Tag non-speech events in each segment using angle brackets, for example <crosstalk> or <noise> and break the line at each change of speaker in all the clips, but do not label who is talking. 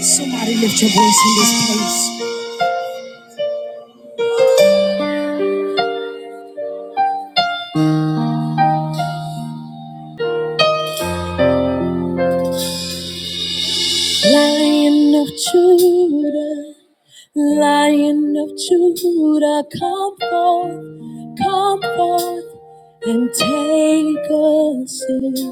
Somebody lift your voice in this place. Lion of Judah, Lion of Judah, come forth, come forth, and take us in.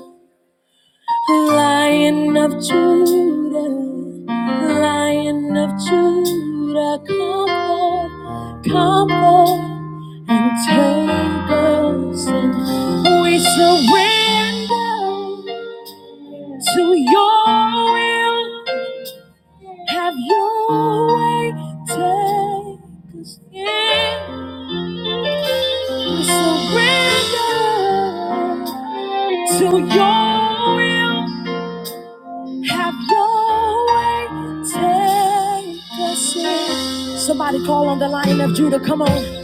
Lion of Judah, Lion of Judah, come forth, come forth, and take us in. We surrender to your will. Have your way, take us in. We surrender to your will. Have your way, take us in. Somebody call on the Lion of Judah, come on.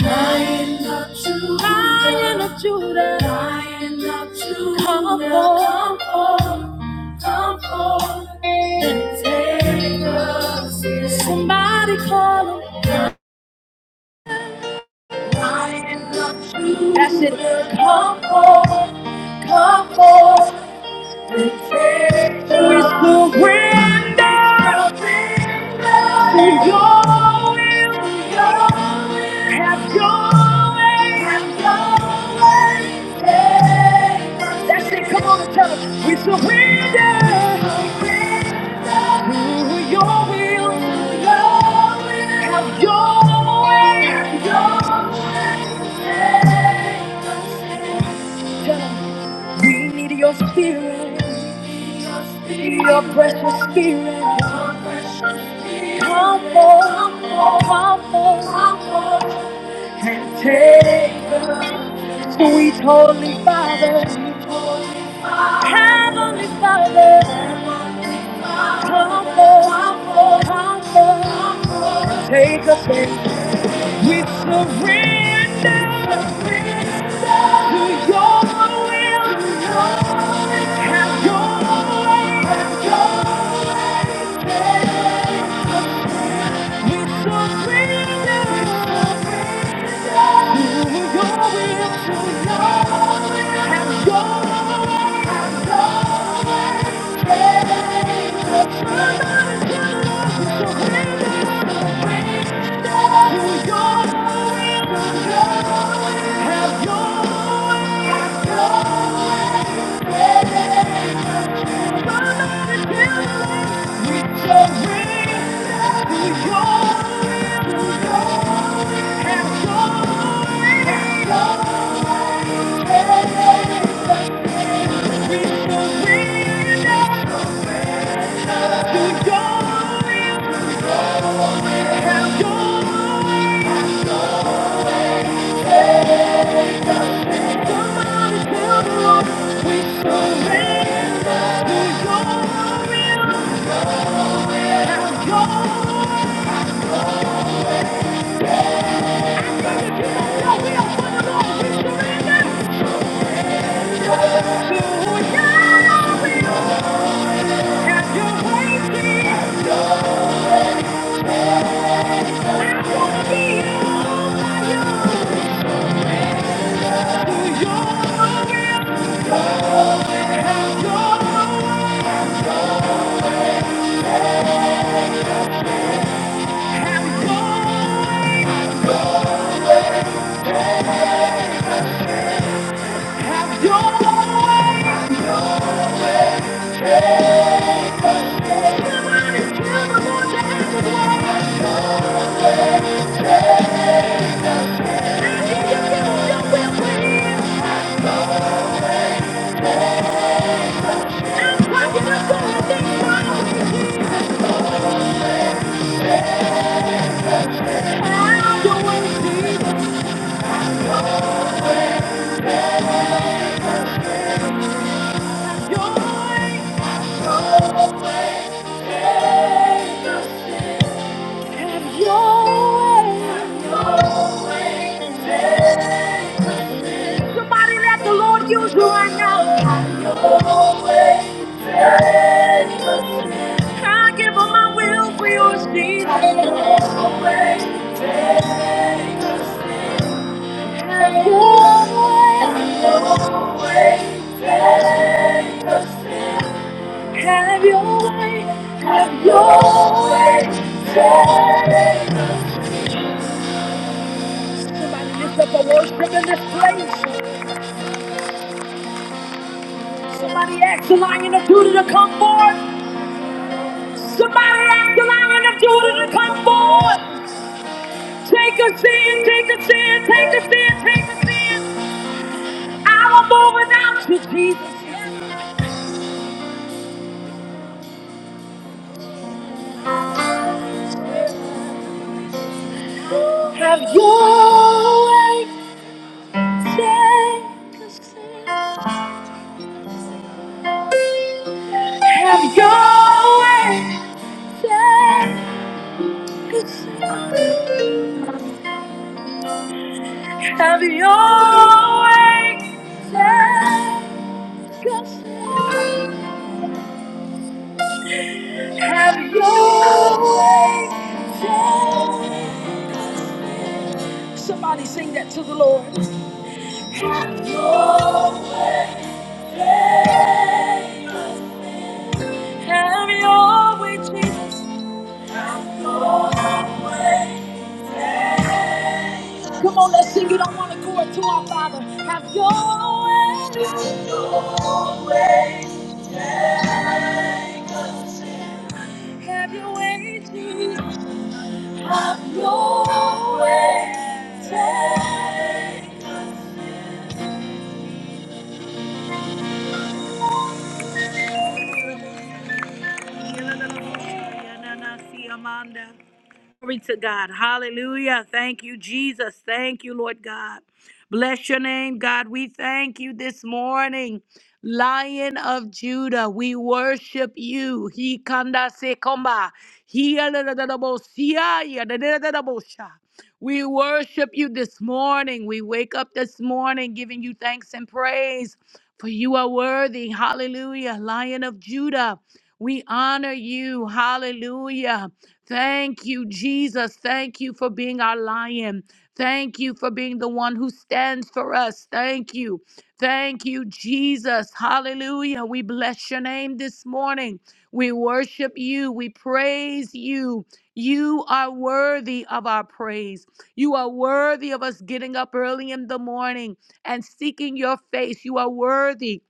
Lion of Judah, Lion of Judah, Lion of Judah, come forth, come forth, come forth and take us in. Somebody call on the Lion of Judah, that's it. Come forth, come forth. We surrender. We go in. Have your way. That's it. Come on and tell us. We surrender. To your Have your way. Tell 'em. We need your spirit, your precious spirit. Come on, come on, and take us, sweet Holy Father, Heavenly Father. Come on, come on, take us in. We surrender to your will. Have your way. We surrender. to Your Your will. Have your way, Surrender. Have your way, Have your way. Have your way. Somebody let the Lord use you right now. I give up my will for yours, Jesus. Have your way, have your way. Somebody lift up a worship in this place. Somebody ask the lion of Judah to come forth. Somebody ask the lion of Judah to come forward. Take a stand, take a stand, take a stand, take a stand. I will move without you, Jesus. Have your way. Take a stand. Have your way. Take a stand. Have your way. Take a stand. Have your way, Lord. Somebody sing that to the Lord. Have your way, Lord. Have your way, Jesus. Have your way. Come on, let's sing it. I want to go to our Father. Have your way. Have your way. Take us in. Have your way, Jesus. Glory to God. Hallelujah. Thank you, Jesus. Thank you, Lord God. Bless your name, God. We thank you this morning. Lion of Judah, we worship you. He kanda se komba. He aladadabo siya, yadadadabo sha. We worship you this morning. We wake up this morning giving you thanks and praise, for you are worthy. Hallelujah. Lion of Judah, we honor you. Hallelujah. Thank you, Jesus. Thank you for being our lion. Thank you for being the one who stands for us. Thank you. Thank you, Jesus. Hallelujah. We bless your name this morning. We worship you. We praise you. You are worthy of our praise. You are worthy of us getting up early in the morning and seeking your face. You are worthy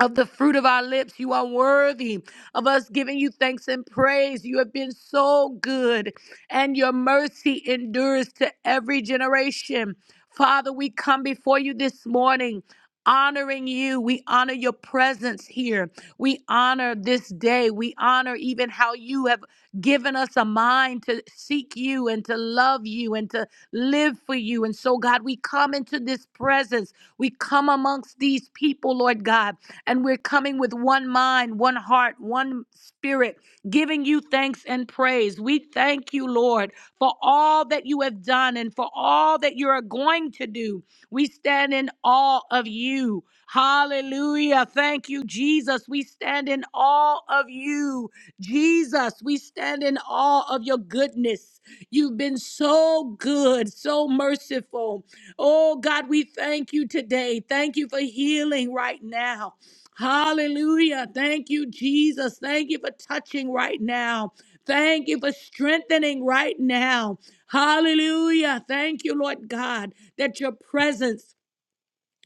of the fruit of our lips. You are worthy of us giving you thanks and praise. You have been so good, and your mercy endures to every generation. Father, we come before you this morning. Honoring you. We honor your presence here. We honor this day. We honor even how you have given us a mind to seek you and to love you and to live for you. And so, God, we come into this presence. We come amongst these people, Lord God and we're coming with one mind, one heart, one spirit, giving you thanks and praise. We thank you, Lord, for all that you have done and for all that you are going to do. We stand in awe of you. Hallelujah. Thank you, Jesus. We stand in awe of you. Jesus, we stand in awe of your goodness. You've been so good, so merciful. Oh, God, we thank you today. Thank you for healing right now. Hallelujah. Thank you, Jesus. Thank you for touching right now. Thank you for strengthening right now. Hallelujah. Thank you, Lord God, that your presence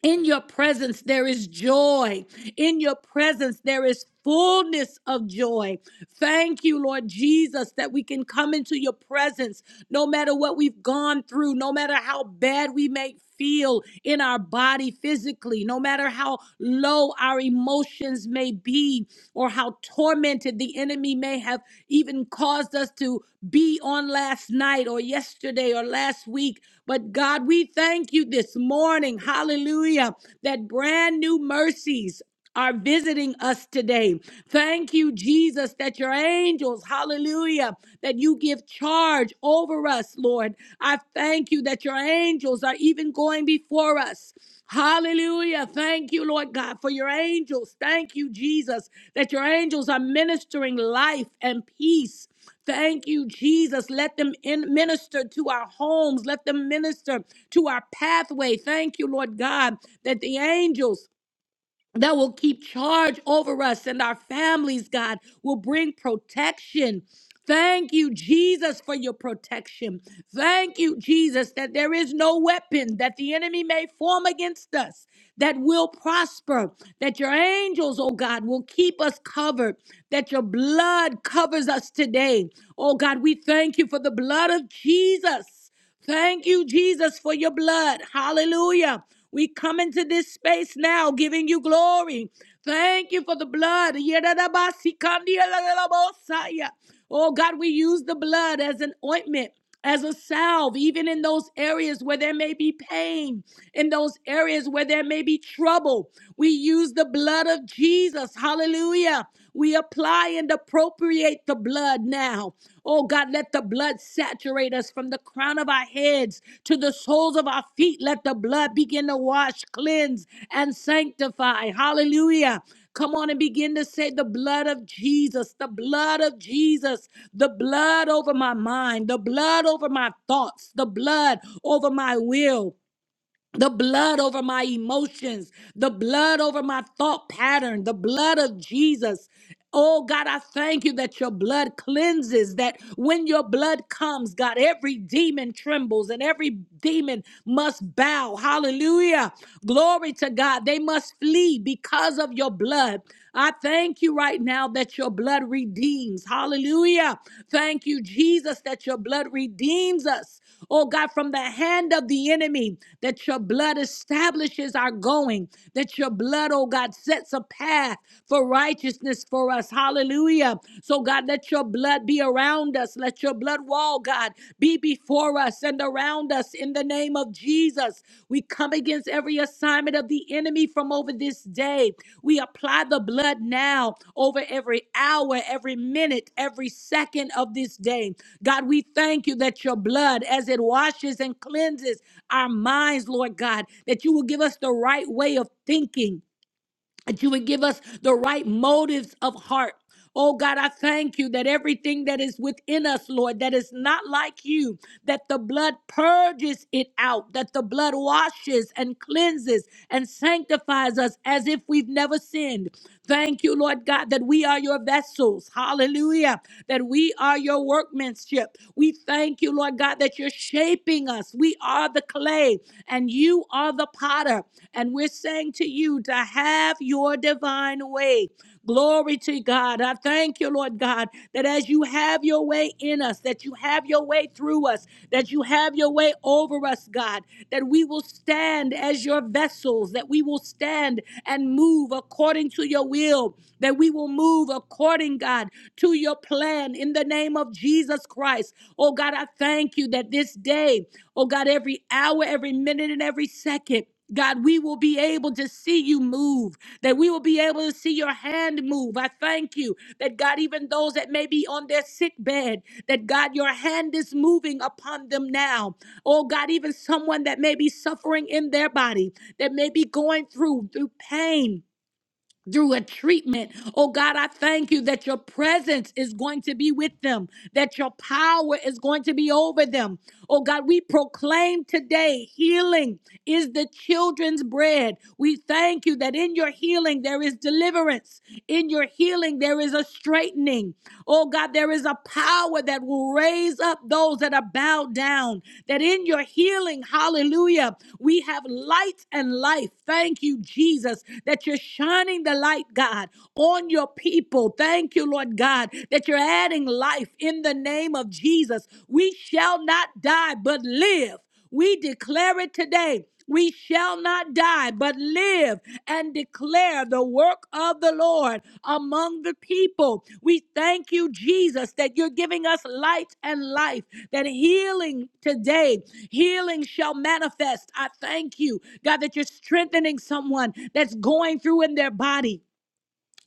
in your presence, there is joy. In your presence, there is fullness of joy. Thank you, Lord Jesus, that we can come into your presence no matter what we've gone through, no matter how bad we may feel in our body physically, no matter how low our emotions may be or how tormented tormented. The enemy may have even caused us to be on last night or yesterday or last week. But God, we thank you this morning, hallelujah, that brand new mercies are visiting us today. Thank you, Jesus, that your angels, hallelujah, that you give charge over us, Lord. I thank you that your angels are even going before us. Hallelujah. Thank you, Lord God, for your angels. Thank you, Jesus, that your angels are ministering life and peace. Thank you, Jesus. Let them in- minister to our homes. Let them minister to our pathway. Thank you, Lord God, that the angels that will keep charge over us and our families, God, will bring protection. Thank you, Jesus, for your protection. Thank you, Jesus, that there is no weapon that the enemy may form against us that will prosper, that your angels, oh God, will keep us covered, that your blood covers us today. Oh God, we thank you for the blood of Jesus. Thank you, Jesus, for your blood. Hallelujah. We come into this space now giving you glory. Thank you for the blood. Yedadabasikandiyalalalabosaya. Oh God, we use the blood as an ointment, as a salve, even in those areas where there may be pain, in those areas where there may be trouble. We use the blood of Jesus. Hallelujah. We apply and appropriate the blood now. Oh God, let the blood saturate us from the crown of our heads to the soles of our feet. Let the blood begin to wash, cleanse, and sanctify. Hallelujah. Come on and begin to say the blood of Jesus, the blood of Jesus, the blood over my mind, the blood over my thoughts, the blood over my will the blood over my emotions, the blood over my thought pattern, the blood of Jesus. Oh God, I thank you that your blood cleanses, that when your blood comes, God, every demon trembles and every demon must bow. Hallelujah. Glory to God. They must flee because of your blood. I thank you right now that your blood redeems. Hallelujah. Thank you, Jesus, that your blood redeems us. Oh God, from the hand of the enemy, that your blood establishes our going, that your blood, oh God, sets a path for righteousness for us. Hallelujah. So, God, let your blood be around us. Let your blood wall, God, be be before us and around us in the name of Jesus. We come against every assignment of the enemy from over this day. We apply the blood now over every hour, every minute, every second of this day. God, we thank you that your blood, as it washes and cleanses our minds, Lord God, that you will give us the right way of thinking that you would give us the right motives of heart. Oh God, I thank you that everything that is within us, Lord, that is not like you, that the blood purges it out, that the blood washes and cleanses and sanctifies us as if we've never sinned, Thank you, Lord God, that we are your vessels. Hallelujah. That we are your workmanship. We thank you, Lord God, that you're shaping us. We are the clay and you are the potter. And we're saying to you to have your divine way. Glory to God. I thank you, Lord God, that as you have your way in us, that you have your way through us, that you have your way over us, God, that we will stand as your vessels, that we will stand and move according to your will, that we will move according, God, to your plan in the name of Jesus Christ. Oh, God, I thank you that this day, oh, God, every hour, every minute, and every second, God, we will be able to see you move, that we will be able to see your hand move. I thank you that God, even those that may be on their sick bed, that God, your hand is moving upon them now. Oh God, even someone that may be suffering in their body, that may be going through through pain, through a treatment. Oh God, I thank you that your presence is going to be with them, that your power is going to be over them. Oh God, we proclaim today healing is the children's bread. We thank you that in your healing there is deliverance, in your healing there is a straightening. Oh God, there is a power power that will raise up those that are bowed down. That in your healing, hallelujah, we have light and life. Thank you, Jesus, that you're shining the light, God, on your people. Thank you, Lord God, that you're adding life in the name of Jesus. We shall not die, but live. We declare it today. We shall not die, but live and declare the work of the Lord among the people. We thank you, Jesus, that you're giving us light and life, that healing today, healing shall manifest. I thank you, God, that you're strengthening someone that's going through in their body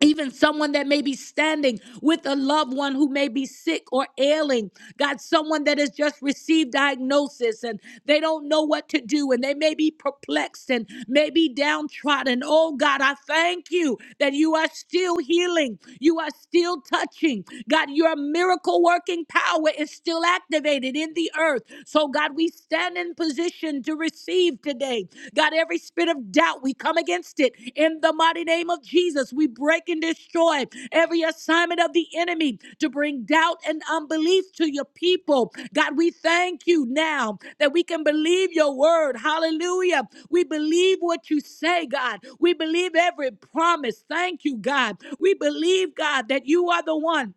even someone that may be standing with a loved one who may be sick or ailing. God, someone that has just received diagnosis and they don't know what to do and they may be perplexed and may be downtrodden. Oh, God, I thank you that you are still healing. You are still touching. God, your miracle working power is still activated in the earth. So, God, we stand in position unction to receive today. God, every spirit of doubt, we come against it in the mighty name of Jesus. We break and destroy every assignment of the enemy to bring doubt and unbelief to your people. God, we thank you now that we can believe your word. Hallelujah. We believe what you say, God. We believe every promise. Thank you, God. We believe, God, that you are the one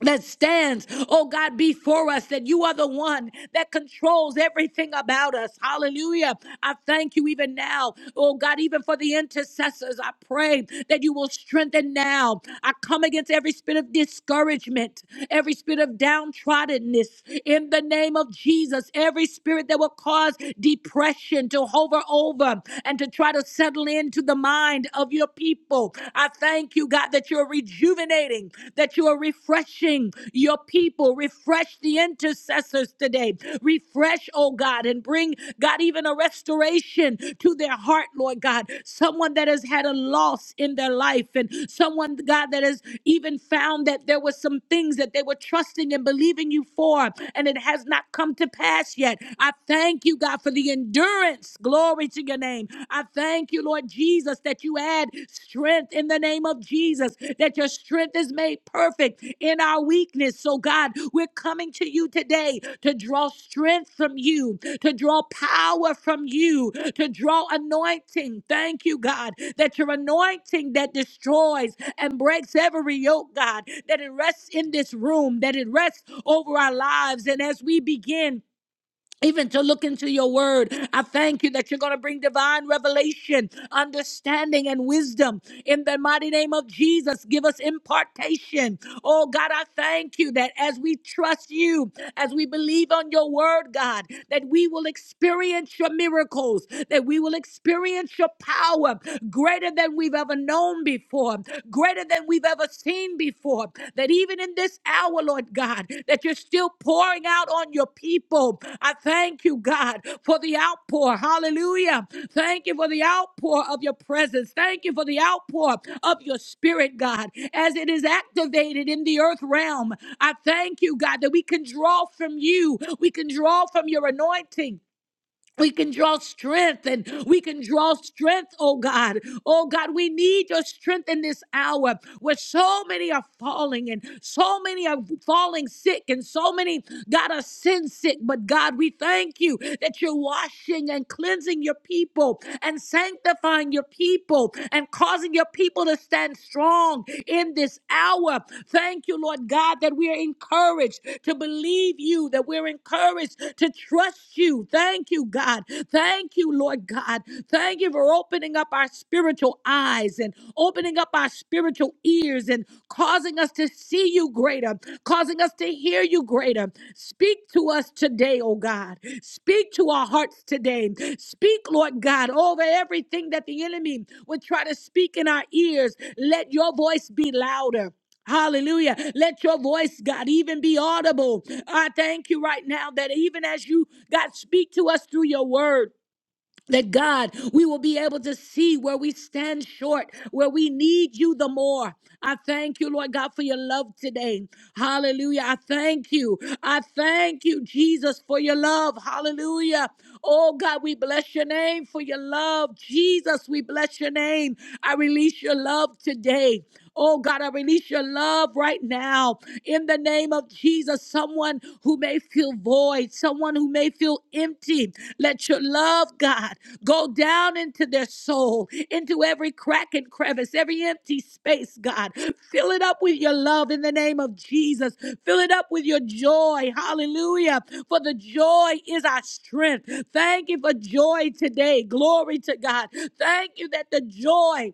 that stands, oh God, before us, that you are the one that controls everything about us. Hallelujah. I thank you even now, oh God, even for the intercessors. I pray that you will strengthen now. I come against every spirit of discouragement, every spirit of downtroddenness in the name of Jesus, every spirit that will cause depression to hover over and to try to settle into the mind of your people. I thank you, God, that you're rejuvenating, that you are refreshing your people. Refresh the intercessors today. Refresh, oh God, and bring, God, even a restoration to their heart, Lord God. Someone that has had a loss in their life, and someone, God, that has even found that there were some things that they were trusting and believing you for, and it has not come to pass yet. I thank you, God, for the endurance. Glory to your name. I thank you, Lord Jesus, that you add strength in the name of Jesus, that your strength is made perfect in our weakness. So, God, we're coming to you today to draw strength from you, to draw power from you, to draw anointing. Thank you, God, that your anointing that destroys and breaks every yoke, God, that it rests in this room, that it rests over our lives. And as we begin even to look into your word. I thank you that you're going to bring divine revelation, understanding, and wisdom in the mighty name of Jesus. Give us impartation. Oh, God, I thank you that as we trust you, as we believe on your word, God, that we will experience your miracles, that we will experience your power greater than we've ever known before, greater greater than we've ever seen before. That even in this hour, Lord God, that you're still pouring out on your people. I thank you, God, for the outpour. Hallelujah. Thank you for the outpour of your presence. Thank you for the outpour of your spirit, God, as it is activated in the earth realm. I thank you, God, that we can draw from you, we can draw from your anointing we can draw strength and we can draw strength, oh God. Oh God, we need your strength in this hour where so many are falling and so many are falling sick and so many, God, are sin sick. But God, we thank you that you're washing and cleansing your people and sanctifying your people and causing your people people to stand strong in this hour. Thank you, Lord God, that we are encouraged to believe you, that we're encouraged to trust you. Thank you, God. Thank you, Lord God. Thank you for opening up our spiritual eyes and opening up our spiritual ears and causing us to see you greater, causing us to hear you greater. Speak to us today, oh God. Speak to our hearts today. Speak, Lord God, over everything that the enemy would try to speak in our ears. Let your voice be louder. Hallelujah. Let your voice, God, even be audible. I thank you right now that even as you, God, speak to us through your word that God, we will be able to see where we stand short, where we need you the more. I thank you, Lord God, for your love today. Hallelujah. I thank you. I thank you, Jesus, for your love. Hallelujah. Oh God, we bless your name for your love. Jesus, we bless your name. I release your love today. Oh God, I release your love right now in the name of Jesus. Someone who may feel void, someone who may feel empty, let your love, God, go down into their soul, into every crack and crevice, every empty space, God. Fill it up with your love in the name of Jesus. Fill it up with your joy. Hallelujah. For the joy is our strength. Thank you for joy today. Glory to God. Thank you that the joy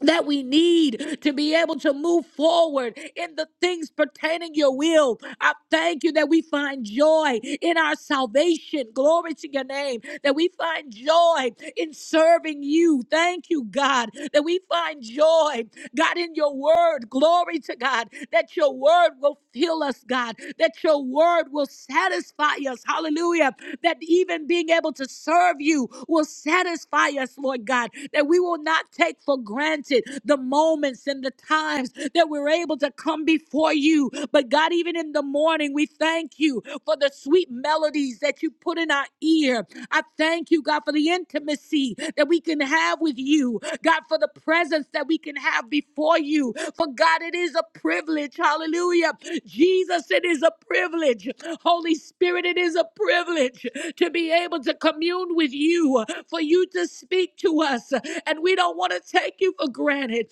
that we need to be able to move forward in the things pertaining your will. I thank you that we find joy in our salvation. Glory to your name. That we find joy in serving you. Thank you, God, that we find joy. God, in your word, glory to God, that your word will fill us, God, that your word will satisfy us. Hallelujah. That even being able to serve you will satisfy us, Lord God, that we will not take for granted the moments and the times that we're able to come before you. But God, even in the morning, we thank you for the sweet melodies melodies that you put in our ear. I thank you, God, for the intimacy that we can have with you. God, for the presence that we can have before you. For God, it is a privilege. Hallelujah. Jesus, it is a privilege. Holy Spirit, it is a privilege to be able to commune with you, for you to speak to us. And we don't want to take you for granted.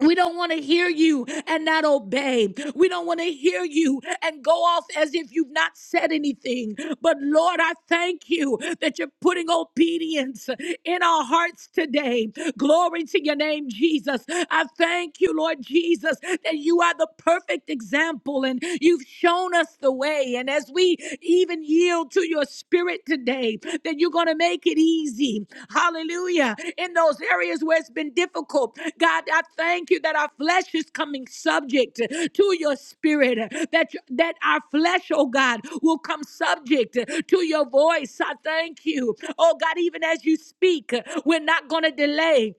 We don't want to hear you and not obey. We don't want to hear you and go off as if you've not said anything. But Lord, I thank you that you're putting obedience in our hearts today. Glory to your name, Jesus. I thank you, Lord Jesus, that you are the perfect example and you've shown us the way. And as we even yield to your spirit today, that you're going to make it easy. Hallelujah. In those areas where it's been difficult, God, I thank you that our flesh is coming subject to your spirit, that, that our flesh, oh God, will come subject to your voice. I thank you. Oh God, even as you speak, we're not going to delay.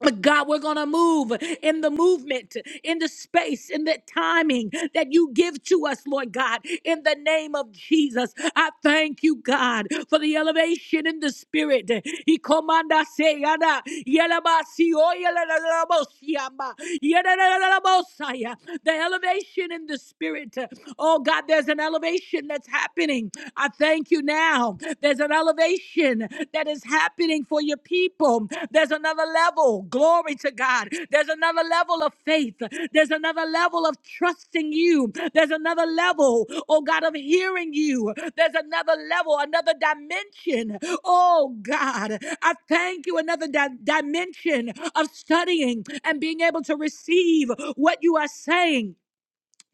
But God, we're going to move in the movement, in the space, in the timing that you give to us, Lord God, in the name of Jesus. I thank you, God, for the elevation in the spirit. He comanda se yana, yela ba si o yela la la la bo si yamba, yela la la la la bo sa ya. The elevation in the spirit. Oh, God, there's an elevation that's happening. I thank you now now. There's an elevation that is happening for your people. There's another level. Glory to God. There's another level of faith. There's another level of trusting you. There's another level, oh God, of hearing you. There's another level, another dimension. Oh God, I thank you. Another di- dimension of studying and being able to receive what you are saying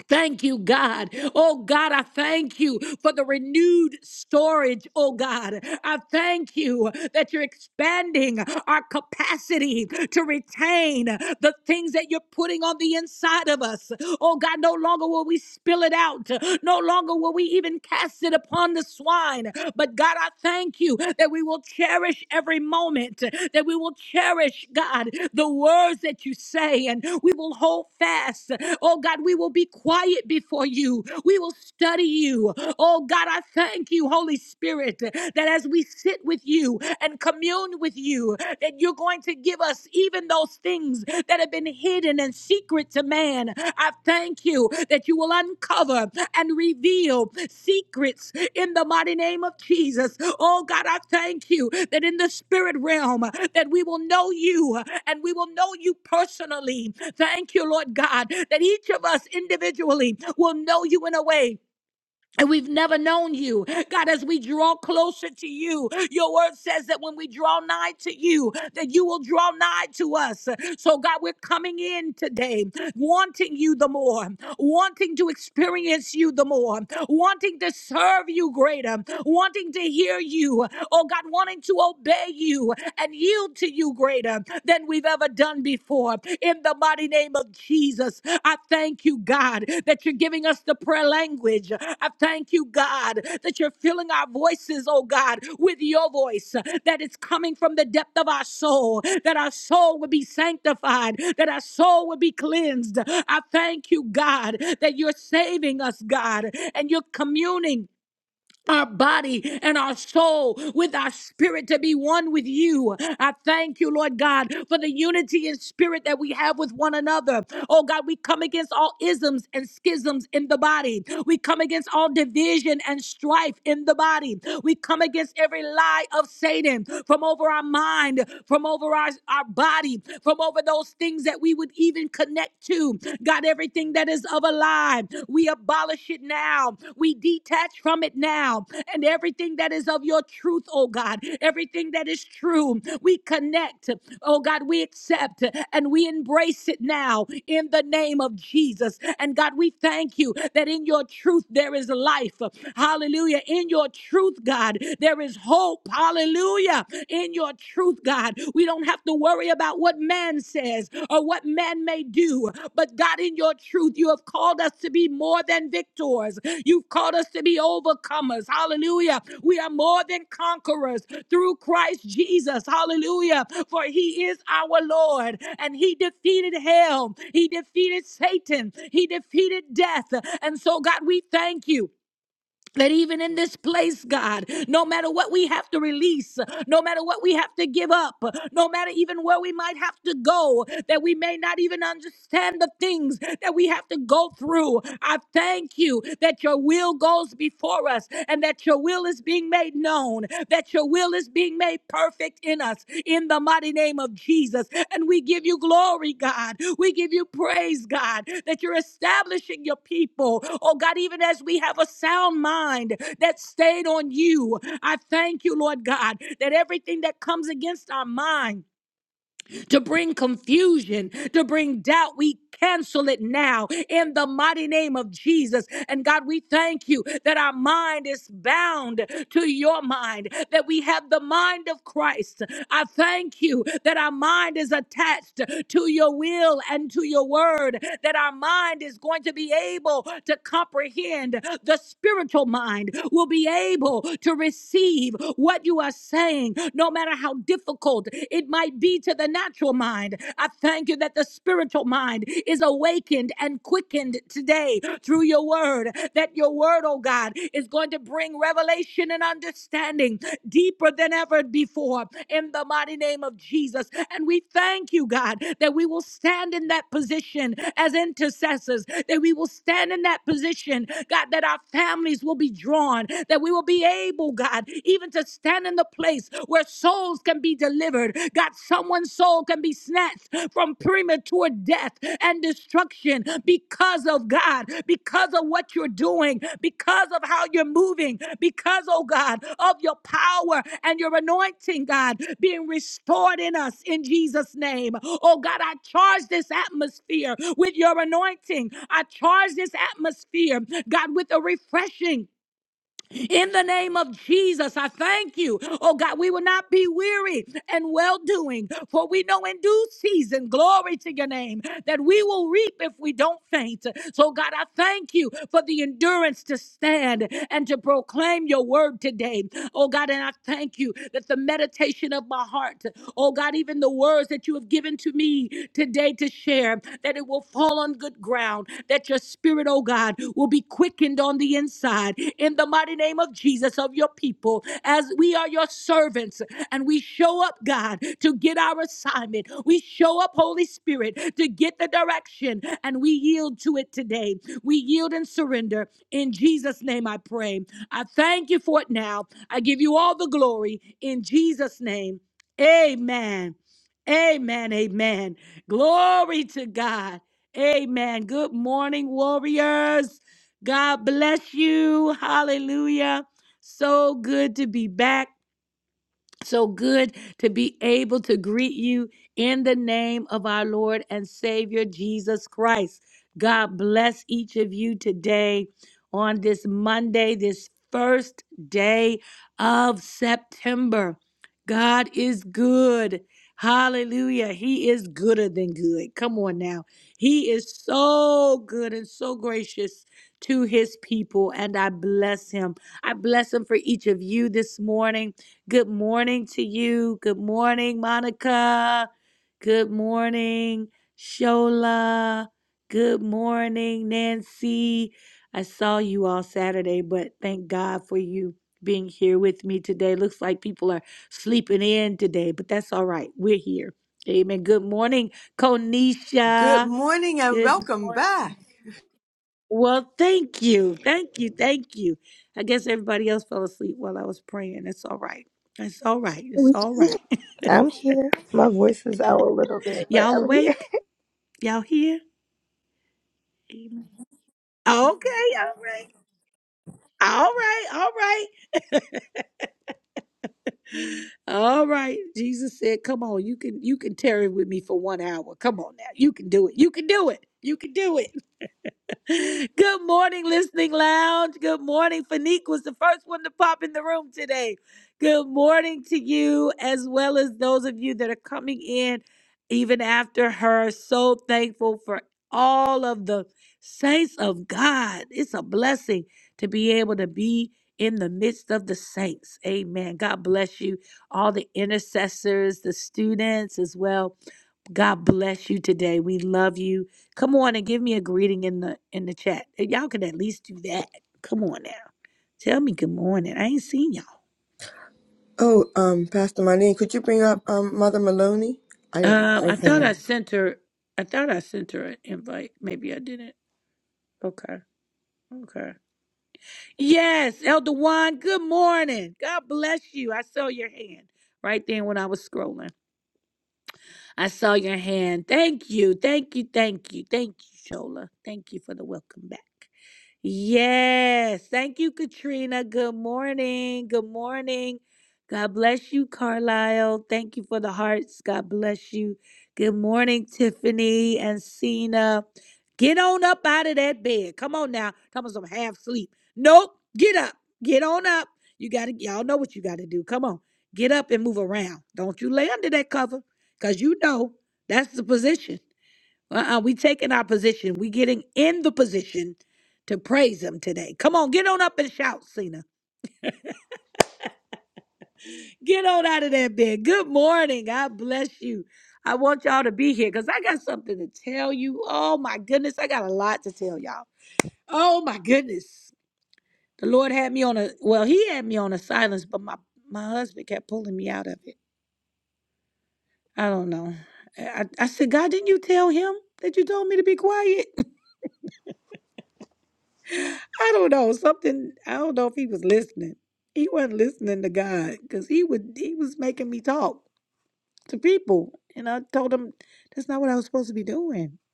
Thank you, God. Oh, God, I thank you for the renewed storage. Oh, God, I thank you that you're expanding our capacity to retain the things that you're putting on the inside of us. Oh, God, no longer will we spill it out. No longer will we even cast it upon the swine. But, God, I thank thank you that we will cherish every moment, that we will cherish, God, the words that you say, and we will hold fast. Oh, God, we will be quiet before you. We will study you. Oh, God, I thank you, Holy Spirit, that as we sit with you and commune with you, that you're going to give us even those things things that have been hidden and secret to man. I thank you that you will uncover and reveal secrets in the mighty name of Jesus. Oh God, I thank you that in the spirit realm that we will know you and we will know you personally. Thank you, Lord God, that each of us individually will know you in a way and we've never known you. God, as we draw closer to you, your word says that when we draw nigh to you, that you will draw nigh to us. So, God, we're coming in today wanting you the more, wanting to experience you the more, wanting to serve you greater, wanting to hear you, oh God, wanting to obey you and yield to you greater than we've ever we've ever done before. In the mighty name of Jesus, I thank you, God, that you're giving us the prayer language. I thank you, God, that you're filling our voices, oh God, with your voice, that it's coming from the depth of our soul, that our soul would be sanctified, that our soul would be cleansed. I thank you, God, that you're saving us, God, and you're communing our body and our soul with our spirit to be one with you. I thank you, Lord God, for the unity in spirit that we have with one another. Oh God, we come against all isms and schisms in the body. We come against all division and strife in the body. We come against every lie of Satan from over our mind, from over our, our body, from over those things that we would even connect to. God, everything that is of a lie, we abolish it now. We detach from it now. And everything that is of your truth, oh God, everything that is true, we connect, oh God, we accept and we embrace it now in the name of Jesus. And God, we thank you that in your truth there is life. Hallelujah. In your truth, God, there is hope. Hallelujah. In your your truth, God. We don't have to worry about what man says or what man may do, but God, in your truth, you have called us to be more than victors. You've called us to be overcomers. Hallelujah. We are more than conquerors through Christ Jesus. Hallelujah. For he is our Lord and he defeated hell, he defeated Satan, he defeated death. And so, God, we thank you. That even in this place, God, no matter what we have to release, no matter what we have to give up, no matter even where we might have to go, that we may not even understand the things that we have to go through. I thank you that your will goes before us and that your will is being made known, That that your will is being made perfect in us in the mighty name of Jesus. And we give you glory, God. We give you praise, God, that you're establishing your people. Oh, God, even as we have a sound mind that stayed on you, I thank you, Lord God, that everything that comes against our mind, to bring confusion, to bring doubt. We cancel it now in the mighty name of Jesus. And God, we thank you that our mind is bound to your mind, that we have the mind of Christ. I thank you that our mind is attached to your will and to your word, that our mind is going to be able to comprehend the spiritual mind, will be able to receive what you are saying, no matter matter how difficult it might be to the natural mind. I thank you that the spiritual mind is awakened and quickened today through your word. That your word, oh God, is going to bring revelation and understanding deeper than ever before in the mighty name of Jesus. And we thank you, God, that we will stand in that position as intercessors, that we will stand in that position, God, that our families will be drawn, that we will be able, God, even to stand in the place where souls can be delivered. God, someone's soul can be snatched from premature death and destruction because of God, because of what you're doing, because of how you're moving, because, oh God, of your power and your anointing, God, being restored in us in Jesus' name. Oh God, I charge this atmosphere with your anointing. I charge this atmosphere, God, with a refreshing in the name of Jesus, I thank you. Oh God, we will not be weary and well doing, for we know in due season, glory to your name, that we will reap if we don't faint. So God, I thank you for the endurance to stand and to proclaim your word today. Oh God, and I thank you that the meditation of my heart, oh God, even the words that you have given to me today to share, that it will fall on good ground, that your spirit, oh God, will be quickened on the inside in the mighty name of Jesus of your people as we are your servants and we show up, God, to get our assignment. We show up, Holy Spirit, to get the direction and we yield to it today. We yield and surrender. In Jesus' name I pray. I thank you for it now. I give you all the glory in Jesus' name. Amen. Amen. Amen. Glory to God. Amen. Good morning, warriors. God bless you. Hallelujah. So good to be back. So good to be able to greet you in the name of our Lord and Savior Jesus Christ. God bless each of you today on this Monday, this first day of September. God is good. Hallelujah. He is gooder than good. Come on now. He is so good and so gracious to his people, and I bless him. I bless him for each of you this morning. Good morning to you. Good morning, Monica. Good morning, Shola. Good morning, Nancy. I saw you all Saturday, but thank God for you being here with me today. Looks like people are sleeping in today, but that's all right. We're here. Amen. Good morning,
Good
Konisha.
morning and
Good.
welcome back.
Well, thank you. Thank you. Thank you. I guess everybody else fell asleep while I was praying. That's all right. That's all right. It's
We-
all right.
I'm here. My voice is out a little bit, but
Y'all
I'm here.
awake? Y'all here? Amen. Okay, all right. All right, all right. All right. Jesus said, "Come on, you can you can tarry with me for 1 hour. Come on now. You can do it. You can do it. You can do it." Good morning, Listening Lounge. Good morning. Fanique was the first one to pop in the room today. Good morning to you, as well as those of you that are coming in even after her. So thankful for all of the saints of God. It's a blessing to be able to be in the midst of the saints. Amen. God bless you, all the intercessors, the students as well God bless you today. We love you. Come on and give me a greeting in the in the chat. If Y'all can at least do that. Come on now. Tell me good morning. I ain't seen y'all.
Oh, um, Pastor Marlene, could you bring up um Mother Maloney? I don't.
Um, I thought
Okay.
I sent her. I thought I sent her an invite. Maybe I didn't. Okay. Okay. Yes, Elder Juan. Good morning. God bless you. I saw your hand right then when I was scrolling. I saw your hand. Thank you. Thank you. Thank you. Thank you, Shola. Thank you for the welcome back. Yes. Thank you, Katrina. Good morning. Good morning. God bless you, Carlisle. Thank you for the hearts. God bless you. Good morning, Tiffany and Cena. Get on up out of that bed. Come on now. Come on, some half sleep. Nope. Get up. Get on up. You gotta y'all know what you gotta do. Come on. Get up and move around. Don't you lay under that cover. Cause you know that's the position. Uh-uh, we taking our position. We getting in the position to praise him today. Come on, get on up and shout, Cena. Get on out of that bed. Good morning. God bless you. I want y'all to be here because I got something to tell you. Oh my goodness, I got a lot to tell y'all. Oh my goodness. The Lord had me on a well, he had me on a silence, but my, my husband kept pulling me out of it. I don't know. I, I I said, God, didn't you tell him that you told me to be quiet? I don't know something. I don't know if he was listening. He wasn't listening to God because he would he was making me talk to people, and I told him that's not what I was supposed to be doing. <gasps>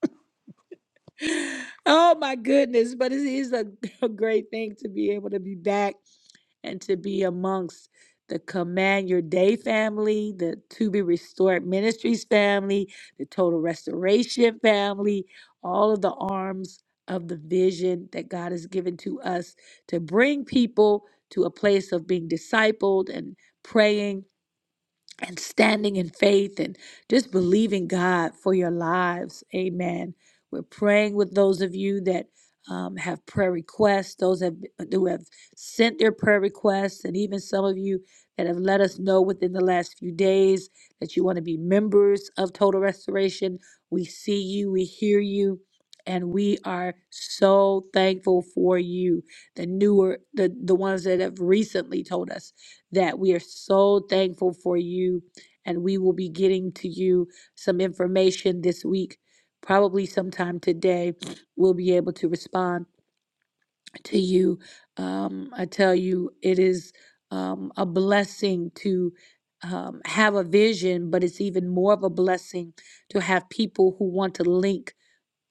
<sighs> Oh my goodness! But it is a, <laughs> a great thing to be able to be back and to be amongst the Command Your Day family, the To Be Restored Ministries family, the Total Restoration family, all of the arms of the vision that God has given to us to bring people to a place of being discipled and praying and standing in faith and just believing God for your lives. Amen. We're praying with those of you that um, have prayer requests, those have, who have sent their prayer requests, and even some of you that have let us know within the last few days that you want to be members of Total Restoration. We see you, we hear you. And we are so thankful for you, the newer, the, the ones that have recently told us that we are so thankful for you. And we will be getting to you some information this week, probably sometime today. We'll be able to respond to you. Um, I tell you, it is um, a blessing to um, have a vision, but it's even more of a blessing to have people who want to link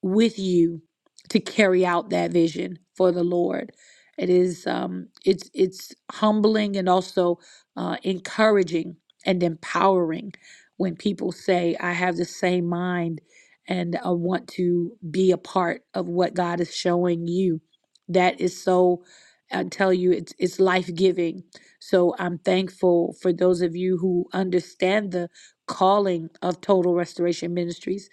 with you to carry out that vision for the Lord. It is um, it's it's humbling and also uh, encouraging and empowering when people say, "I have the same mind and I want to be a part of what God is showing you." That is so. I tell you, it's it's life giving. So I'm thankful for those of you who understand the calling of Total Restoration Ministries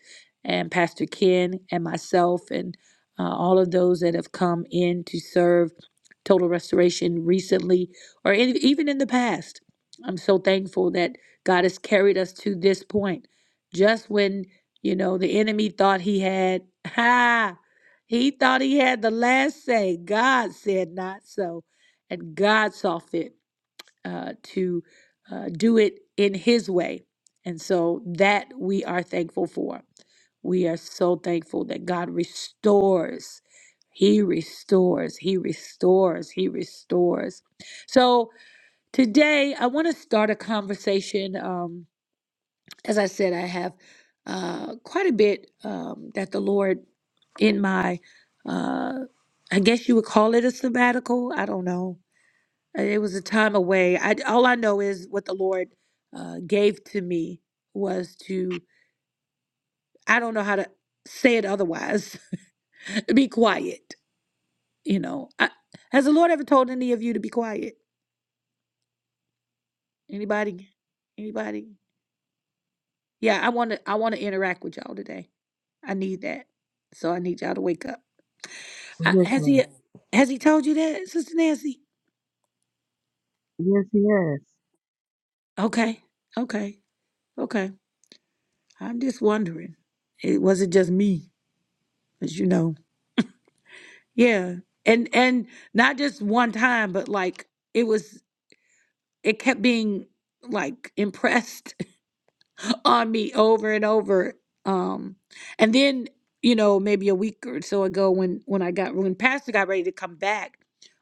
and Pastor Ken and myself and uh, all of those that have come in to serve Total Restoration recently or in, even in the past. I'm so thankful that God has carried us to this point. Just when, you know, the enemy thought he had, <laughs> ha, he thought he had the last say, God said not so. And God saw fit uh, to uh, do it in His way. And so that we are thankful for. We are so thankful that God restores. He restores. He restores. He restores. So today, I want to start a conversation. Um, as I said, I have uh, quite a bit um, that the Lord in my, uh, I guess you would call it a sabbatical. I don't know. Uh, It was a time away. I all I know is what the Lord uh, gave to me was to I don't know how to say it otherwise. <laughs> be quiet. You know, I, has the Lord ever told any of you to be quiet? Anybody? Anybody? Yeah, I want to. I want to interact with y'all today. I need that. So I need y'all to wake up. I,
Yes,
has he?
ma'am.
Has he told you that, Sister Nancy?
Yes, yes.
Okay. Okay. Okay. I'm just wondering. It was it just me, as you know. Yeah. And and not just one time, but like it was it kept being like impressed <laughs> on me over and over. Um and then, you know, maybe a week or so ago when when I got when Pastor got ready to come back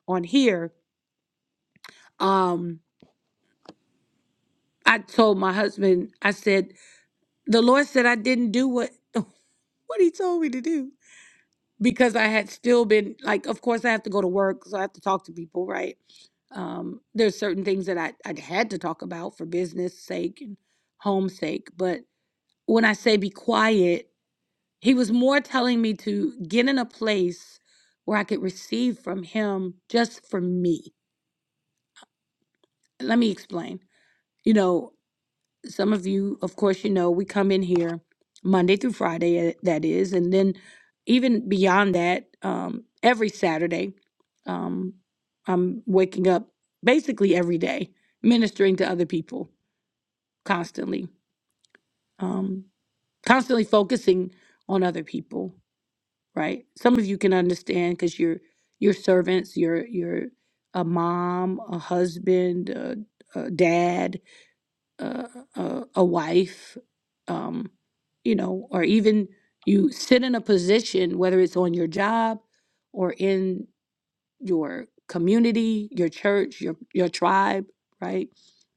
on here, um, I told my husband, I said, the Lord said I didn't do what <laughs> what he told me to do. Because I had still been like, of course I have to go to work, so I have to talk to people, right? Um, there's certain things that I, I had to talk about for business sake and home sake. But when I say be quiet, he was more telling me to get in a place where I could receive from him just for me. Let me explain. You know, some of you, of course, you know, we come in here Monday through Friday, eh, that is, and then even beyond that, um, every Saturday, um, I'm waking up basically every day ministering to other people constantly um constantly focusing on other people right some of you can understand because you're you're servants you're you're a mom a husband a, a dad a, a, a wife um you know or even you sit in a position whether it's on your job or in your community, your church, your your tribe, right?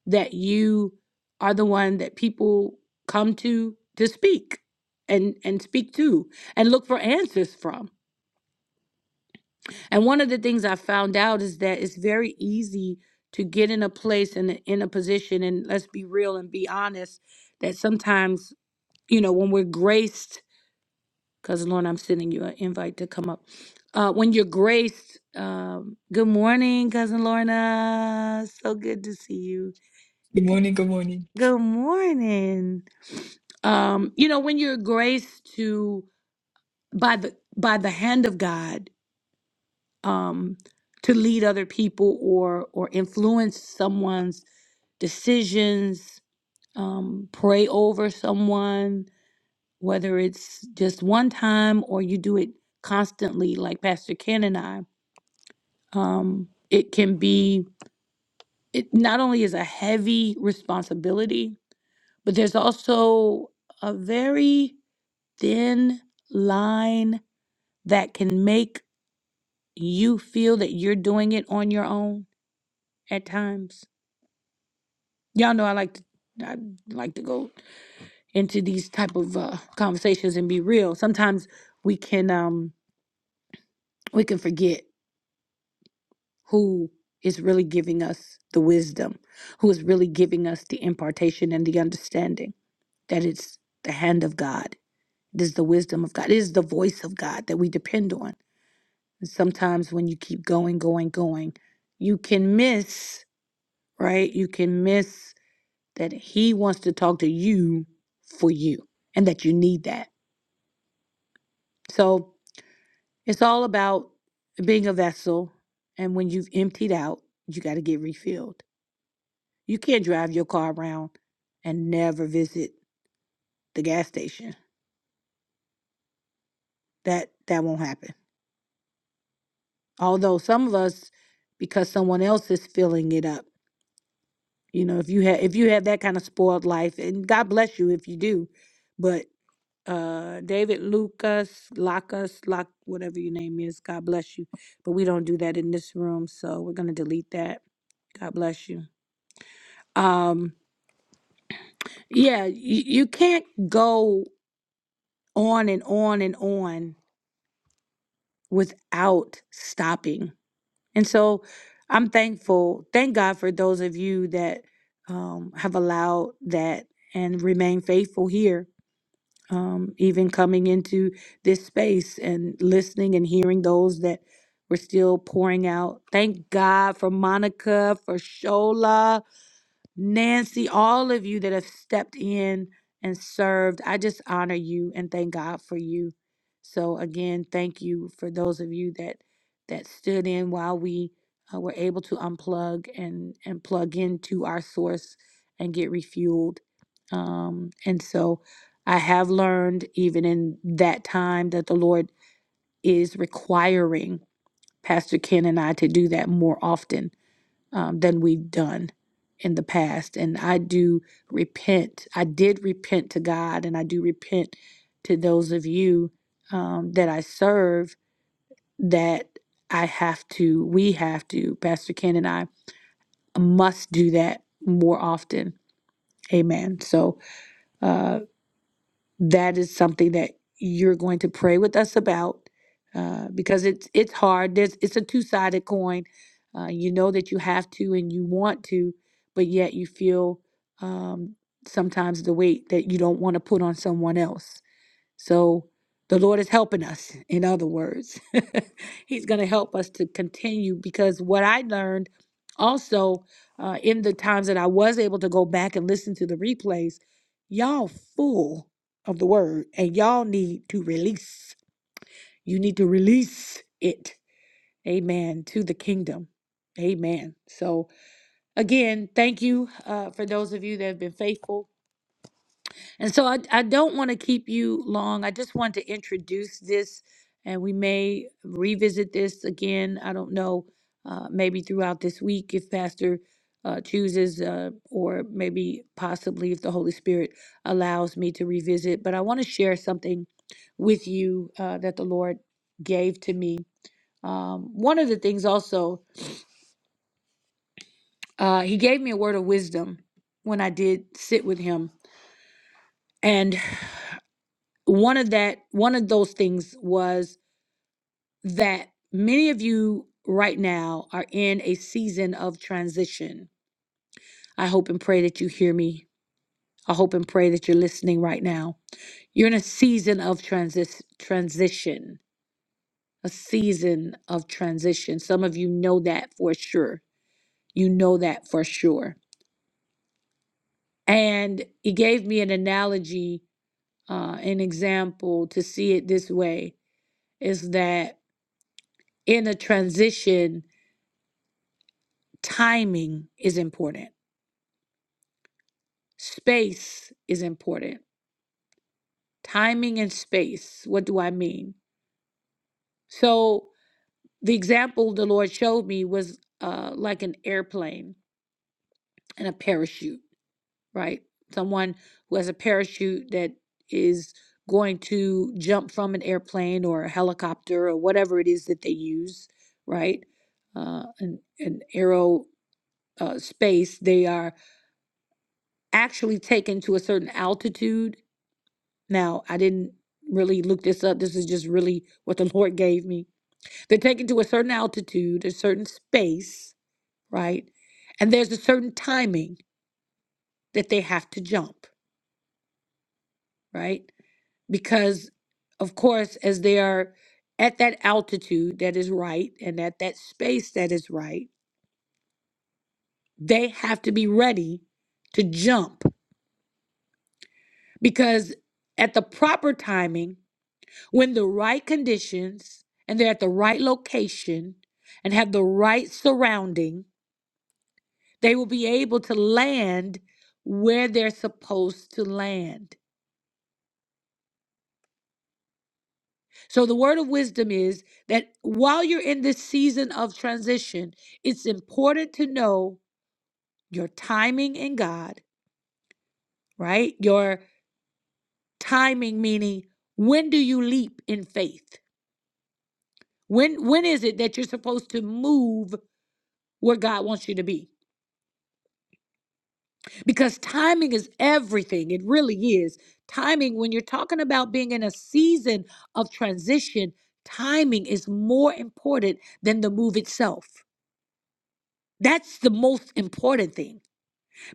That you are the one that people come to to speak and and speak to and look for answers from. And one of the things I found out is that it's very easy to get in a place and in a position and let's be real and be honest that sometimes, you know, when we're graced because Lorna, I'm sending you an invite to come up. Uh, when you're graced, um, good morning, cousin Lorna. So good to see you.
Good
Good
morning, good morning.
good morning. Um, you know, when you're graced to by the by the hand of God, um, to lead other people or or influence someone's decisions, um, pray over someone, whether it's just one time or you do it constantly, like Pastor Ken and I, um, it can be, it not only is a heavy responsibility, but there's also a very thin line that can make you feel that you're doing it on your own at times. Y'all know I like to. I like to go into these type of uh, conversations and be real. Sometimes we can um, we can forget who is really giving us the wisdom, who is really giving us the impartation and the understanding that it's the hand of God. It is the wisdom of God. It is the voice of God that we depend on. And sometimes when you keep going, going, going, you can miss, right? You can miss that He wants to talk to you for you and that you need that. So it's all about being a vessel. And when you've emptied out, you got to get refilled You can't drive your car around and never visit the gas station. That that won't happen. Although some of us, because someone else is filling it up, you know, if you have if you have that kind of spoiled life, and God bless you if you do, but uh David Lucas, Lacus, Lock, whatever your name is, God bless you. But we don't do that in this room, so we're gonna delete that. God bless you. Um, yeah, you, you can't go on and on and on without stopping. And so I'm thankful. Thank God for those of you that um, have allowed that and remain faithful here, um, even coming into this space and listening and hearing those that were still pouring out. Thank God for Monica, for Shola Nancy, all of you that have stepped in and served, I just honor you and thank God for you. So again, thank you for those of you that that stood in while we uh, were able to unplug and and plug into our source and get refueled. Um, and so I have learned even in that time that the Lord is requiring Pastor Ken and I to do that more often um, than we've done in the past. And I do repent. I did repent to God, and I do repent to those of you um, that I serve that I have to, we have to, Pastor Ken and I must do that more often. Amen. So, uh, that is something that you're going to pray with us about uh, because it's it's hard. There's it's a two sided coin. Uh, you know that you have to and you want to, but yet you feel um, sometimes the weight that you don't want to put on someone else so the Lord is helping us, in other words. <laughs> He's going to help us to continue because what I learned also uh, in the times that I was able to go back and listen to the replays, y'all full of the word and y'all need to release. You need to release it. Amen. To the kingdom. Amen. So, again, thank you uh, for those of you that have been faithful and so I, I don't want to keep you long. I just want to introduce this, and we may revisit this again. I don't know, uh, maybe throughout this week if Pastor uh, chooses, uh, or maybe possibly if the Holy Spirit allows me to revisit. But I want to share something with you uh, that the Lord gave to me. Um, one of the things also, uh, He gave me a word of wisdom when I did sit with Him. and. one of that one of those things was that many of you right now are in a season of transition i hope and pray that you hear me i hope and pray that you're listening right now you're in a season of transis- transition a season of transition some of you know that for sure you know that for sure and he gave me an analogy uh, an example to see it this way is that in a transition timing is important. Space is important. Timing and space. What do I mean? So, the example the Lord showed me was uh, like an airplane and a parachute, right? Someone who has a parachute that is going to jump from an airplane or a helicopter or whatever it is that they use, right? Uh, an, an aero uh, space. They are actually taken to a certain altitude Now, I didn't really look this up. This is just really what the <laughs> Lord gave me. They're taken to a certain altitude, a certain space, right? And there's a certain timing that they have to jump, right? Because, of course, as they are at that altitude that is right and at that space that is right, they have to be ready to jump because at the proper timing, When the right conditions and they're at the right location and have the right surrounding, they will be able to land where they're supposed to land. So, the word of wisdom is that while you're in this season of transition, it's important to know your timing in God, right? Your timing, meaning when do you leap in faith? When, when is it that you're supposed to move where God wants you to be? because timing is everything. It really is. Timing, when you're talking about being in a season of transition, timing is more important than the move itself. That's the most important thing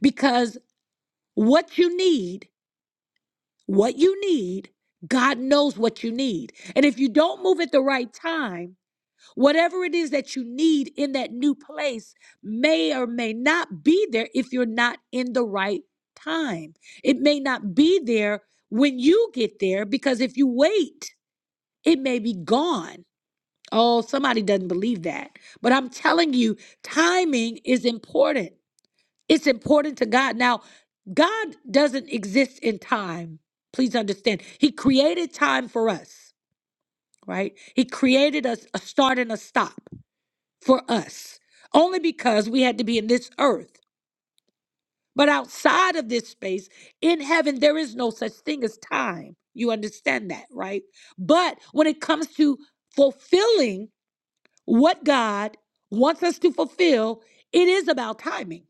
because what you need, what you need, God knows what you need. And if you don't move at the right time, Whatever it is that you need in that new place may or may not be there if you're not in the right time. It may not be there when you get there because if you wait, it may be gone. Oh, somebody doesn't believe that. But I'm telling you, timing is important. It's important to God. Now, God doesn't exist in time. Please understand. He created time for us, right? He created us a start and a stop for us only because we had to be in this earth. But outside of this space, in heaven, there is no such thing as time. You understand that, right? But when it comes to fulfilling what God wants us to fulfill, it is about timing.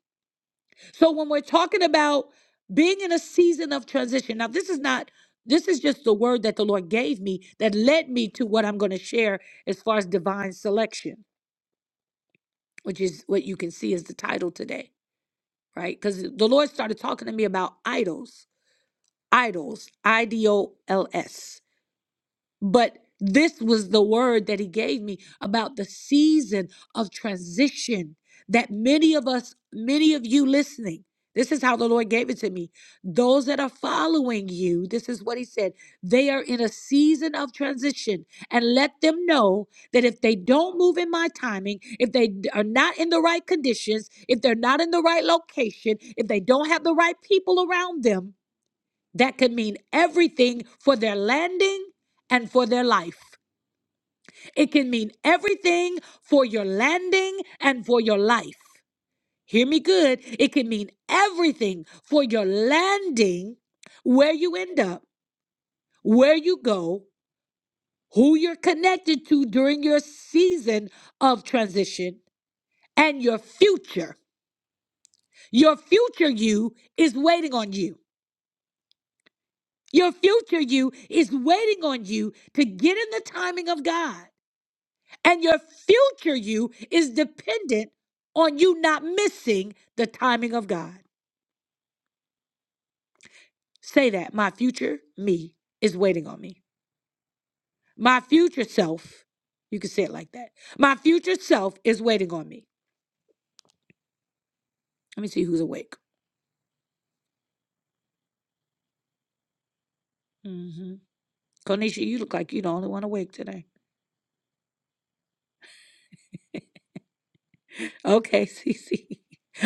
So when we're talking about being in a season of transition, now this is not. This is just the word that the Lord gave me that led me to what I'm going to share as far as divine selection, which is what you can see as the title today. right? Because the Lord started talking to me about idols, idols, I D O L S. But this was the word that he gave me about the season of transition that many of us, many of you listening, this is how the Lord gave it to me. Those that are following you, this is what he said. They are in a season of transition. And let them know that if they don't move in my timing, if they d- are not in the right conditions, if they're not in the right location, if they don't have the right people around them, that could mean everything for their landing and for their life. It can mean everything for your landing and for your life. Hear me good. It can mean everything for your landing, where you end up, where you go, who you're connected to during your season of transition, and your future. Your future you is waiting on you. Your future you is waiting on you to get in the timing of God. And your future you is dependent on you not missing the timing of God. Say that. My future me is waiting on me. My future self, you can say it like that. My future self is waiting on me. Let me see who's awake. Mm-hmm. Konisha, you look like you're the only one awake today. Okay, <laughs> Cece.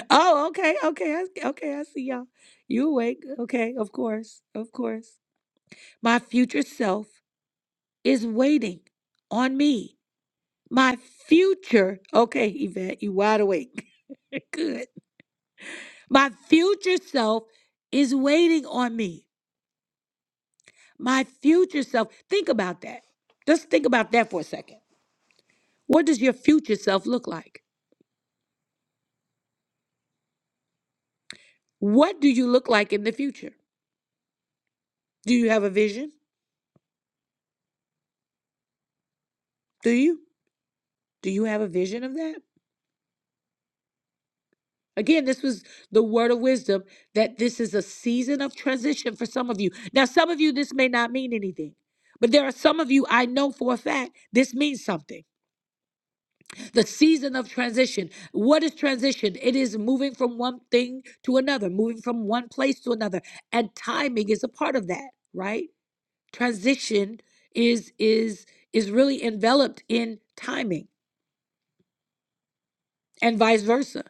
Oh, okay, okay, I, okay. I see y'all. You awake? Okay, of course, of course. My future self is waiting on me. My future, okay, Yvette, you wide awake. <laughs> Good. My future self is waiting on me. My future self, think about that. Just think about that for a second. What does your future self look like? What do you look like in the future? Do you have a vision? Do you? Do you have a vision of that? Again, this was the word of wisdom that this is a season of transition for some of you. Now, some of you, this may not mean anything, but there are some of you I know for a fact this means something the season of transition. What is transition? It is moving from one thing to another, moving from one place to another, and timing is a part of that, right? Transition is is is really enveloped in timing and vice versa.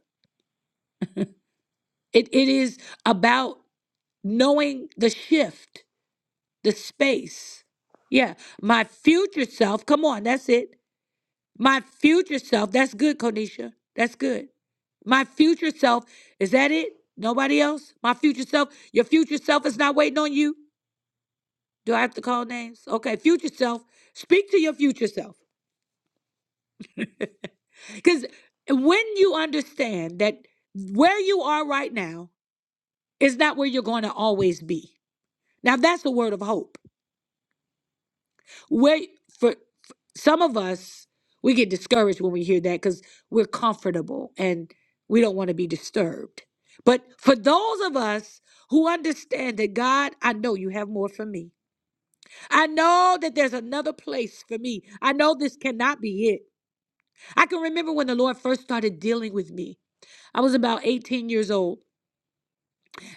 It it is about knowing the shift, the space. Yeah, my future self, come on, that's it. My future self, that's good, Konisha. That's good. My future self, is that it? Nobody else? My future self, your future self is not waiting on you. Do I have to call names? Okay, future self, speak to your future self. <laughs> Because when you understand that where you are right now is not where you're going to always be. Now, that's a word of hope. Wait for, for some of us, we get discouraged when we hear that because we're comfortable and we don't want to be disturbed. But for those of us who understand that God, I know you have more for me. I know that there's another place for me. I know this cannot be it. I can remember when the Lord first started dealing with me. I was about 18 years old.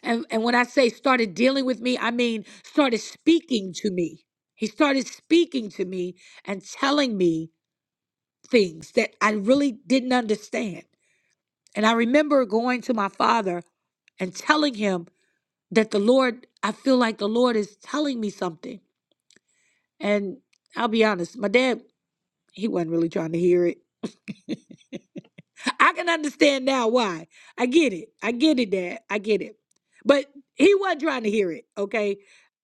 And, and when I say started dealing with me, I mean started speaking to me. He started speaking to me and telling me things that I really didn't understand. And I remember going to my father and telling him that the Lord, I feel like the Lord is telling me something. And I'll be honest, my dad, he wasn't really trying to hear it. <laughs> I can understand now why. I get it. I get it, Dad. I get it. But he wasn't trying to hear it, okay?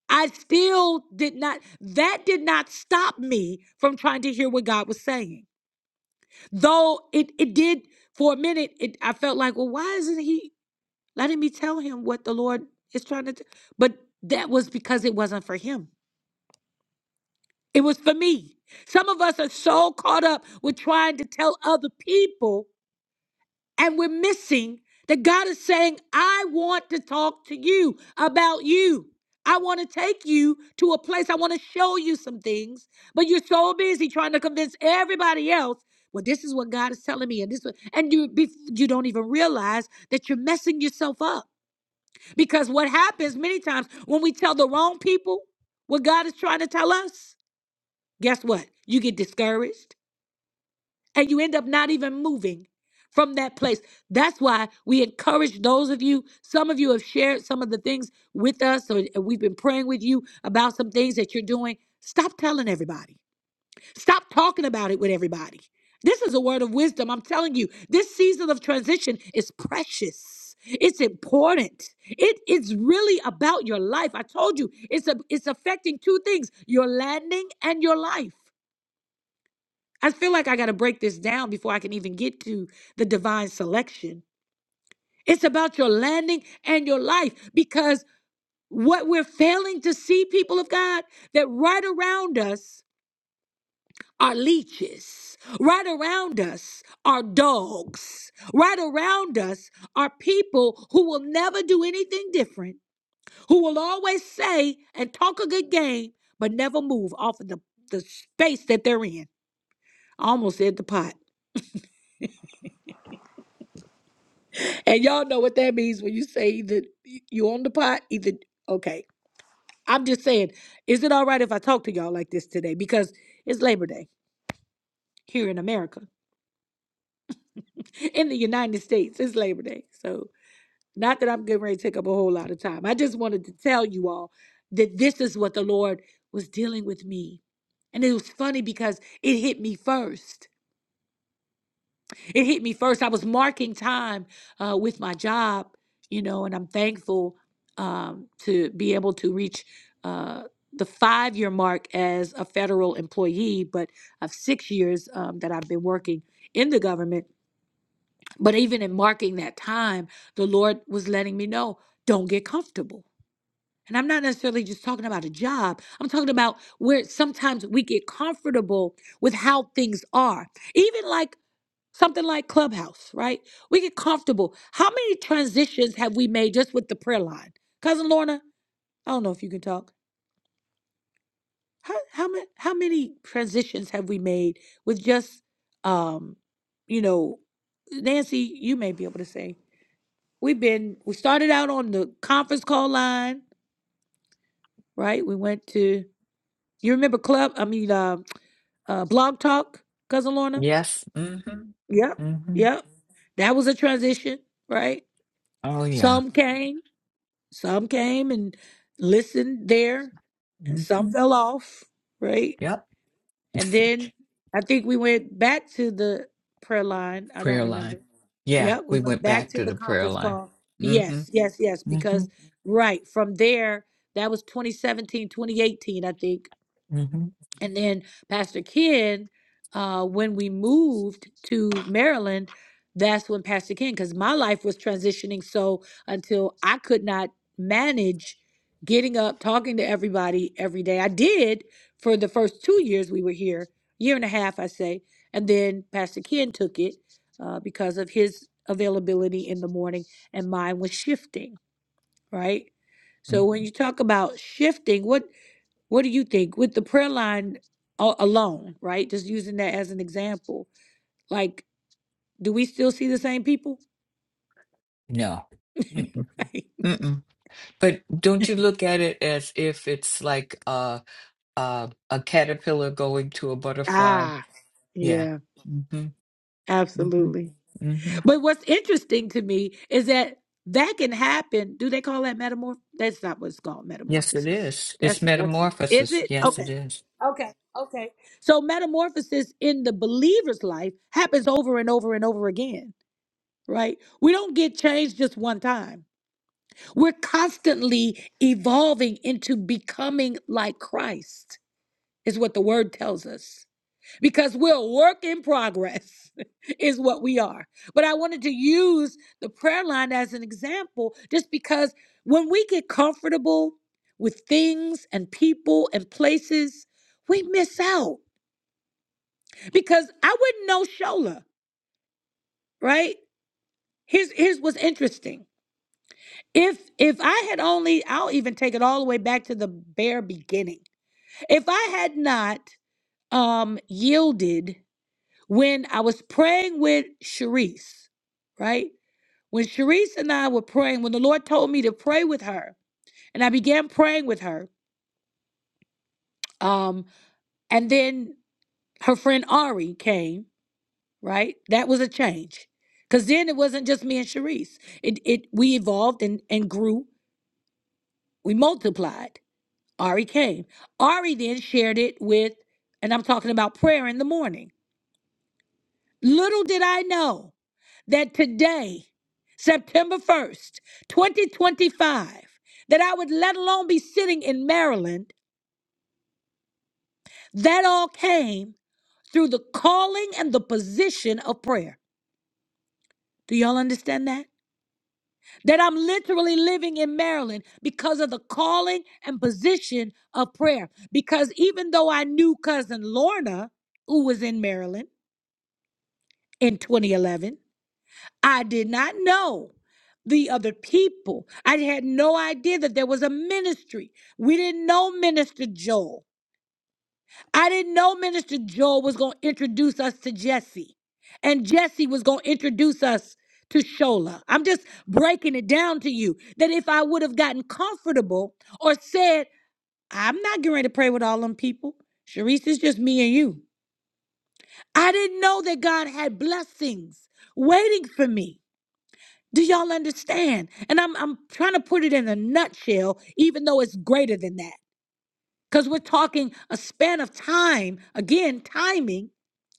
I still did not, that did not stop me from trying to hear what God was saying. Though it it did for a minute, it I felt like, well, why isn't he letting me tell him what the Lord is trying to? T-? But that was because it wasn't for him. It was for me. Some of us are so caught up with trying to tell other people and we're missing that God is saying, I want to talk to you about you. I want to take you to a place. I want to show you some things, but you're so busy trying to convince everybody else. Well, this is what God is telling me, and this, what- and you be- you don't even realize that you're messing yourself up because what happens many times when we tell the wrong people what God is trying to tell us, guess what? You get discouraged and you end up not even moving from that place. That's why we encourage those of you. Some of you have shared some of the things with us, or we've been praying with you about some things that you're doing. Stop telling everybody, stop talking about it with everybody. This is a word of wisdom. I'm telling you, this season of transition is precious. It's important. It is really about your life. I told you, it's a, it's affecting two things: your landing and your life. I feel like I got to break this down before I can even get to the divine selection. It's about your landing and your life because what we're failing to see, people of God, that right around us are leeches, right around us are dogs, right around us are people who will never do anything different, who will always say and talk a good game, but never move off of the, the space that they're in. I almost said the pot. And y'all know what that means when you say either you on the pot, either okay. I'm just saying, is it all right if I talk to y'all like this today? Because it's Labor Day here in America. In the United States, it's Labor Day. So not that I'm getting ready to take up a whole lot of time. I just wanted to tell you all that this is what the Lord was dealing with me. And it was funny because it hit me first. it hit me first. I was marking time uh, with my job, you know, and I'm thankful um, to be able to reach uh, the five year mark as a federal employee, but of six years um, that I've been working in the government. But even in marking that time, the Lord was letting me know don't get comfortable. And I'm not necessarily just talking about a job. I'm talking about where sometimes we get comfortable with how things are. Even like Something like Clubhouse, right? We get comfortable. How many transitions have we made just with the prayer line? Cousin Lorna, I don't know if you can talk. How how many how many transitions have we made with just um, you know, Nancy, you may be able to say. We've been we started out on the conference call line, right? We went to you remember club, I mean uh, uh blog talk, cousin Lorna?
Yes. Mm-hmm.
Yep.
Mm-hmm.
Yep. That was a transition, right?
Oh yeah.
Some came. Some came and listened there, and some
Mm-hmm.
fell off, right?
Yep.
And then
<laughs>
I think we went back to the prayer line. I
prayer
don't
line.
remember.
Yeah,
Yep,
we
we went
went
back
back
to
to
the
the prayer
conference
line.
call.
Mm-hmm.
Yes, yes, yes,
Mm-hmm.
because right from there, that was 2017, 2018, I think.
Mm-hmm.
And then Pastor Ken, uh, when we moved to Maryland, that's when Pastor Ken, because my life was transitioning. So until I could not manage getting up, talking to everybody every day, I did for the first two years we were here, year and a half, I say. And then Pastor Ken took it uh, because of his availability in the morning, and mine was shifting, right? So when
Mm-hmm.
you talk about shifting, what? What do you think with the prayer line a- alone, right? Just using that as an example. Like, do we still see the same people?
No. Mm-mm.
<laughs>
Mm-mm. But don't you look at it as if it's like uh, uh, a caterpillar going to a butterfly?
Ah,
Yeah.
yeah,
Mm-hmm. Mm-hmm.
absolutely.
Mm-hmm.
But what's interesting to me is that that can happen. Do they call that metamorph? That's not what's called
Yes, it
metamorphosis.
is. It's
That's that's is
metamorphosis.
it?
Yes, it
Okay.
is.
Okay. Okay. So metamorphosis in the believer's life happens over and over and over again, right? We don't get changed just one time. We're constantly evolving into becoming like Christ, is what the word tells us, because we're a work in progress, <laughs> is what we are. But I wanted to use the prayer line as an example, just because when we get comfortable with things and people and places, we miss out. Because I wouldn't know Shola, right? Here's here's what's interesting. If if I had only, I'll even take it all the way back to the bare beginning If I had not um, yielded when I was praying with Sharice, right? When Sharice and I were praying, when the Lord told me to pray with her, and I began praying with her, um, and then her friend Ari came, right? That was a change. Because then it wasn't just me and Sharice. It, it we evolved and, and grew. We multiplied. Ari came. Ari then shared it with, and I'm talking about prayer in the morning. Little did I know. that today, September 1st, 2025, that I would let alone be sitting in Maryland, that all came through the calling and the position of prayer. Do y'all understand that? That I'm literally living in Maryland because of the calling and position of prayer. Because even though I knew cousin Lorna, who was in Maryland in 2011, I did not know the other people. I had no idea that there was a ministry. We didn't know Minister Joel. I didn't know Minister Joel was going to introduce us to Jesse, and Jesse was going to introduce us to Shola. I'm just breaking it down to you that if I would have gotten comfortable or said, I'm not getting ready to pray with all them people, Sharice, it's just me and you. I didn't know that God had blessings waiting for me. Do y'all understand? And I'm I'm trying to put it in a nutshell, even though it's greater than that. Because we're talking a span of time, again, timing,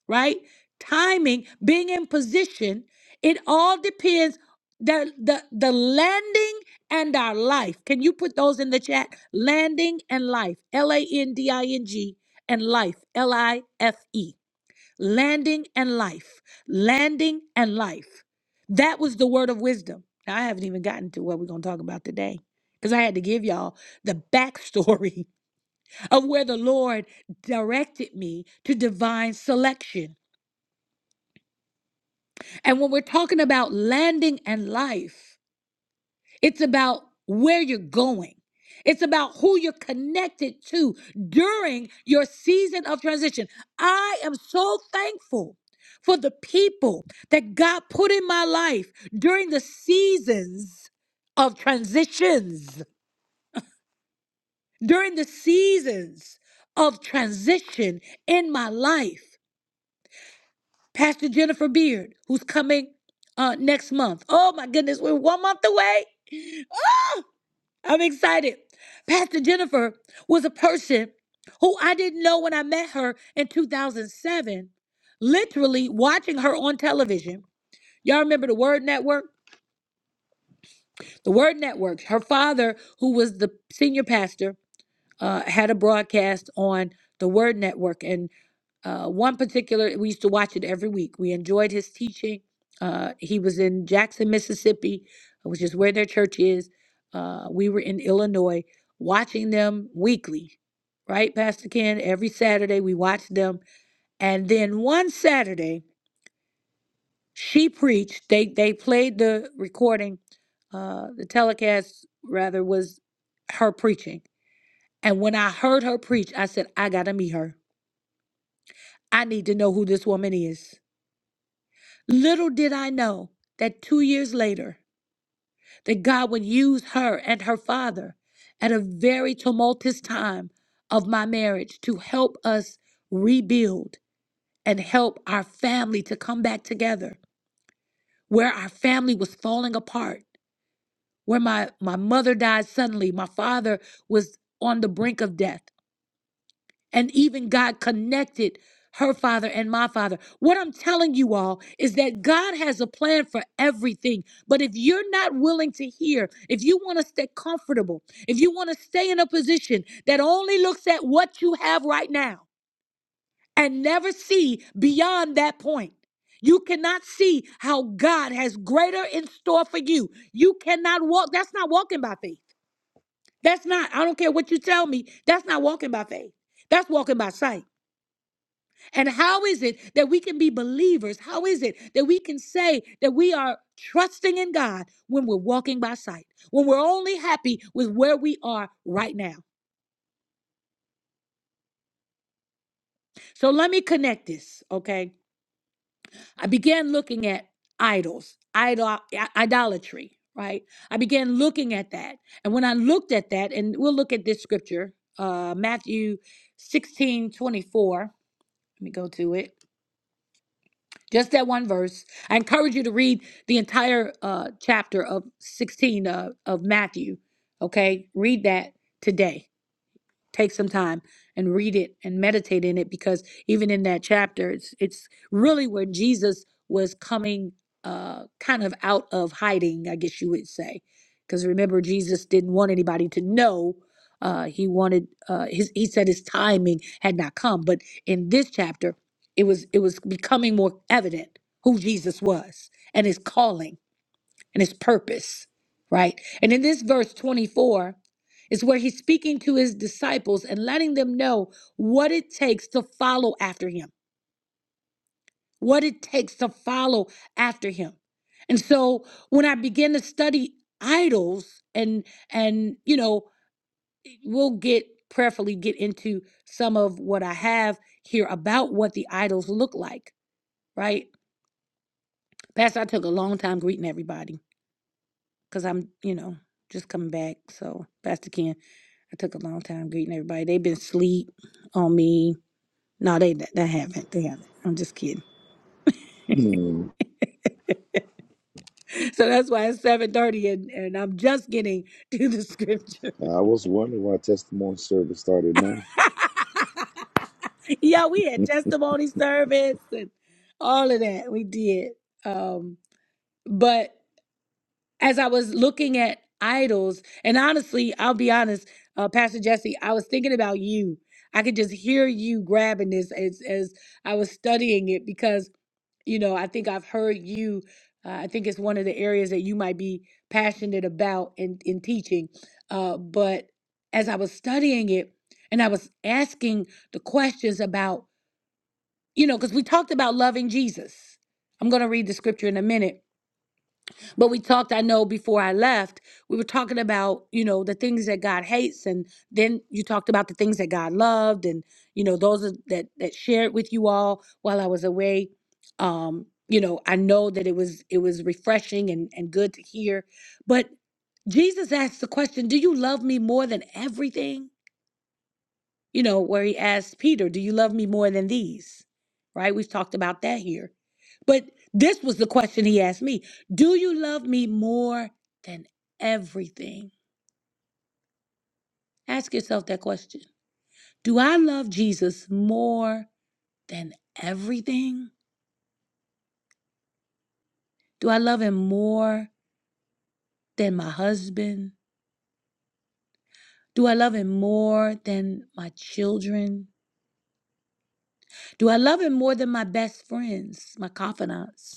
right? Timing, being in position, it all depends the the the landing and our life. Can you put those in the chat? Landing and life. L-A-N-D-I-N-G and life. L-I-F-E landing and life, landing and life. That was the word of wisdom. Now, I haven't even gotten to what we're going to talk about today because I had to give y'all the backstory <laughs> of where the Lord directed me to divine selection. And when we're talking about landing and life, It's about where you're going. It's about who you're connected to during your season of transition. I am so thankful for the people that God put in my life during the seasons of transitions, during the seasons of transition in my life. Pastor Jennifer Beard, who's coming uh, next month. Oh my goodness, we're one month away. Ah! I'm excited. Pastor Jennifer was a person who I didn't know when I met her in 2007, literally watching her on television. Y'all remember the Word Network? The Word Network. Her father, who was the senior pastor, uh, had a broadcast on the Word Network. and. Uh, one particular, we used to watch it every week. We enjoyed his teaching. Uh, he was in Jackson, Mississippi, uh, which is where their church is. Uh, we were in Illinois, watching them weekly, right, Pastor Ken? Every Saturday we watched them, and then one Saturday she preached. They they played the recording, uh, the telecast rather was her preaching. And when I heard her preach, I said, I gotta meet her. I need to know who this woman is. Little did I know that two years later, that God would use her and her father at a very tumultuous time of my marriage to help us rebuild and help our family to come back together where our family was falling apart where my my mother died suddenly my father was on the brink of death and even God connected her father and my father. What I'm telling you all is that God has a plan for everything. But if you're not willing to hear, if you want to stay comfortable, if you want to stay in a position that only looks at what you have right now and never see beyond that point, you cannot see how God has greater in store for you. You cannot walk. That's not walking by faith. That's not, I don't care what you tell me. That's not walking by faith. That's walking by sight. And how is it that we can be believers? How is it that we can say that we are trusting in God when we're walking by sight, when we're only happy with where we are right now? So let me connect this, okay? I began looking at idols, idol, i- idolatry, right? I began looking at that. And when I looked at that, and we'll look at this scripture, uh, Matthew 16 24. Let me go to it. just that one verse. I encourage you to read the entire uh, chapter of 16 uh, of Matthew. Okay, read that today take some time and read it and meditate in it because even in that chapter it's it's really where jesus was coming uh kind of out of hiding i guess you would say because remember jesus didn't want anybody to know uh he wanted uh his he said his timing had not come but in this chapter it was it was becoming more evident who jesus was and his calling and his purpose, right? And in this verse 24 is where he's speaking to his disciples and letting them know what it takes to follow after him, what it takes to follow after him. And so when I began to study idols and and you know we'll get prayerfully get into some of what I have here about what the idols look like, right? Pastor, I took a long time greeting everybody. because I'm, you know, just coming back. So, Pastor Ken, I took a long time greeting everybody. They've been sleep on me. No, they they haven't. They haven't. I'm just kidding. <laughs>
Hmm.
So that's why it's seven thirty, and, and I'm just getting <laughs> to the scripture.
I was wondering why testimony service started now.
<laughs> yeah, we had
<laughs>
testimony service and all of that. We did. Um, but as I was looking at idols, and honestly, I'll be honest, uh, Pastor Jesse, I was thinking about you. I could just hear you grabbing this as as I was studying it because you know I think I've heard you. Uh, I think it's one of the areas that you might be passionate about in in teaching. Uh, but as I was studying it, and I was asking the questions about you know because we talked about loving Jesus. I'm going to read the scripture in a minute but we talked, I know before I left, we were talking about, you know, the things that God hates and then you talked about the things that God loved and, you know, those are- that that shared with you all while I was away. Um, you know, I know that it was it was refreshing and and good to hear. But Jesus asked the question, do you love me more than everything? you know, where he asked Peter, Do you love me more than these? Right? We've talked about that here. But this was the question he asked me Do you love me more than everything? Ask yourself that question. Do I love Jesus more than everything? Do I love him more than my husband? Do I love him more than my children? Do I love him more than my best friends, my confidants?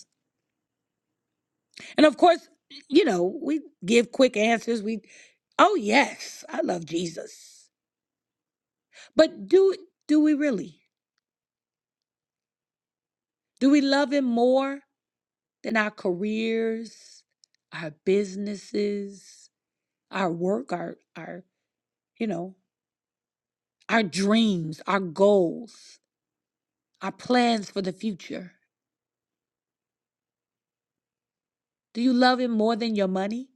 And of course, you know, we give quick answers. We, oh yes, I love Jesus. But do do we really? Do we love him more than our careers, our businesses, our work, our our, you know, our dreams, our goals, our plans for the future? Do you love him more than your money?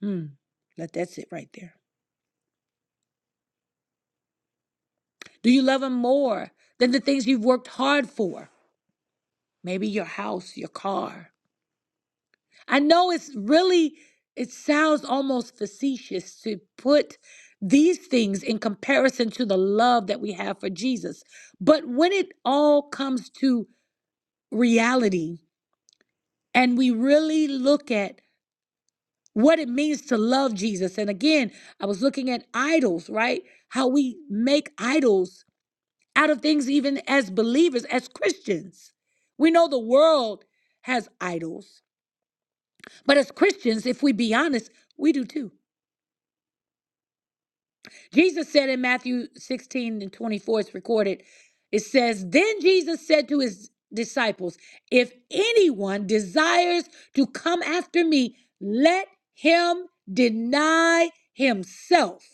Hmm. Let that sit right there. Do you love him more than the things you've worked hard for? Maybe your house, your car, I know it's really, it sounds almost facetious to put these things in comparison to the love that we have for Jesus. But when it all comes to reality and we really look at what it means to love Jesus, and again, I was looking at idols, right? How we make idols out of things, even as believers, as Christians. We know the world has idols, but as Christians, if we be honest, we do too Jesus said in Matthew 16 and 24, it's recorded, it says, Then Jesus said to his disciples, If anyone desires to come after me, let him deny himself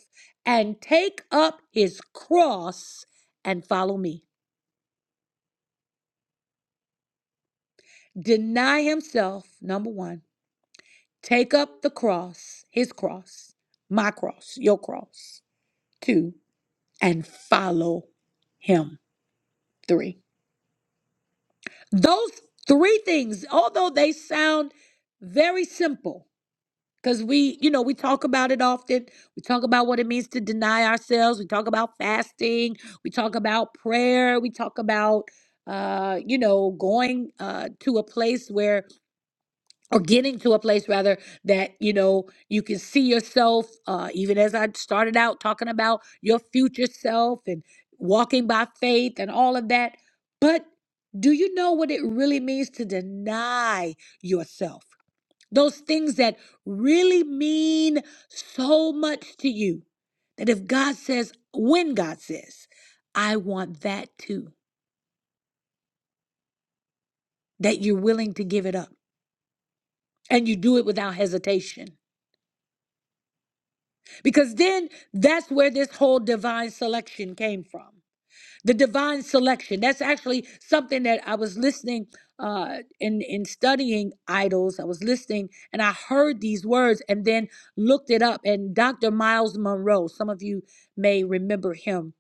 and take up his cross and follow me. Deny himself, number one. Take up the cross, his cross, my cross, your cross, two, and follow him, three. Those three things, although they sound very simple, because we, you know, we talk about it often. We talk about what it means to deny ourselves. We talk about fasting. We talk about prayer. We talk about, uh, you know, going uh, to a place where or getting to a place rather that you know you can see yourself uh, even as i started out talking about your future self and walking by faith and all of that but do you know what it really means to deny yourself those things that really mean so much to you that if god says when god says i want that too that you're willing to give it up and you do it without hesitation Because then that's where this whole divine selection came from. The divine selection. That's actually something that I was listening uh in in studying idols. I was listening and I heard these words and then looked it up. And Dr. Miles Monroe, some of you may remember him,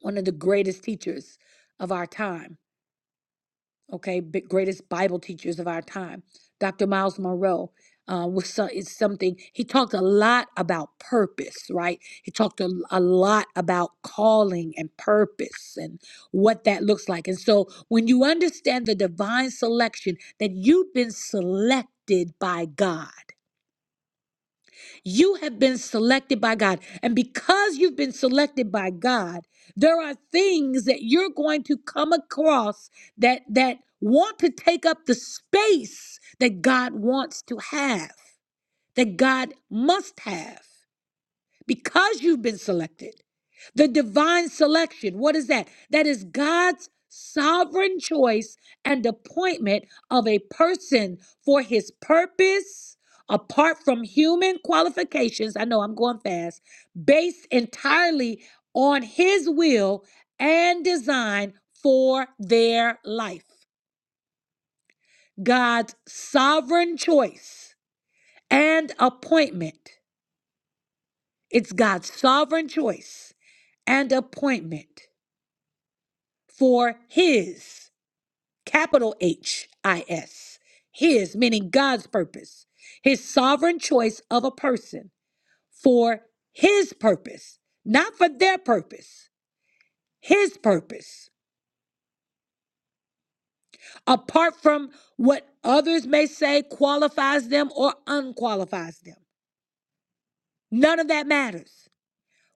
one of the greatest teachers of our time okay, big, greatest Bible teachers of our time. Dr. Miles Monroe uh, was so, is something he talked a lot about purpose, right? He talked a, a lot about calling and purpose and what that looks like. And so, when you understand the divine selection that you've been selected by God. You have been selected by God. And because you've been selected by God, there are things that you're going to come across that that want to take up the space that God wants to have, that God must have because you've been selected. The divine selection, what is that? That is God's sovereign choice and appointment of a person for his purpose, apart from human qualifications. I know I'm going fast, based entirely on his will and design for their life. God's sovereign choice and appointment. It's God's sovereign choice and appointment for His, capital H I S, His, meaning God's purpose, His sovereign choice of a person for His purpose, not for their purpose, His purpose, apart from what others may say qualifies them or unqualifies them. None of that matters.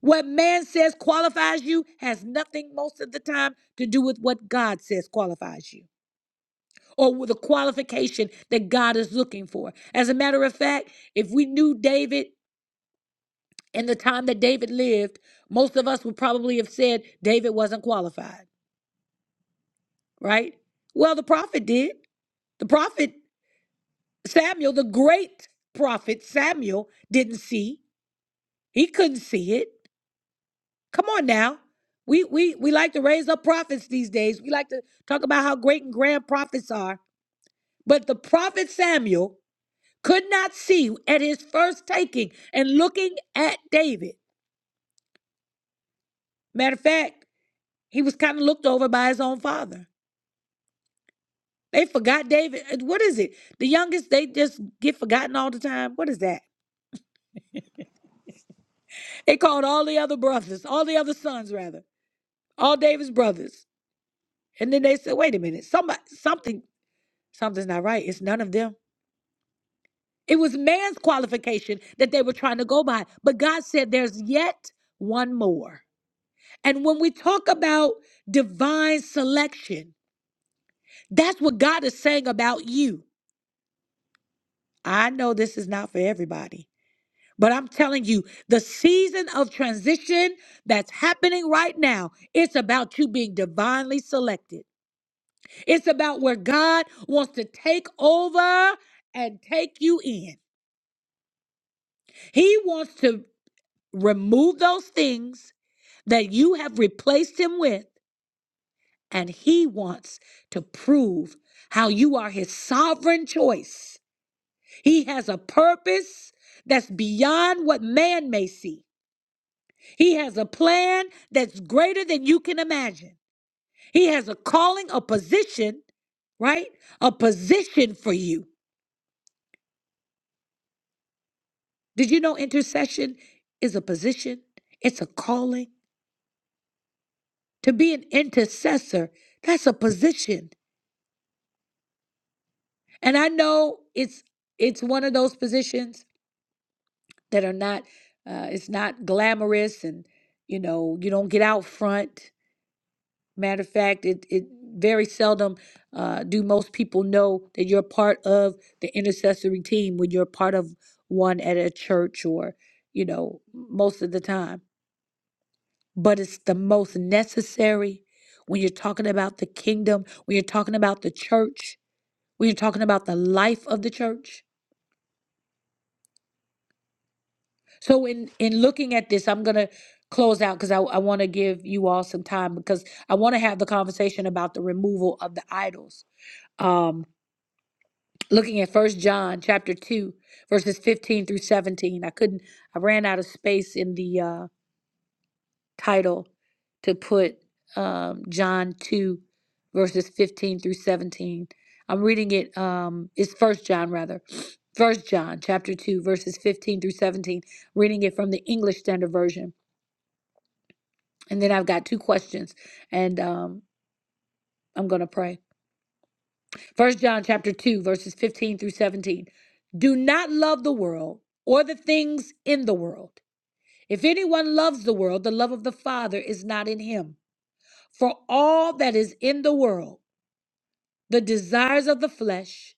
What man says qualifies you has nothing most of the time to do with what God says qualifies you or with the qualification that God is looking for. As a matter of fact, if we knew David in the time that David lived, most of us would probably have said David wasn't qualified, right? Well, the prophet did. The prophet Samuel, the great prophet Samuel, didn't see. He couldn't see it. Come on now. We we we like to raise up prophets these days. We like to talk about how great and grand prophets are. But the prophet Samuel could not see at his first taking and looking at David. Matter of fact, he was kind of looked over by his own father. They forgot David. Uh, What is it? The youngest, they just get forgotten all the time. What is that? They called all the other brothers, all the other sons, rather, all David's brothers. And then they said, wait a minute, somebody, something, something's not right. It's none of them. It was man's qualification that they were trying to go by. But God said, there's yet one more. And when we talk about divine selection, that's what God is saying about you. I know this is not for everybody, but I'm telling you, the season of transition that's happening right now, it's about you being divinely selected. It's about where God wants to take over and take you in. He wants to remove those things that you have replaced him with, and he wants to prove how you are his sovereign choice. He has a purpose that's beyond what man may see, he has a plan that's greater than you can imagine. He has a calling, a position, right? A position for you. Did you know intercession is a position? It's a calling. To be an intercessor, that's a position. And I know it's it's one of those positions that are not uh, it's not glamorous, and you know you don't get out front. Matter of fact, it it very seldom uh, do most people know that you're part of the intercessory team when you're part of one at a church or you know most of the time. But it's the most necessary when you're talking about the kingdom, when you're talking about the church, when you're talking about the life of the church. So in in looking at this, I'm gonna close out because I, I want to give you all some time because I want to have the conversation about the removal of the idols. Um, looking at First John chapter two, verses 15 through 17. I couldn't. I ran out of space in the uh, title to put um, John two, verses 15 through 17. I'm reading it. Um, it's First John rather. First John chapter two, verses 15 through 17. Reading it from the English Standard Version. And then I've got two questions, and um, I'm going to pray. First John chapter two, verses 15 through 17. Do not love the world or the things in the world. If anyone loves the world, the love of the Father is not in him. For all that is in the world, the desires of the flesh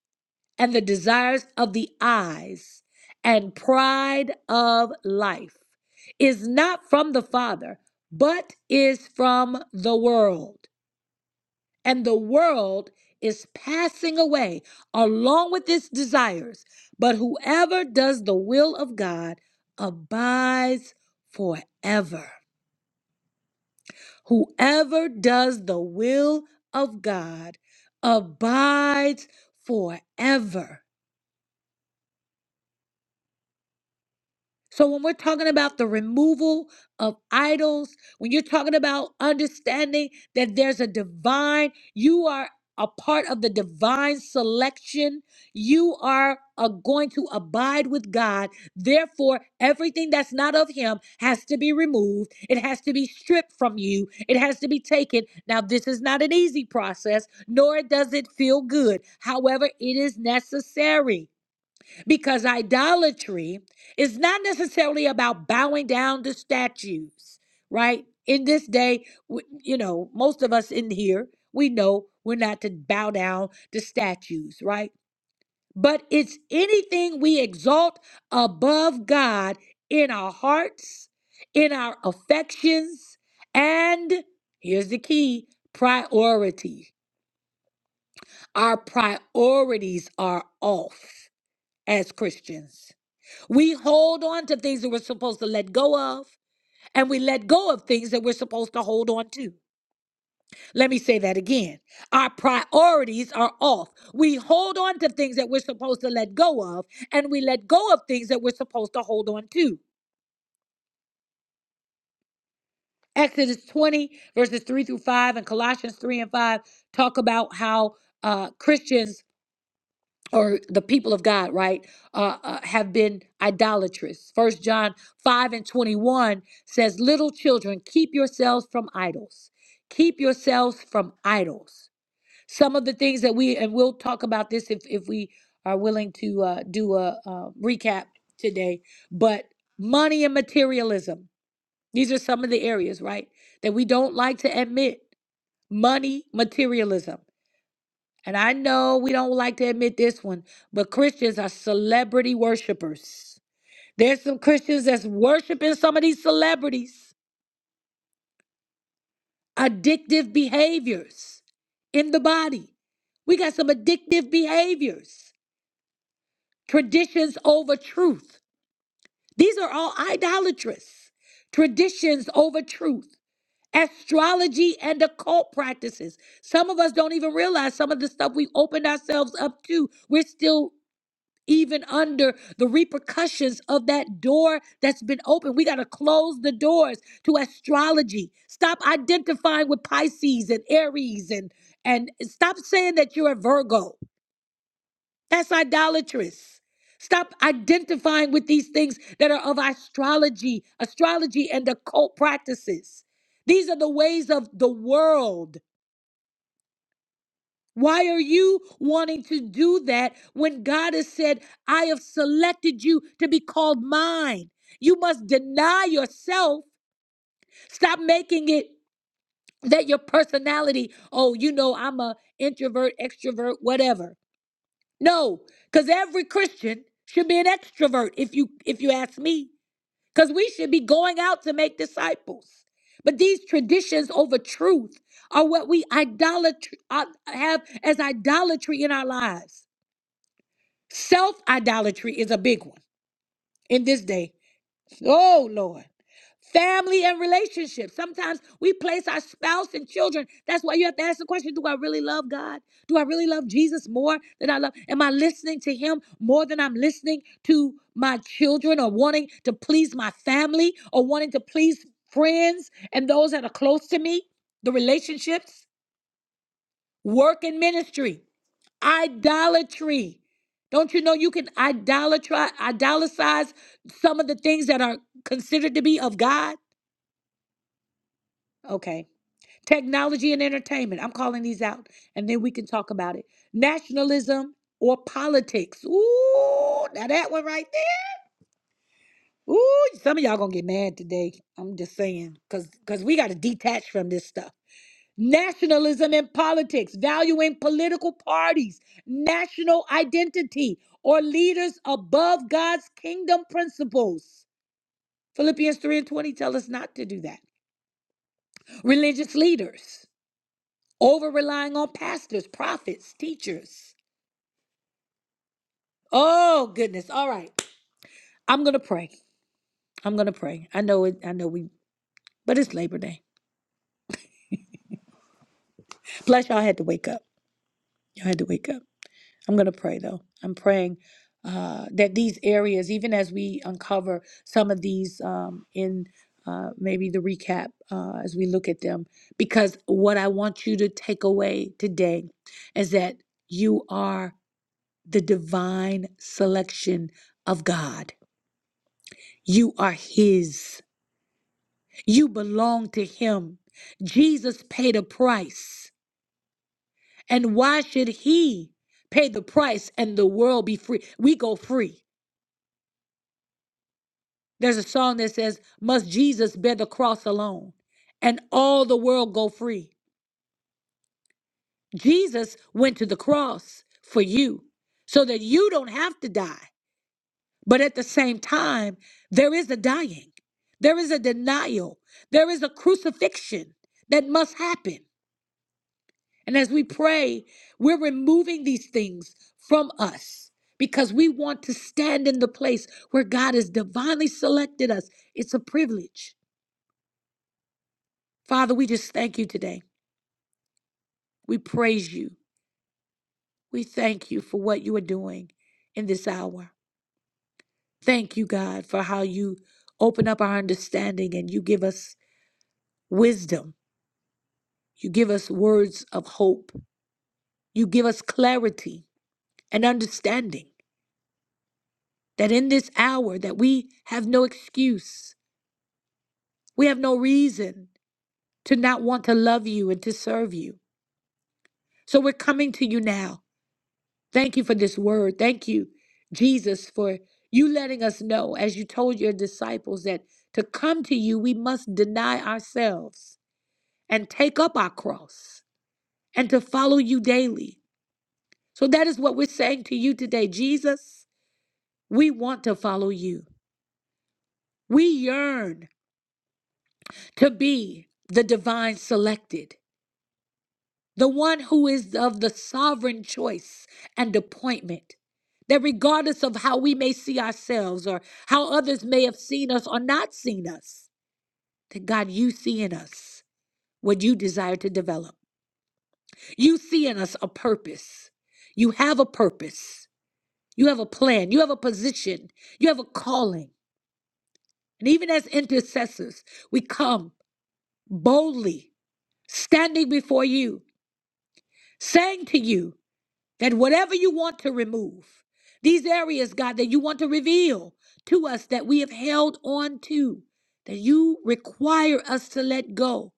and the desires of the eyes and pride of life is not from the Father, but is from the world and the world is passing away along with its desires, but whoever does the will of God abides forever. Whoever does the will of God abides forever. So when we're talking about the removal of idols, when you're talking about understanding that there's a divine, you are a part of the divine selection. You are uh, going to abide with God. Therefore, everything that's not of Him has to be removed. It has to be stripped from you. It has to be taken. Now, this is not an easy process, nor does it feel good. However, it is necessary because idolatry is not necessarily about bowing down to statues, right? In this day, w- you know, most of us in here, we know we're not to bow down to statues, right? But it's anything we exalt above God in our hearts, in our affections, and here's the key priority. Our priorities are off as Christians we hold on to things that we're supposed to let go of, and we let go of things that we're supposed to hold on to. Let me say that again. Our priorities are off. We hold on to things that we're supposed to let go of, and we let go of things that we're supposed to hold on to. Exodus 20, verses 3 through 5, and Colossians 3 and 5 talk about how uh, Christians or the people of God, right, uh, uh, have been idolatrous. First John five and twenty one says, "Little children, keep yourselves from idols. Keep yourselves from idols." Some of the things that we and we'll talk about this if if we are willing to uh, do a uh, recap today, but money and materialism. These are some of the areas, right, that we don't like to admit. Money, materialism. And I know we don't like to admit this one, but Christians are celebrity worshipers. There's some Christians that's worshiping some of these celebrities. Addictive behaviors in the body. We got some addictive behaviors. Traditions over truth. These are all idolatrous. Traditions over truth. Astrology and occult practices. Some of us don't even realize some of the stuff we opened ourselves up to. We're still even under the repercussions of that door that's been opened. We got to close the doors to astrology. Stop identifying with Pisces and Aries and and stop saying that you're a Virgo. That's idolatrous. Stop identifying with these things that are of astrology, astrology and occult practices. These are the ways of the world Why are you wanting to do that when God has said, I have selected you to be called mine? You must deny yourself. Stop making it that your personality, oh, you know, I'm a introvert, extrovert, whatever. No, because every Christian should be an extrovert if you if you ask me. Because we should be going out to make disciples. But these traditions over truth are what we idolatry, uh, have as idolatry in our lives. Self idolatry is a big one in this day. Oh, Lord. Family and relationships. Sometimes we place our spouse and children. That's why you have to ask the question Do I really love God? Do I really love Jesus more than I love? Am I listening to Him more than I'm listening to my children or wanting to please my family or wanting to please friends and those that are close to me? The relationships, work, and ministry. Idolatry. Don't you know you can idolatry, idolatize some of the things that are considered to be of God? Okay. Technology and entertainment. I'm calling these out, and then we can talk about it. Nationalism or politics. Ooh, now that one right there. Ooh, some of y'all gonna get mad today. I'm just saying, cause cause we gotta detach from this stuff. nationalism in politics, valuing political parties, national identity, or leaders above God's kingdom principles. Philippians 3 and 20 tell us not to do that. Religious leaders, over relying on pastors, prophets, teachers. Oh goodness. All right. I'm gonna pray. I'm gonna pray. I know it, I know we but it's Labor Day. Plus y'all had to wake up. Y'all had to wake up. I'm going to pray though. I'm praying uh, that these areas, even as we uncover some of these um, in uh, maybe the recap uh, as we look at them, because what I want you to take away today is that you are the divine selection of God. You are His, you belong to Him. Jesus paid a price. And why should He pay the price and the world be free? We go free. There's a song that says, Must Jesus bear the cross alone and all the world go free? Jesus went to the cross for you so that you don't have to die. But at the same time, there is a dying, there is a denial, there is a crucifixion that must happen. And as we pray, we're removing these things from us because we want to stand in the place where God has divinely selected us. It's a privilege. Father, we just thank you today. We praise you. We thank you for what you are doing in this hour. Thank you, God, for how you open up our understanding and you give us wisdom. You give us words of hope. You give us clarity and understanding that in this hour that we have no excuse. We have no reason to not want to love you and to serve you. So we're coming to you now Thank you for this word. Thank you, Jesus, for you letting us know, as you told your disciples, that to come to you, we must deny ourselves and take up our cross and to follow you daily. So that is what we're saying to you today. Jesus, we want to follow you. We yearn to be the divine selected. the one who is of the sovereign choice and appointment. That regardless of how we may see ourselves or how others may have seen us or not seen us, that God, you see in us what you desire to develop. You see in us a purpose. You have a purpose. You have a plan. You have a position. You have a calling. And even as intercessors, we come boldly, standing before you, saying to you, that whatever you want to remove, these areas, God, that you want to reveal to us that we have held on to, that you require us to let go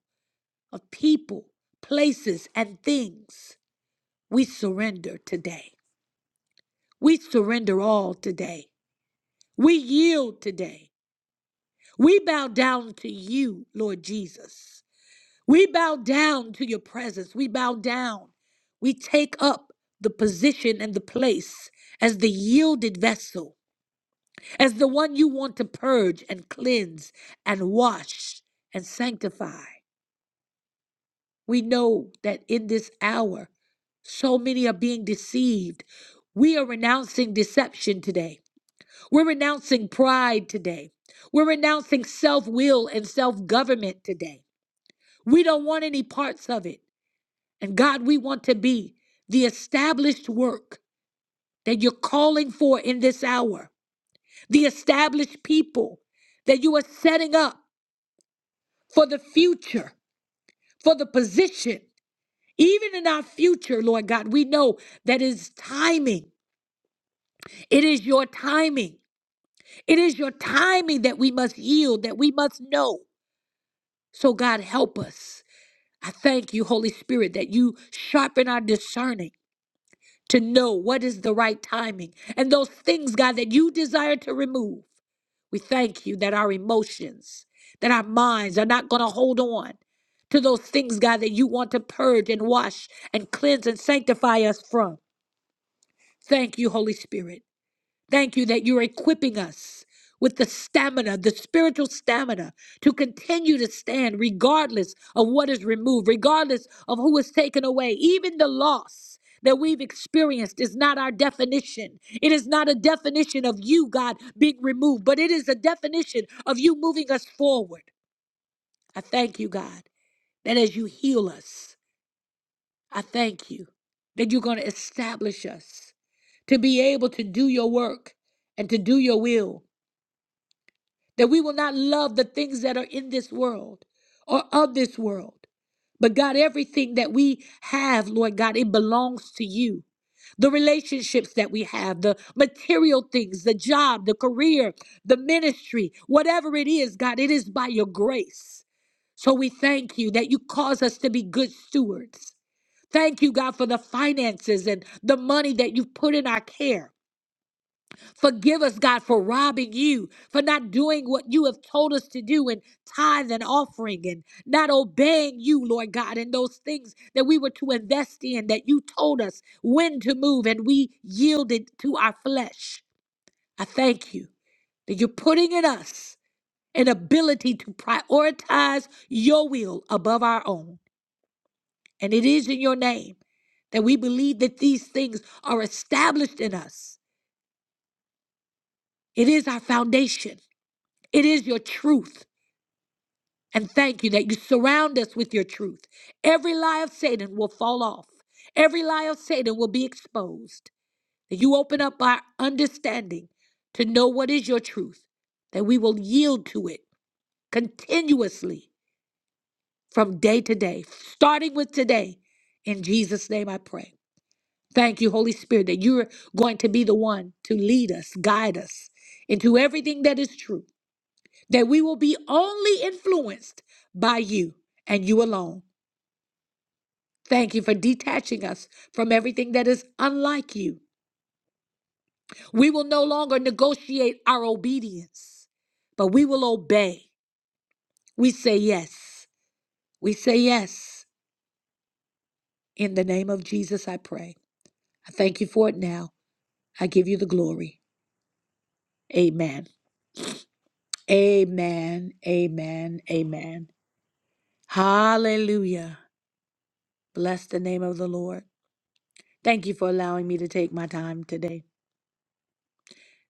of people, places, and things, we surrender today. We surrender all today. We yield today. We bow down to you, Lord Jesus. We bow down to your presence. We bow down. We take up the position and the place as the yielded vessel as the one you want to purge and cleanse and wash and sanctify. We know that in this hour, so many are being deceived. We are renouncing deception today. We're renouncing pride today. We're renouncing self will and self government today. We don't want any parts of it. And God, we want to be the established work that you're calling for in this hour, the established people that you are setting up. for the future, for the position. Even in our future, Lord God, we know that is timing. It is your timing. It is your timing that we must yield, that we must know. So, God, help us. I thank you, Holy Spirit, that you sharpen our discerning to know what is the right timing and those things, God, that you desire to remove. We thank you that our emotions, that our minds are not going to hold on to those things, God, that you want to purge and wash and cleanse and sanctify us from. Thank you, Holy Spirit. Thank you that you're equipping us with the stamina, the spiritual stamina to continue to stand regardless of what is removed, regardless of who is taken away. Even the loss that we've experienced is not our definition. It is not a definition of you, God, being removed, but it is a definition of you moving us forward. I thank you, God, that as you heal us, I thank you that you're going to establish us to be able to do your work and to do your will. that we will not love the things that are in this world or of this world. But God, everything that we have, Lord God, it belongs to you. The relationships that we have, the material things, the job, the career, the ministry, whatever it is, God, it is by your grace. So we thank you that you cause us to be good stewards. Thank you, God, for the finances and the money that you've put in our care. Forgive us, God, for robbing you, for not doing what you have told us to do in tithe and offering and not obeying you, Lord God, in those things that we were to invest in, that you told us when to move and we yielded to our flesh. I thank you that you're putting in us an ability to prioritize your will above our own. And it is in your name that we believe that these things are established in us. It is our foundation, it is your truth. And thank you that you surround us with your truth. Every lie of Satan will fall off, every lie of Satan will be exposed. That you open up our understanding to know what is your truth, that we will yield to it continuously from day to day, starting with today. In Jesus' name I pray. Thank you, Holy Spirit, that you're going to be the one to lead us, guide us into everything that is true, that we will be only influenced by you and you alone. Thank you for detaching us from everything that is unlike you. We will no longer negotiate our obedience, but we will obey. We say yes. We say yes. In the name of Jesus, I pray. I thank you for it now. I give you the glory. Amen. Amen. Amen. Amen. Hallelujah. Bless the name of the Lord. Thank you for allowing me to take my time today.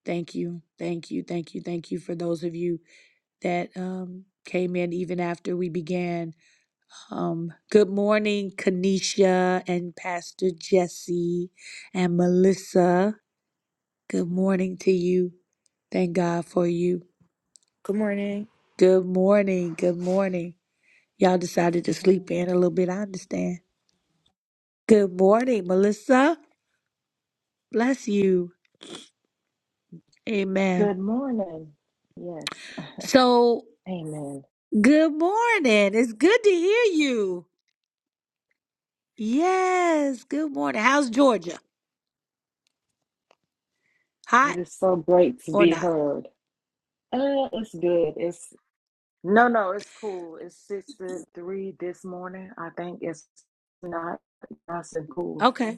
Thank you. Thank you. Thank you. Thank you for those of you. that um, came in even after we began. Um, good morning, Kanisha and Pastor Jesse and Melissa. Good morning to you. Thank God for you.
Good morning.
Good morning. Good morning. Y'all decided to
Mhm.
sleep in a little bit. I understand. Good morning, Melissa. Bless you. Amen.
Good morning. Yes,
So,
<laughs> amen.
good morning. It's good to hear you. Yes. Good morning. How's Georgia? Hot
It is so great to
or
be
not?
heard. Uh, it's good. It's no, no, it's cool. It's six to three this morning. I think it's not nice and cool.
Okay.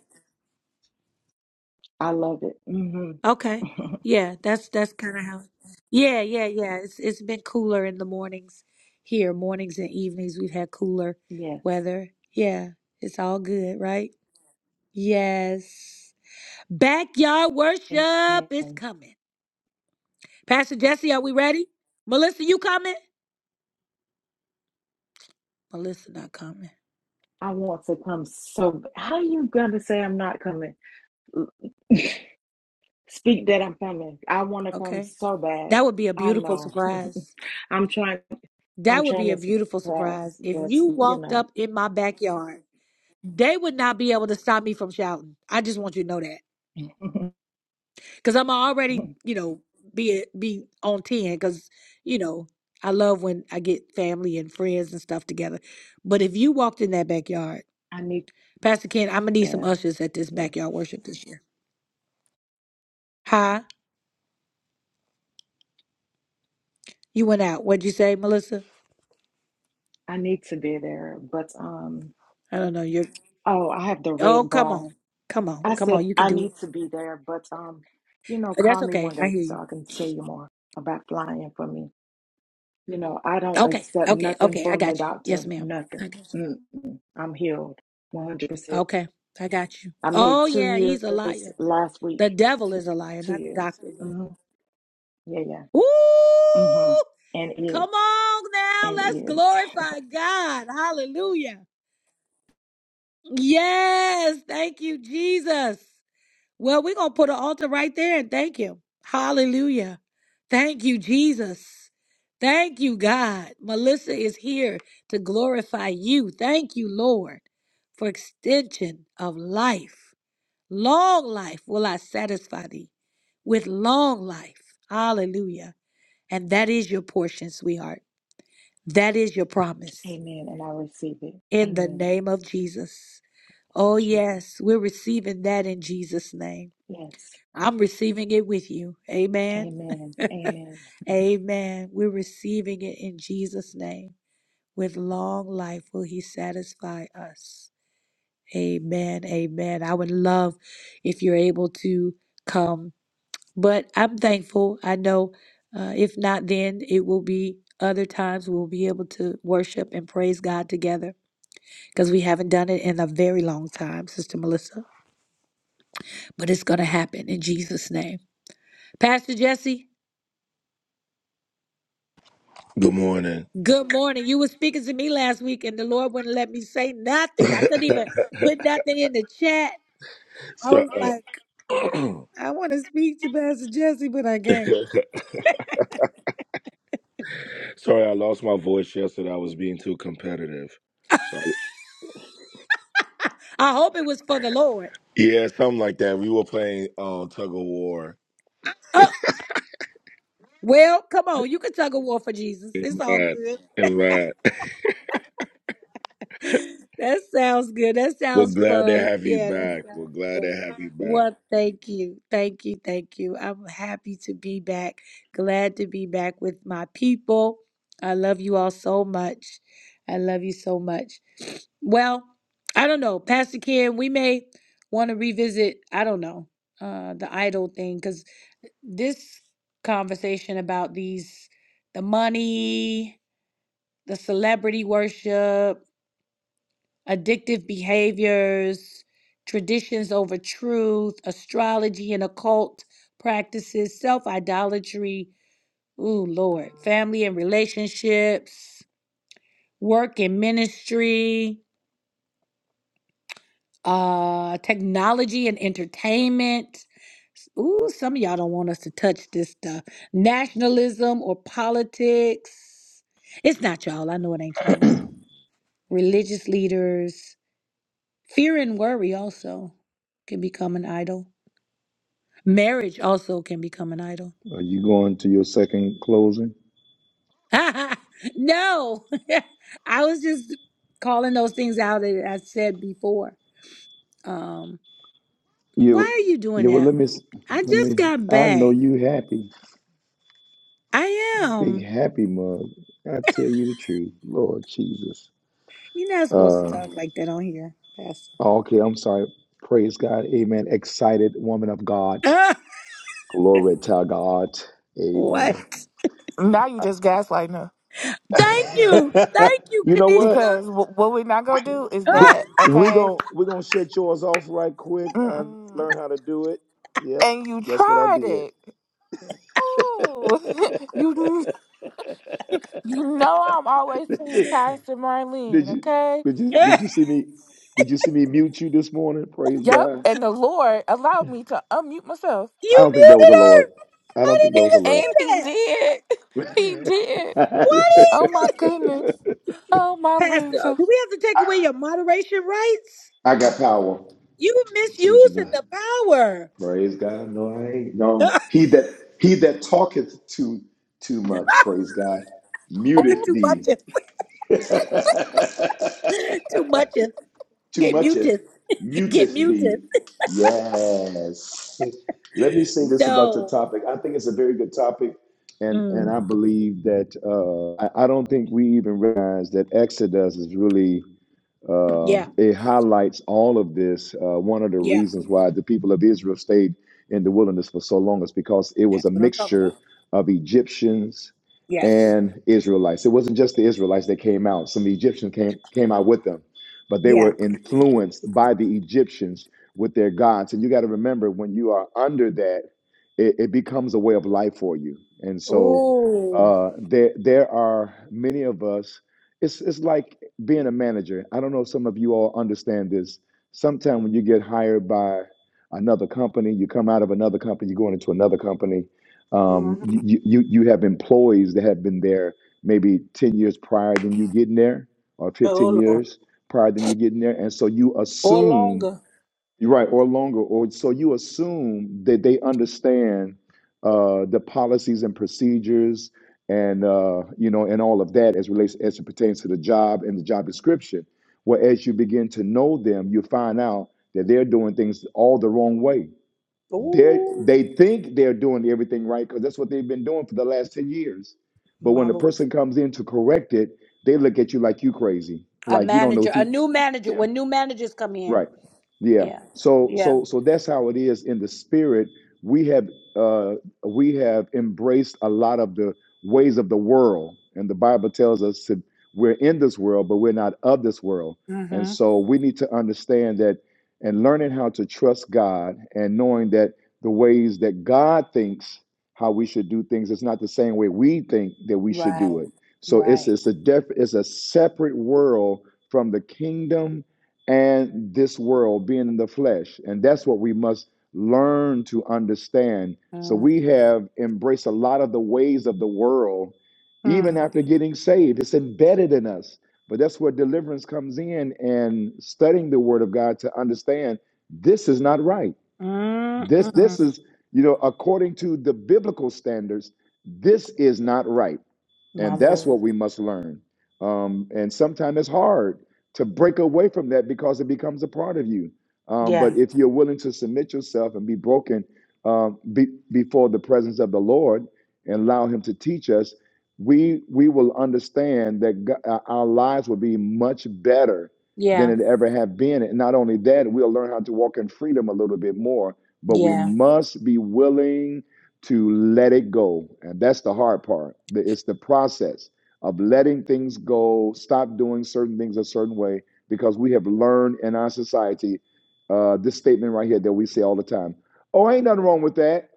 I love it. hmm
Okay.
<laughs>
Yeah, that's that's kind of how. Yeah, yeah, yeah. It's it's been cooler in the mornings here. Mornings and evenings we've had cooler
yes,
weather. Yeah, it's all good, right? Yes. Backyard worship is
amen.
coming. Pastor Jesse, are we ready? Melissa, you coming? Melissa not coming.
I want to come so. How you gonna say I'm not coming? <laughs> L- Speak that I'm coming. I want to come
Okay.
so bad.
That would be a
I
beautiful
know.
surprise.
<laughs> I'm trying. I'm
That would
trying
be
to
a beautiful surprise.
surprise,
If
but
you
you
walked
know,
up in my backyard, they would not be able to stop me from shouting. I just want you to know that.
<laughs>
because I'm already, you know, be be on ten because you know I love when I get family and friends and stuff together. But if you walked in that backyard,
I need to
Pastor Ken, I'm gonna
be
need some
there.
ushers at this
Yeah,
backyard worship this year. Hi, you went out. What'd you say, Melissa?
I need to be there. But um,
I don't know. You're
oh, I have the
oh,
red
come
bar.
on, come on,
I
come
said
on. You can
I
do it.
need to be there, but um, you know,
Oh, That's
call me
okay.
one
I
day
hear
so
you.
I can tell you more about flying for me. You know, I don't
Okay,
accept
okay,
nothing
okay. I
from the
got you.
doctor.
Yes, ma'am.
Nothing.
I got
Mm, I'm healed, one hundred
you.
percent.
Okay, I got you.
I made
Oh
two
yeah, he's a
years
liar.
last
The
week.
devil
Two,
is a liar,
two
not the
years.
doctor.
hmm Yeah, yeah. hmm
Ooh!
And
Come
is.
on now.
and
Let's
is.
glorify God. Hallelujah. Yes. Thank you, Jesus. Well, we're going to put an altar right there and thank you. Hallelujah. Thank you, Jesus. Thank you, God. Melissa is here to glorify you. Thank you, Lord, for extension of life. Long life will I satisfy thee with long life. Hallelujah. And that is your portion, sweetheart. That is your promise.
Amen. And I receive it.
in the
Amen.
name of Jesus. Oh,
Jesus.
yes, we're receiving that in Jesus' name.
Yes.
I'm receiving it with you. Amen.
Amen. Amen.
<laughs> Amen. We're receiving it in Jesus' name. With long life will He satisfy us. Amen. Amen. I would love if you're able to come, but I'm thankful. I know uh, if not, then it will be other times we'll be able to worship and praise God together because we haven't done it in a very long time, Sister Melissa. But it's going to happen in Jesus' name. Pastor Jesse,
Good morning.
good morning. You were speaking to me last week, and the Lord wouldn't let me say
<laughs>
nothing. I couldn't even put nothing in the chat. I
so,
was like,
uh, <clears throat>
I want to speak to Pastor Jesse, but I can't.
sorry, I lost my voice yesterday. I was being too competitive. So,
I hope it was for the Lord.
yeah, something like that. We were playing uh, tug of war.
Oh, well, come on. You can tug a war for Jesus. It's all
Amen.
good.
Amen. <laughs>
That sounds good. That
We're
sounds
glad to
fun.
have you
Yeah, that
back. We're
sounds
glad
fun.
to have you
Well,
back.
thank you. Thank you. Thank you. I'm happy to be back. Glad to be back with my people. I love you all so much. I love you so much. Well, I don't know. Pastor Ken, we may want to revisit, I don't know, uh, the idol thing, because this conversation about these, the money, the celebrity worship, addictive behaviors, traditions over truth, astrology and occult practices, self idolatry. Ooh, Lord, family and relationships, work and ministry, uh, technology and entertainment. Ooh, some of y'all don't want us to touch this stuff. Nationalism or politics. It's not y'all. I know it ain't y'all. Religious leaders. Fear and worry also can become an idol Marriage also can become an idol.
Are you going to your second closing?
<laughs> no, <laughs> I was just calling those things out that I said before. Um, why
You,
are you doing
you. Well,
that?
let me, s-
I
let
just
me.
got
I know
back.
you happy,
I
big
am.
happy mug. I tell you the truth, Lord Jesus.
You're not supposed to
Uh,
talk like that on here, Pastor. <laughs>
okay. I'm sorry. Praise God. Amen. Excited woman of God.
Ah,
Glory to God.
what?
Amen.
Now you just gaslighting her
Thank you.
<laughs>
Thank you,
you know what?
Kanisha.
because w- what we not gonna do is
We
Ah,
that,
we
okay?
gon' we gonna shut yours off right quick. I
Mm-mm.
learned how to do it. Yep,
And you
that's what I
tried
did.
it. Oh, <laughs> you kn- you know I'm always
<laughs>
team
did
Pastor Marlene,
you
okay?
did
<laughs>
you did you
you
see me? Did you see me mute you this morning? Praise
Yep.
God.
And the Lord allowed me to unmute myself,
I don't think that was a
muted her?
Lord. I
I
don't think
<laughs>
didn't
that was a
even
and
Lord.
see
He
that.
did. <laughs>
<laughs>
He did. Oh
What?
my goodness. Oh my
Pastor,
Lanta.
do we have to take away your moderation rights?
I got power.
You
See what you
misusing
done.
the power.
Praise God. No, I ain't. No,
<laughs>
he that he that talketh too too much. Praise God. Muteth
too much.
thee. <laughs>
Too much.
too
Get
mucheth
muted. Get
muteth
muted.
thee. Yes. <laughs> Let me say this about your
No.
topic. I think it's a very good topic, and and
Mm.
I believe that uh, I, I don't think we even realize that Exodus is really uh,
Yeah.
it highlights all of this. Uh, one of the
Yeah.
reasons why the people of Israel stayed in the wilderness for so long is because it was
That's
a
what I'm talking
mixture
about.
of Egyptians
Yes.
and Israelites. It wasn't just the Israelites that came out, some Egyptians came, came out with them, but they
Yeah.
were influenced by the Egyptians with their gods. And you got to remember when you are under that, it, it becomes a way of life for you. And so
Ooh.
uh, there, there are many of us. It's, it's like being a manager, I don't know if some of you all understand this. Sometimes when you get hired by another company, you come out of another company, you're going into another company. Um, you, you you have employees that have been there maybe 10 years prior than you getting there, or 15
Oh, Lord.
years prior than you getting there, and so you assume you're right, or longer, or so you assume that they understand uh, the policies and procedures, and uh, you know, and all of that as relates as it pertains to the job and the job description. Well, as you begin to know them, you find out that they're doing things all the wrong way.
Ooh.
They they think they're doing everything right because that's what they've been doing for the last ten years. But when the person comes in to correct it, they look at you like you crazy,
A
like you don't know
manager.
what
A new manager.
you.
When new managers come in.
Right. Yeah.
Yeah.
So
Yeah.
so so that's how it is in the spirit. We have uh we have embraced a lot of the ways of the world. And the Bible tells us that we're in this world, but we're not of this world. And
Mm-hmm.
so we need to understand that and learning how to trust God and knowing that the ways that God thinks how we should do things is not the same way we think that we should do
Right.
it. So it's
Right.
it's a def, it's a separate world from the kingdom and this world being in the flesh. And that's what we must learn to understand. So we have embraced a lot of the ways of the world,
Mm-hmm.
even after getting saved. It's embedded in us. But that's where deliverance comes in and studying the word of God to understand this is not right. This this
Mm-hmm.
is, you know, according to the biblical standards, this is not right
My
and that's
Lord.
what we must learn. Um, and sometimes it's hard to break away from that because it becomes a part of you. Um, but
Yeah.
if you're willing to submit yourself and be broken um, be, before the presence of the Lord and allow Him to teach us, we we will understand that Go- uh, our lives will be much better than
Yeah.
it ever have been. And not only that, we'll learn how to walk in freedom a little bit more. But we
Yeah.
must be willing to let it go. And that's the hard part. The- It's the process of letting things go, stop doing certain things a certain way, because we have learned in our society uh, this statement right here that we say all the time Oh, ain't nothing wrong with that.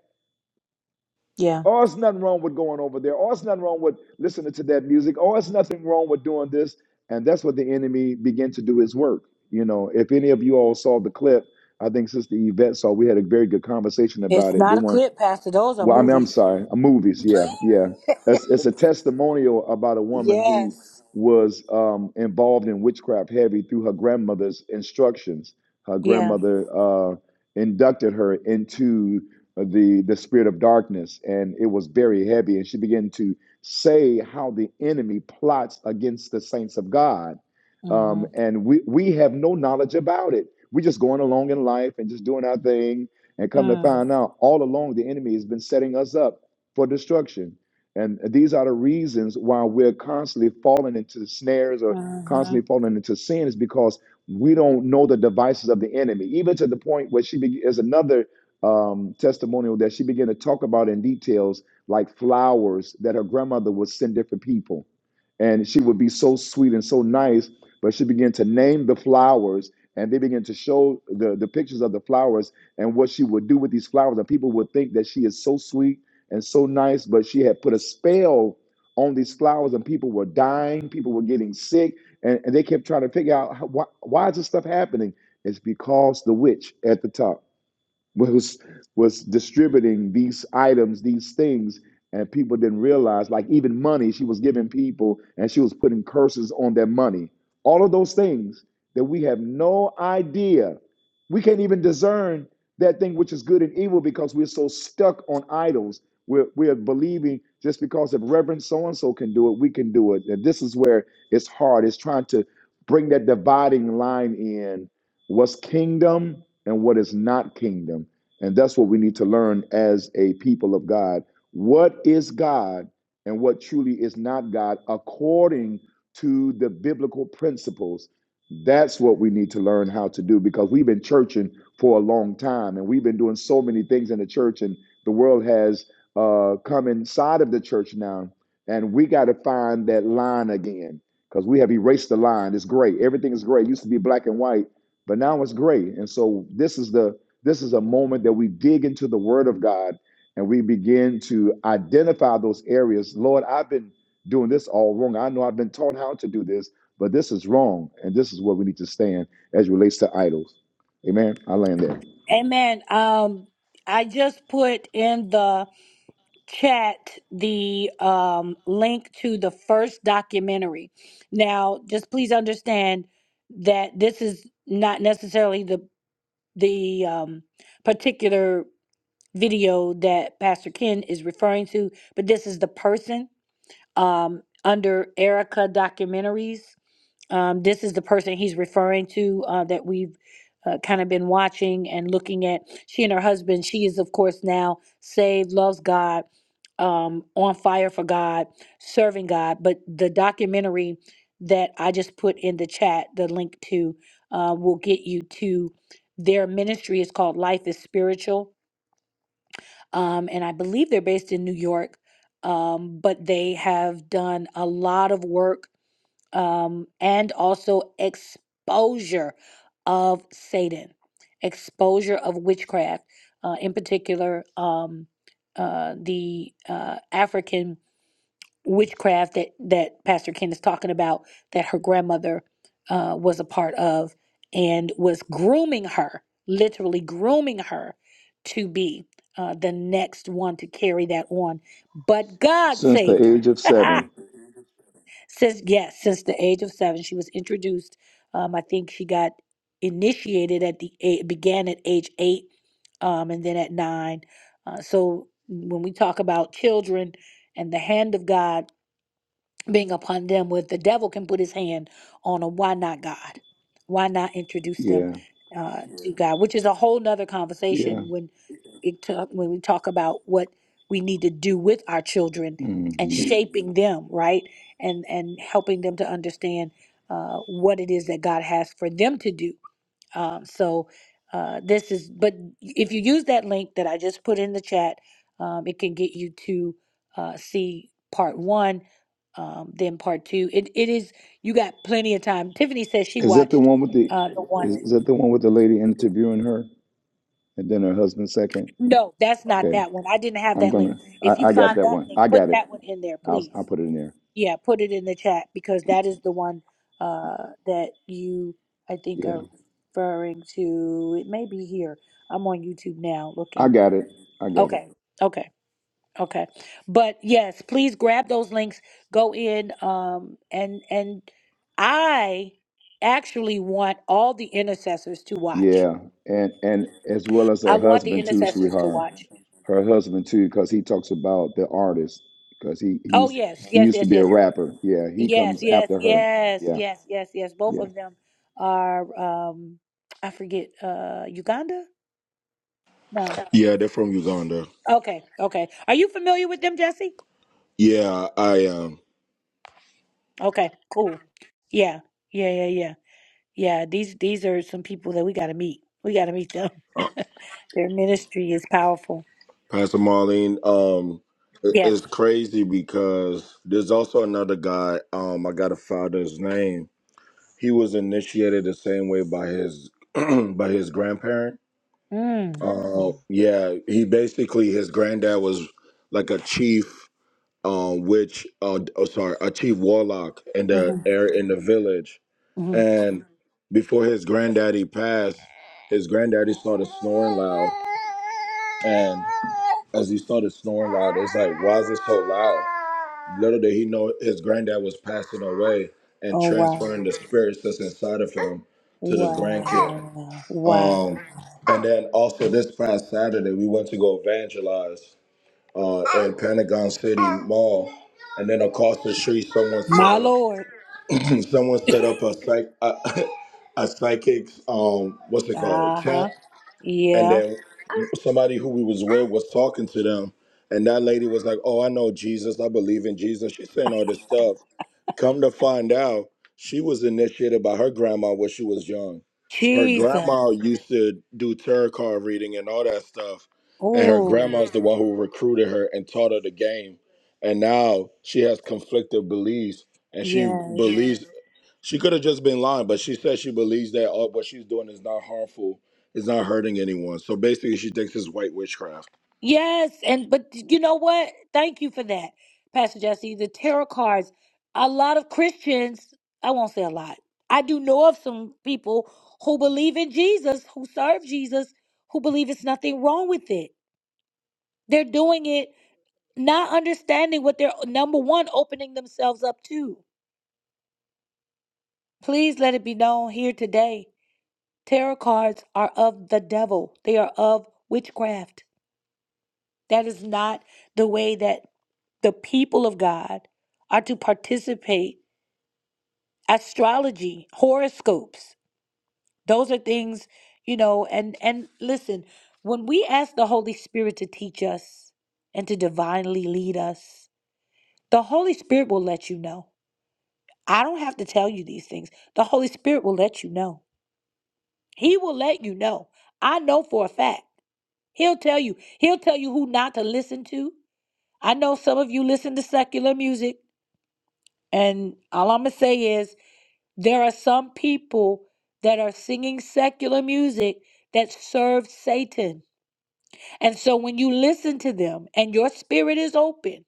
Oh, it's nothing wrong with going over there. Oh, it's nothing wrong with listening to that music. Oh, it's nothing wrong with doing this. And that's what the enemy began to do his work. You know, if any of you all saw the clip, I think Sister Yvette saw, we had a very good conversation about
It's
it, the
not a
one
clip, Pastor. Those are
well, I mean, I'm
movies.
sorry. uh, Movies, yeah, yeah. It's, it's a testimonial about a woman who
Yes.
was um, involved in witchcraft heavy through her grandmother's instructions. Her
Yeah.
grandmother uh, inducted her into the the spirit of darkness, and it was very heavy. And she began to say how the enemy plots against the saints of God, um,
Mm-hmm.
and we we have no knowledge about it. We're just going along in life and just doing our thing, and come to find out, all along, the enemy has been setting us up for destruction. And these are the reasons why we're constantly falling into snares or
Mm-hmm.
constantly falling into sin is because we don't know the devices of the enemy, even to the point where she be- is another um, testimonial that she began to talk about in details, like flowers that her grandmother would send different people. And she would be so sweet and so nice, but she began to name the flowers and they began to show the, the pictures of the flowers and what she would do with these flowers. And people would think that she is so sweet and so nice, but she had put a spell on these flowers, and people were dying, people were getting sick, and, and they kept trying to figure out how, why, why is this stuff happening. It's because the witch at the top was was distributing these items, these things, and people didn't realize. Like even money, she was giving people, and she was putting curses on their money. All of those things that we have no idea. We can't even discern that thing which is good and evil because we're so stuck on idols. We're, we're believing just because if Reverend so and so can do it, we can do it. And this is where it's hard. It's trying to bring that dividing line in what's kingdom and what is not kingdom. And that's what we need to learn as a people of God. What is God and what truly is not God according to the biblical principles? That's what we need to learn how to do because we've been churching for a long time and we've been doing so many things in the church, and the world has uh, come inside of the church now. And we got to find that line again because we have erased the line. It's gray. Everything is gray. It used to be black and white but now it's gray and so this is the this is a moment that we dig into the word of god and we begin to identify those areas lord i've been doing this all wrong i know i've been taught how to do this but this is wrong and this is where we need to stand as it relates to idols amen i land there
Amen. Um, I just put in the chat the um, link to the first documentary. Now, just please understand that this is not necessarily the the um, particular video that Pastor Ken is referring to, but this is the person um, under Erica Documentaries. Um, this is the person he's referring to uh, that we've uh, kind of been watching and looking at. She and her husband, she is, of course, now saved, loves God, um, on fire for God, serving God. But the documentary that I just put in the chat, the link to, uh, will get you to their ministry. It's called Life is Spiritual. Um, and I believe they're based in New York. Um, but they have done a lot of work um, and also exposure of Satan, exposure of witchcraft, uh, in particular um, uh, the uh, African witchcraft that, that Pastor Ken is talking about that her grandmother uh, was a part of and was grooming her, literally grooming her to be. Uh, the next one to carry that on. But God
since the
saved her.
age of seven
<laughs> Since yes, since the age of seven, she was introduced. Um, I think she got initiated at the eight, began at age eight, um, and then at nine. Uh, so when we talk about children and the hand of God being upon them where the devil can put his hand on them. Why not God? Why not introduce them
yeah
uh, to Yeah. God? Which is a whole nother
yeah
conversation when it talk, when we talk about what we need to do with our children and
hmm
Mhm. shaping them right and and helping them to understand uh, what it is that God has for them to do um, so uh, this is, but if you use that link that I just put in the chat, um, it can get you to uh, see part one, um, then part two. It it is you got plenty of time. Tiffany says she
is that the
watched
one with the
uh, the
is,
one.
is that the one with the lady interviewing her and then her husband second
No, that's not
okay
that one. I didn't have
i'm
that link.
gonna
If you
i, I got
find
that
that
one
link,
i
put
got it
that one in there,
I'll
please.
I'll put it in there.
Yeah, put it in the chat because that is the one uh, that you I think
Yeah,
are referring to. It may be here. I'm on YouTube now
I
looking.
got it. I got it.
Okay, okay, okay. But yes, please grab those links, go in, um, and and I actually want all the intercessors to watch.
Yeah, and and as well as
I
her
want the
husband too,
intercessors to
sweetheart.
watch.
Her husband too, because he talks about the artist, because he he
Oh
used
yes,
he
yes,
used to
yes,
be a
yes.
rapper. Yeah, he
Yes,
comes
yes,
after her.
yes,
Yeah,
yes, yes, yes. Both
yeah.
of them are um I forget, uh Uganda? No.
Yeah, they're from Uganda.
Okay, okay. Are you familiar with them, Jesse?
Yeah, I um,
Okay, cool. Yeah, yeah, yeah, yeah. Yeah, these these are some people that we got to meet. We got to meet them. <laughs>
uh,
Their ministry is powerful.
Pastor Marlene. Um, it-
Yeah.
it's crazy because there's also another guy. Um, I got to find his name. He was initiated the same way by his <clears throat> by his grandparent.
Mm.
Uh, yeah, he basically his granddad was like a chief um, which uh, oh sorry, a chief warlock in the
hmm
air in the village,
hmm
and before his granddaddy passed, his granddaddy started snoring loud, and as he started snoring loud, it's like why is it so loud? Little did he know his granddad was passing away and
Oh
transferring
wow!
the spirits that's inside of him to the grandkid.
Wow! Wow!
Um, and then also this past Saturday, we went to go evangelize uh, at Pentagon City Mall, and then across the street, someone set
My
up
Lord.
<clears throat> someone set up a psych a, <laughs> a psychic's um what's it called
Uh
chat,
huh.
and
Yeah.
then somebody who we was with was talking to them, and that lady was like, "Oh, I know Jesus. I believe in Jesus." She's saying all this stuff, Come to find out, she was initiated by her grandma when she was young. Her
Jesus.
grandma used to do tarot card reading and all that stuff. And her
Oh
grandma's the one who recruited her and taught her the game. And now she has conflicted beliefs. And she
yes.
believes she could have just been lying, but she says she believes that all, what she's doing is not harmful, is not hurting anyone. So basically, she thinks it's white witchcraft.
Yes, and but you know what? Thank you for that, Pastor Jesse. The tarot cards. A lot of Christians, I won't say a lot. I do know of some people who believe in Jesus, who serve Jesus, who believe it's nothing wrong with it. They're doing it not understanding what they're number one opening themselves up to. Please let it be known here today. Tarot cards are of the devil. They are of witchcraft. That is not the way that the people of God are to participate astrology, horoscopes. Those are things, you know, and and listen, when we ask the Holy Spirit to teach us and to divinely lead us, the Holy Spirit will let you know. I don't have to tell you these things. The Holy Spirit will let you know. He will let you know. I know for a fact. He'll tell you. He'll tell you who not to listen to. I know some of you listen to secular music, and all I'm going to say is There are some people that are singing secular music that serve Satan. And so when you listen to them and your spirit is open,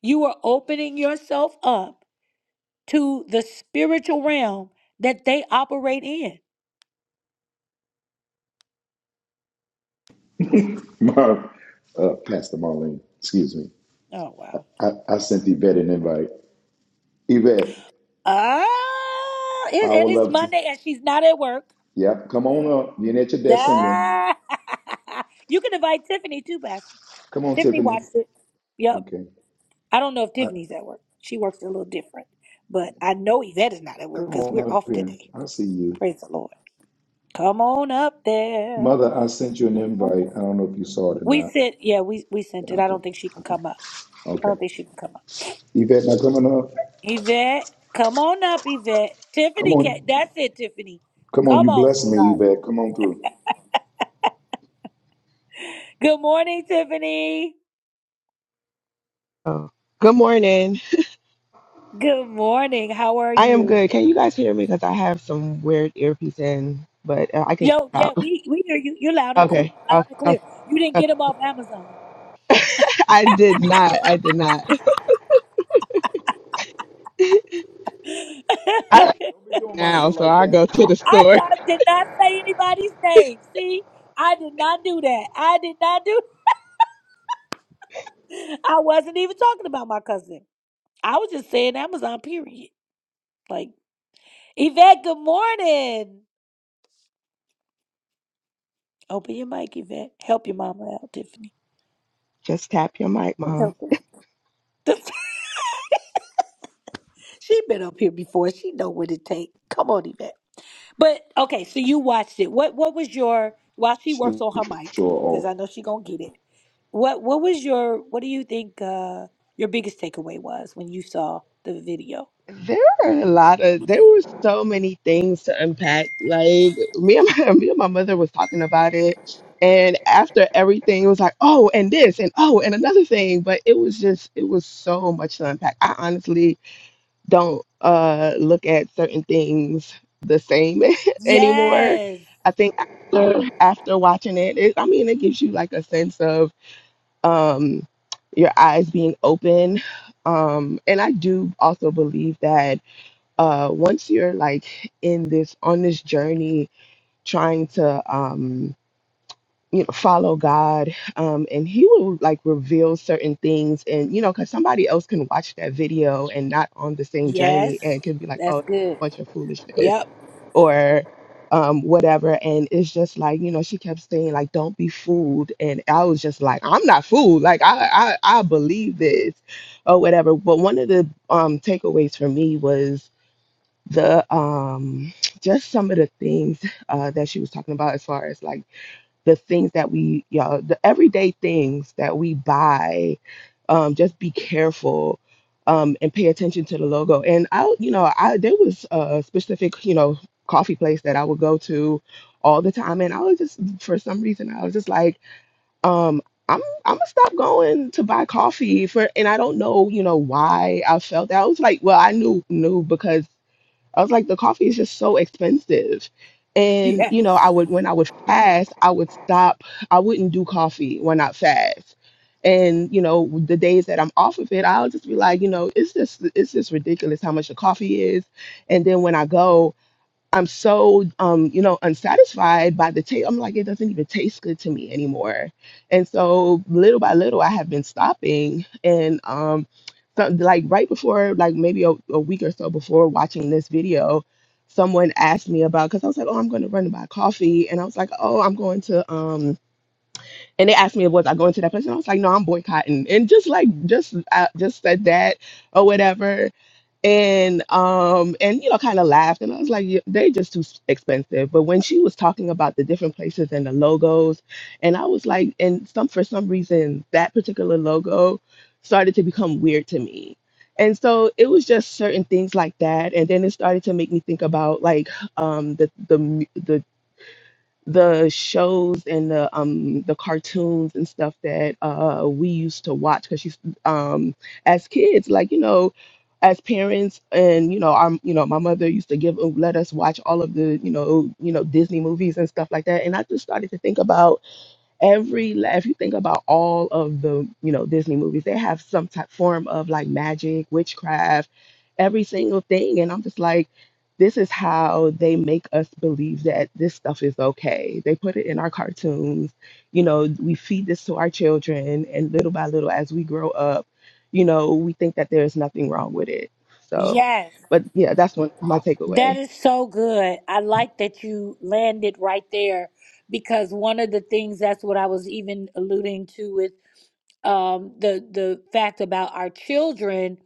you are opening yourself up to the spiritual realm that they operate in.
<laughs> Marv, uh, Pastor Marlene, excuse me.
Oh, wow.
I, I sent Yvette an invite. Yvette,
Ah, it,
I would
and it's
love to.
Monday and she's not at work.
Yep, come on up. You're at your desk singing.
Ah, <laughs> you can invite Tiffany too, Pastor.
Come on,
Tiffany
Tiffany.
watched it. Yep.
Okay,
I don't know if
I,
Tiffany's at work. She works a little different. But I know Yvette is not at work
come
because
on
we're
up
off
here.
today.
I see you.
Praise the Lord. Come on up there.
Mother, I sent you an invite. I don't know if you saw it or
We
not.
sent, yeah, we, we sent
Yeah,
it. I
okay.
don't think she can
Okay.
come up. I don't
Okay.
think she can come up.
Yvette, now coming up.
Yvette, come on up, Yvette.
Come
Tiffany, can,
on.
that's it, Tiffany.
Come on.
Come
You
on,
bless me,
sweetheart.
Yvette. Come on through.
Good morning, Tiffany.
Oh. Good morning.
Good morning. How are
I am
you?
good. Can you guys hear me? Because I have some weird earpiece in, but uh, I can
Yo, yeah,
stop. <laughs>
we, we hear you. You're loud and cool,
Okay.
loud
Okay.
and clear.
Okay.
You didn't get
okay.
them off Amazon.
I did not. I did not. <laughs>
<laughs>
I,
Don't be doing Monica
now, so
like
I
that.
go to the
I,
store.
d- did not say anybody's name. See, I did not do that. I did not do. <laughs> I wasn't even talking about my cousin. I was just saying Amazon. Period. Like Yvette. Good morning. Open your mic, Yvette. Help your mama out, Tiffany.
Just tap your mic, mom.
Help her. <laughs> she been up here before. She know what it takes. Come on, Yvette. But okay, so you watched it. What What was your? While she works
She
on her mic,
sure
because
off.
I know she gonna get it. What what was your what do you think uh your biggest takeaway was when you saw the video?
There are a lot of. There were so many things to unpack. Like me and my <laughs> me and my mother was talking about it, and after everything, it was like, oh, and this, and oh, and another thing. But it was just, it was so much to unpack. I honestly don't uh, look at certain things the same <laughs> anymore.
Yes.
I think after after watching it, it, I mean, it gives you like a sense of um, your eyes being open. Um, and I do also believe that uh, once you're like in this on this journey, trying to um, you know follow god um and he will like reveal certain things and you know because somebody else can watch that video and not on the same
Yes.
journey and can be like
That's
oh
good.
bunch of foolishness
Yep.
or um whatever and it's just like you know she kept saying like don't be fooled and i was just like i'm not fooled like i i, I believe this or whatever but one of the um takeaways for me was the um just some of the things uh that she was talking about as far as like the things that we y'all the everyday things that we buy um just be careful um and pay attention to the logo and i you know i there was a specific you know coffee place that i would go to all the time and i was just for some reason i was just like um I'm, I'm gonna stop going to buy coffee for and I don't know you know why I felt that I was like well I knew knew because I was like, the coffee is just so expensive. And, you know, I would, when I would fast, I would stop. I wouldn't do coffee when I fast. And, you know, the days that I'm off of it, I'll just be like, you know, it's just, it's just ridiculous how much the coffee is. And then when I go, I'm so um, you know, unsatisfied by the taste. I'm like, it doesn't even taste good to me anymore. And so little by little I have been stopping and um so, like right before like maybe a, a week or so before watching this video, someone asked me about because I was like, Oh, I'm gonna run to buy coffee and I was like, Oh, I'm going to um and they asked me was I going to that place and I was like, No, I'm boycotting and just like just I just said that or whatever and um and you know kind of laughed and i was like yeah, they just too s- expensive but when she was talking about the different places and the logos and i was like and some for some reason that particular logo started to become weird to me and so it was just certain things like that and then it started to make me think about like um the the mu- the the shows and the um the cartoons and stuff that uh we used to watch because she's um as kids like you know as parents and you know our you know my mother used to give let us watch all of the you know you know Disney movies and stuff like that and I just started to think about every la- if you think about all of the you know disney movies they have some type form of like magic witchcraft every single thing and i'm just like this is how they make us believe that this stuff is okay they put it in our cartoons you know we feed this to our children and little by little as we grow up you know we think that there's nothing wrong with it so
Yes.
but yeah that's one my
That
takeaway
is so good. I like that you landed right there because one of the things that's what I was even alluding to with um the the fact about our children,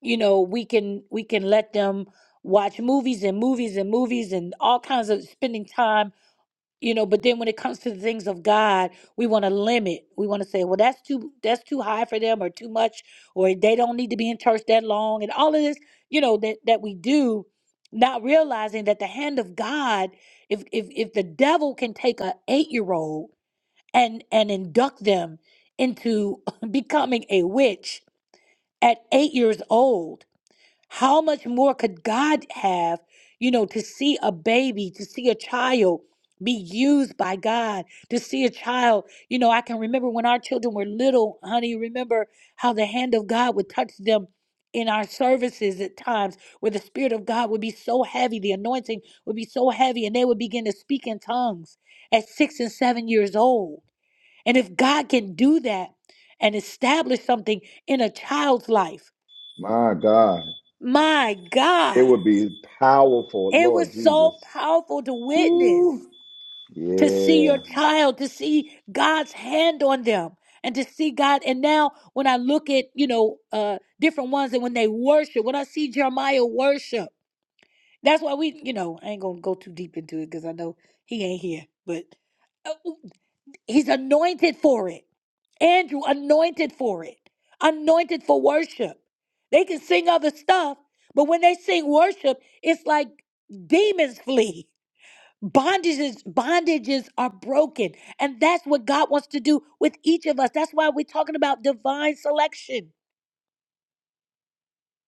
you know, we can we can let them watch movies and movies and movies and all kinds of spending time you know but then when it comes to the things of god we want to limit we want to say well that's too that's too high for them or too much or they don't need to be in church that long and all of this you know that that we do not realizing that the hand of god if if if the devil can take a 8 year old and and induct them into <laughs> becoming a witch at 8 years old how much more could God have, you know, to see a baby, to see a child be used by God, to see a child, you know, I can remember when our children were little, honey, remember how the hand of God would touch them in our services at times where the spirit of God would be so heavy, the anointing would be so heavy and they would begin to speak in tongues at 6 and 7 years old. And if God can do that and establish something in a child's life,
My God.
my
It
God,
would be powerful,
it
Lord
was so
Jesus.
powerful to witness,
Ooh.
to see your
Yeah.
child, to see God's hand on them, and to see God. And now, when I look at you know uh different ones, and when they worship, when I see Jeremiah worship, that's why we, you know, I ain't gonna go too deep into it because I know he ain't here, but uh, he's anointed for it. Andrew anointed for it, anointed for worship. They can sing other stuff, but when they sing worship, it's like demons flee. Bondages, bondages are broken. And that's what God wants to do with each of us. That's why we're talking about divine selection.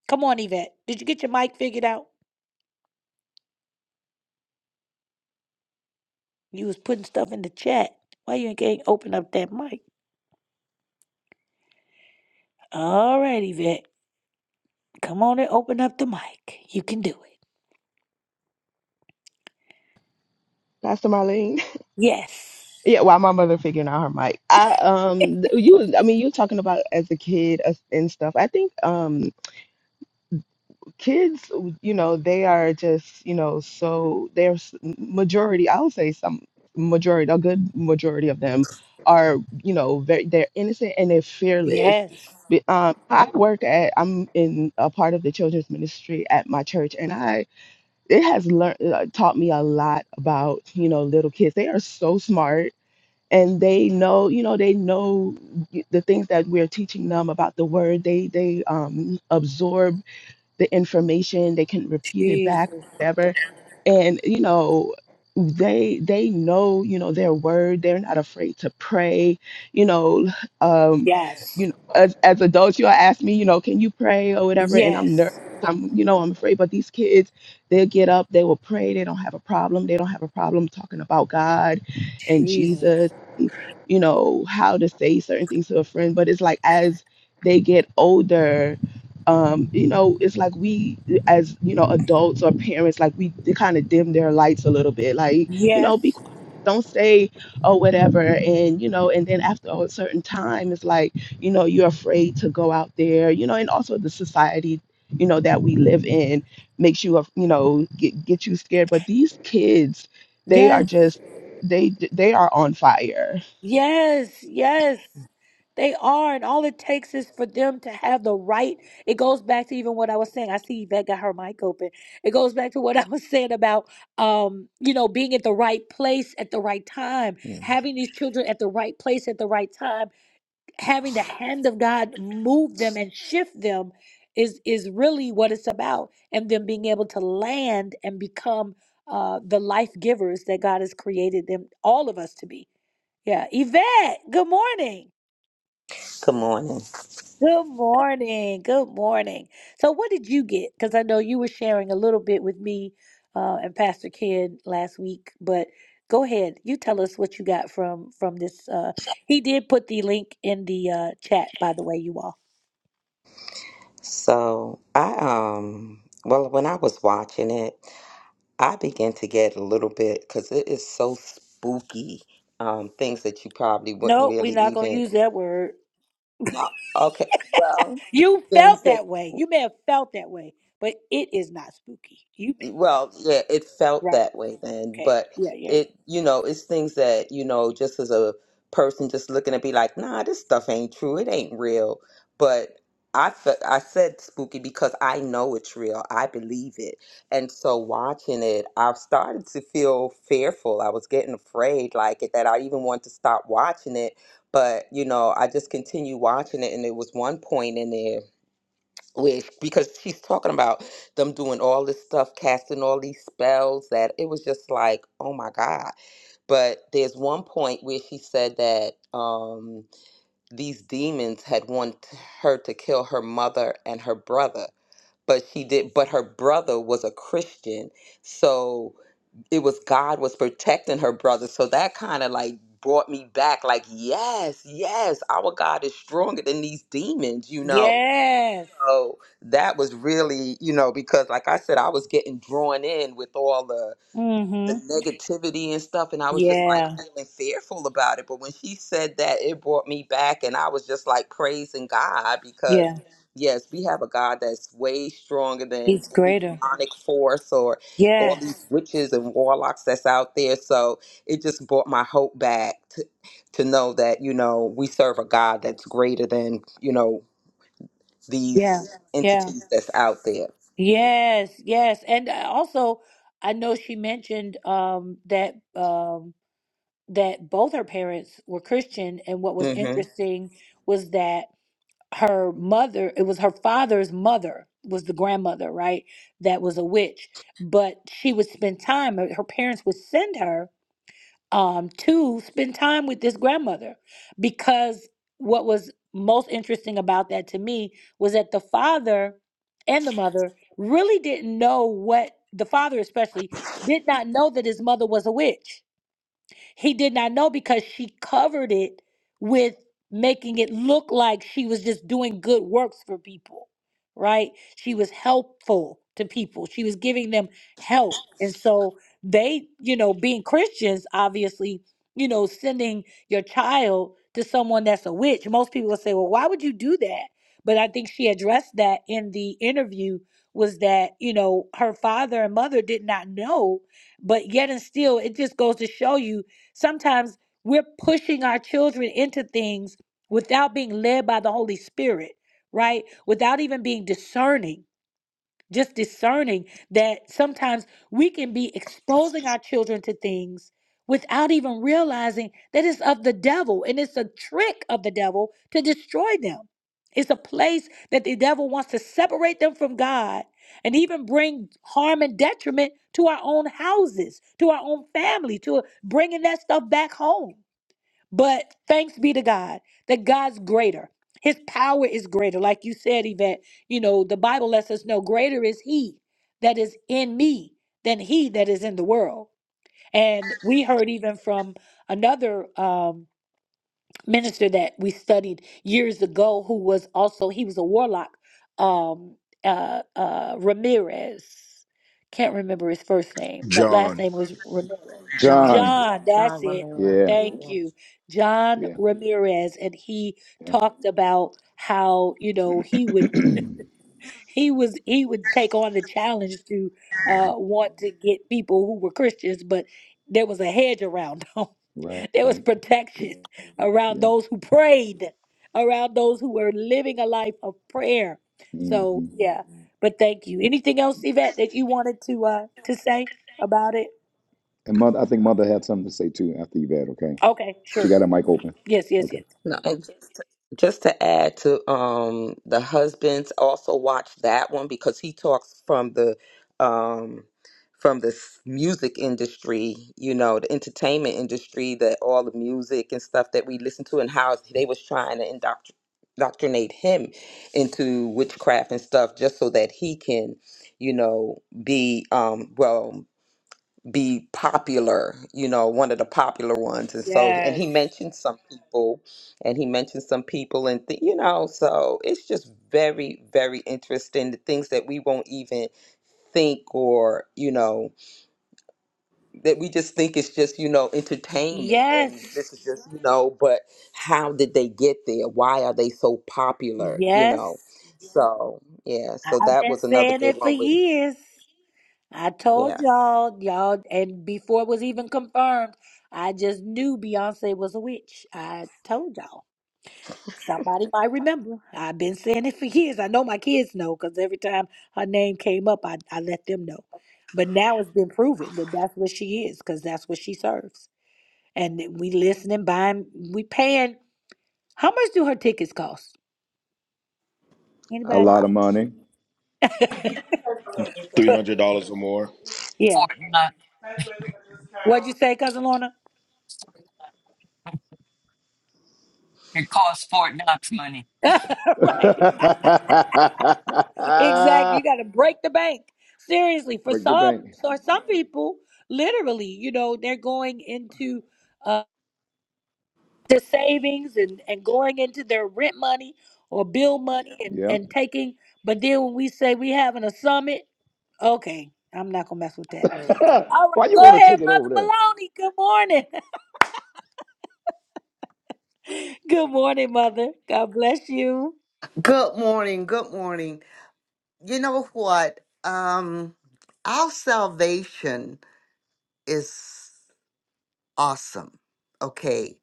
Come on, Yvette. Did you get your mic figured out? You was putting stuff in the chat. Why you ain't can't open up that mic? All right, Yvette. Come on and open up the mic. You can do it.
pastor marlene
Yes.
Yeah, while my mother figuring out her mic, I um th- you I mean you talking about as a kid as- and stuff. I think um kids, you know, they are just you know so there's majority. I'll say some majority, a good majority of them are you know very they're innocent and they're fearless.
Yes.
But, um, I work at I'm in a part of the children's ministry at my church, and I it has learned taught me a lot about you know little kids. They are so smart and they know you know they know the things that we're teaching them about the word they they um, absorb the information they can repeat it back
Jesus.
whatever and you know they they know you know their word they're not afraid to pray you know um you
Yes.
know as, as adults you'll ask me you know can you pray or whatever and i'm nervous
Yes.
i'm you know i'm afraid but these kids they'll get up they will pray they don't have a problem they don't have a problem talking about god and
Jesus.
jesus and, you know how to say certain things to a friend but it's like as they get older um, you know, it's like we, as you know, adults or parents, like we kind of dim their lights a little bit. Like, you know, be
Yes.
quiet, don't say or whatever. And you know, and then after a certain time, it's like you know, you're afraid to go out there. You know, and also the society, you know, that we live in makes you, af- you know, get get you scared. But these kids, they are
Yes.
just they they are on fire.
Yes, yes, they are. And all it takes is for them to have the right. It goes back to even what I was saying. I see Yvette got her mic open. It goes back to what I was saying about, um, you know, being at the right place at the right time, having these children at the right place at the right time, having the hand of God move them and shift them is is really what it's about. And them being able to land and become uh, the life givers that God has created them, all of us to be. Yeah, Yvette, good morning.
Good morning.
Good morning. Good morning. So, what did you get? Because I know you were sharing a little bit with me uh, and Pastor Ken last week, but go ahead. You tell us what you got from from this. Uh, he did put the link in the uh, chat, by the way, you all.
So I um well when I was watching it, I began to get a little bit because it is so spooky. Um, things that you probably wouldn't
No, we're
really
not going to
even
use that word.
no. Okay, well,
You
things
felt
that
that way. You may have felt that way, but it is not spooky. You may have felt
Well, yeah, it
it,
felt
right.
that way then,
Okay.
but
Yeah. Yeah.
it, you know, it's things that, you know, just as a person just looking to be like, nah, this stuff ain't true. It ain't real. But I fe- I said spooky because I know it's real. I believe it. And so watching it, I've started to feel fearful. I was getting afraid like it that I even want to stop watching it. But, you know, I just continue watching it and there was one point in there where sh- because she's talking about them doing all this stuff, casting all these spells that it was just like, oh my God. But there's one point where she said that um these demons had wanted her to kill her mother and her brother. But she did but her brother was a Christian. So it was God was protecting her brother. So that kind of like brought me back like yes, yes, our God is stronger than these demons, you know
Yes.
so that was really you know because like i said i was getting drawn in with all the
Mm-hmm.
the negativity and stuff and i was just like
Yeah.
Yeah. feeling fearful about it but when she said that it brought me back and i was just like praising god
Yeah.
because Yeah. yes we have a god that's way stronger than
He's
any Right.
greater.
demonic force or all these
Yes.
Yeah. witches and warlocks that's out there so it just brought my hope back to, to know that you know we serve a god that's greater than you know
Yeah.
these
Yeah.
entities that's out there.
Yes. Yes. And I also, I know she mentioned um, that um, that both her parents were Christian, and what was
hmm
interesting was that her mother, it was her father's mother, was the grandmother, right? That was a witch, but she would spend time. Her parents would send her um, to spend time with this grandmother because what was most interesting about that to me was that the father and the mother really didn't know what the father especially did not know that his mother was a witch he did not know because she covered it with making it look like she was just doing good works for people, right? She was helpful to people, she was giving them help. And so they, you know, being Christians, obviously, you know, sending your child to someone that's a witch, most people would say, well, why would you do that? But I think she addressed that in the interview was that, you know, her father and mother did not know but yet and still it just goes to show you Sometimes we're pushing our children into things without being led by the Holy Spirit, right? Without even being discerning just discerning that sometimes we can be exposing our children to things without even realizing that it's of the devil and it's a trick of the devil to destroy them. It's a place that the devil wants to separate them from God and even bring harm and detriment to our own houses, to our own family, to bringing that stuff back home. But thanks be to God that God's greater. His power is greater. Like you said, Yvette, you know, the Bible lets us know greater is He that is in me than He that is in the world. And we heard even from another. um, minister that we studied years ago who was also he was a warlock um uh uh ramirez can't remember his first name but last
John,
name was ramirez
John.
John.
john that's
John
it
Ramirez.
Yeah.
thank you
Yes.
john
Yeah.
ramirez and he
Yeah.
talked about how you know he would he was he would take on the challenge to
Yeah.
uh want to get people who were christians but there was a hedge around him. <laughs>
Right.
There was protection around
Yeah.
those who prayed, around those who were living a life of prayer. So
hmm
yeah, but thank you. Anything else, Yvette, that you wanted to uh to say about it?
And mother, I think mother had something to say too after Yvette, okay?
Okay,
She
sure.
got her mic open.
Yes, yes,
Okay.
yes.
No, and just to add to um, the husbands also watch that one because he talks from the um, from the s- music industry, you know, the entertainment industry, that all the music and stuff that we listen to, and how they was trying to indoctr- indoctrinate him into witchcraft and stuff, just so that he can, you know, be um, well. be popular, you know, one of the popular ones. And so, and
Yes.
he mentioned some people, and he mentioned some people, and th- you know, so it's just very, very interesting. The things that we won't even think or, you know, that we just think it's just, you know, entertainment. And this
Yes.
is just, you know, but how did they get there? Why are they so popular, you
Yes.
know? So, yeah, so
I've
that
been
was another
saying
good
it for
one, but
years. I
yeah,
told y'all, y'all, and before it was even confirmed, I just knew Beyonce was a witch. I told y'all. Somebody might remember. I've been saying it for years. I know my kids know because every time her name came up, I, I let them know. But now it's been proven that that's what she is because that's what she serves. And that we listening, buying, we paying. How much do her tickets cost?
a
A
Anybody?
lot.
lot of money.
<laughs>
$300 or more.
yeah.
Fortnite.
What'd you say, Cousin Lorna?
It costs Fort Knox money.
<laughs>
<laughs> Break
right. Exactly. You got to break the bank. Seriously, for
the
some,
bank.
for some people, literally, you know, they're going into uh, the savings and, and going into their rent money or bill money and,
Yeah.
and taking. But then when we say we having a summit, okay, I'm not gonna mess with that. All
<laughs> Why
right,
you
go
want to
ahead,
take it over
Mother
there?
Maloney. Good morning. <laughs> Good morning, Mother. God bless you.
Good morning. Good morning. You know what? Um, our salvation is awesome. Okay.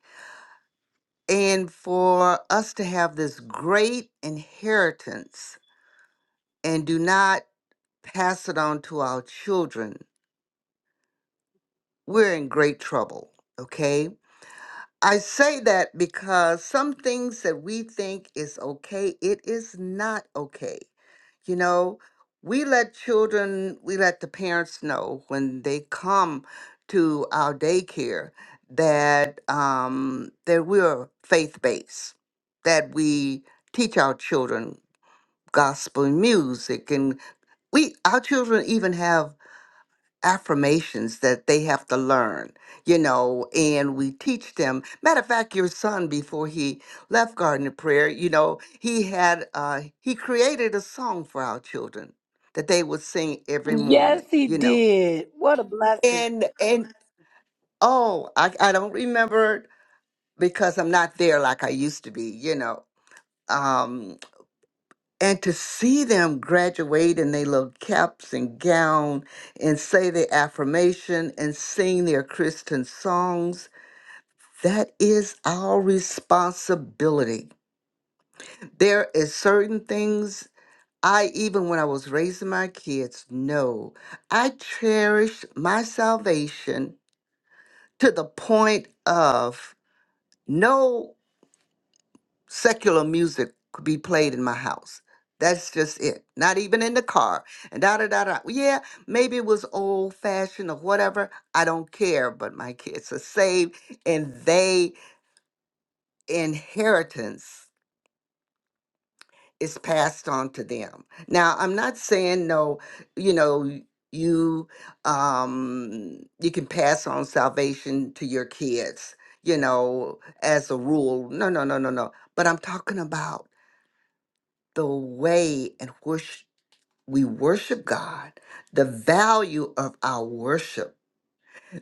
And for us to have this great inheritance and do not pass it on to our children, we're in great trouble. Okay I say that because some things that we think is okay, it is not okay. You know, we let children, we let the parents know when they come to our daycare that um, that we're faith based, that we teach our children gospel music, and we our children even have affirmations that they have to learn, you know, and we teach them. Matter of fact, your son, before he left Garden of Prayer, you know, he had, uh, he created a song for our children that they would sing every
Yes,
morning,
he
you know.
did. What a blessing.
And, and, oh, I, I don't remember because I'm not there like I used to be, you know. Um, and to see them graduate in their little caps and gown and say their affirmation and sing their Christian songs, that is our responsibility. There is certain things I even when I was raising my kids, know. I cherish my salvation to the point of no secular music could be played in my house. That's just it. Not even in the car. And da da da da. Yeah, maybe it was old fashioned or whatever. I don't care. But my kids are saved and they inheritance is passed on to them. Now I'm not saying no, you know, you um you can pass on salvation to your kids, you know, as a rule. No, no, no, no, no. But I'm talking about the way in which we worship God, the value of our worship.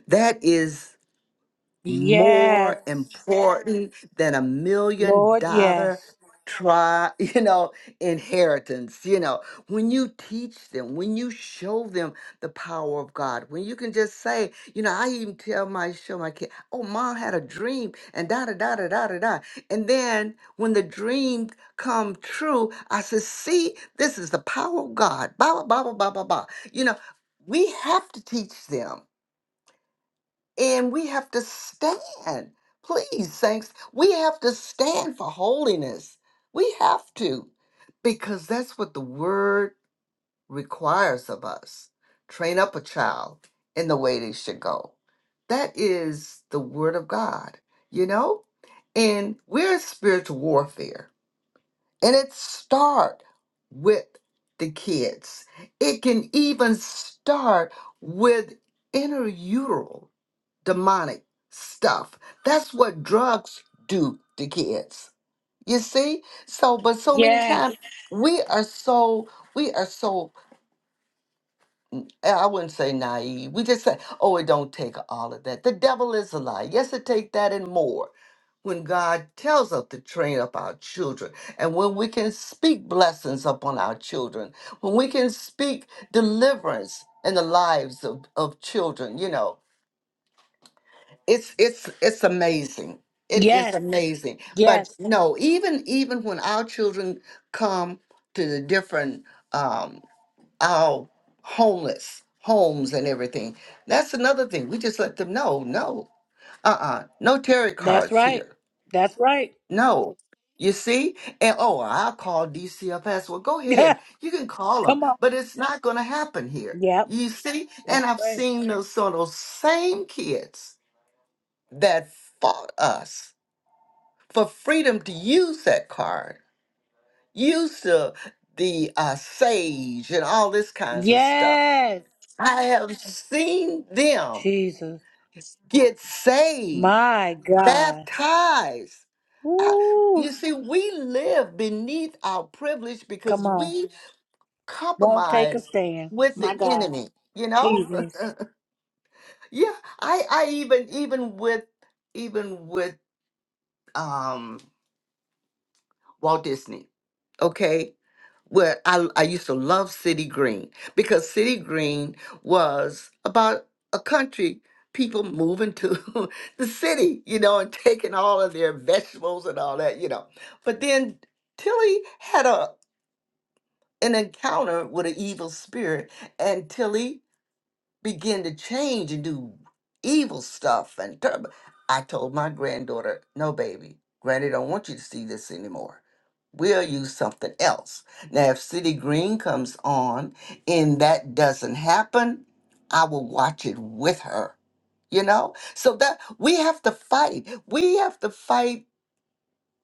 That is
Yes,
more important than a million
Lord.
dollar
Yes.
try <laughs> you know inheritance you know when you teach them when you show them the power of god when you can just say you know i even tell my show my kid oh mom had a dream and da da da da da da da and then when the dream come true i said see this is the power of god blah blah blah blah blah blah blah you know we have to teach them and we have to stand. Please, saints, we have to stand for holiness. We have to, because that's what the word requires of us. Train up a child in the way they should go. That is the word of God, you know? And we're in spiritual warfare, and it start with the kids. It can even start with inner demonic stuff. That's what drugs do to kids. You see? So, but so many
Yes.
times we are so, we are so, eh, I wouldn't say naive. We just say, oh, it don't take all of that. The devil is a lie. Yes, it take that and more. When God tells us to train up our children, and when we can speak blessings upon our children, when we can speak deliverance in the lives of, of children, you know, it's it's it's amazing it is
Yes,
amazing
yes,
but no even even when our children come to the different um our homeless homes and everything that's another thing we just let them know no uh-uh no tarot
that's
cards
right.
here
That's right.
no you see and oh i'll call dcfs well go
<laughs>
ahead you can call them
Come on.
but it's not going to happen here
Yep,
you see
that's
and i've
right.
seen those so those same kids that fought us for freedom to use that card, use the the uh, sage and all this kinds of stuff.
Yes,
I have seen them
Jesus,
get saved,
my God.
baptized. I-
Ooh,
you see, we live beneath our privilege
come
because
on.
we
Won't take a
compromise
stand.
with the
My God,
enemy. You know,
Jesus.
<laughs> yeah. I I even even with even with um Walt Disney. okay where I, I used to love City Green because City Green was about a country people moving to <laughs> the city, you know, and taking all of their vegetables and all that, you know. But then Tilly had a an encounter with an evil spirit, and Tilly begin to change and do evil stuff and ter- I told my granddaughter, no baby, granny don't want you to see this anymore. We'll use something else. Now if City Green comes on and that doesn't happen, I will watch it with her. You know? So that we have to fight. We have to fight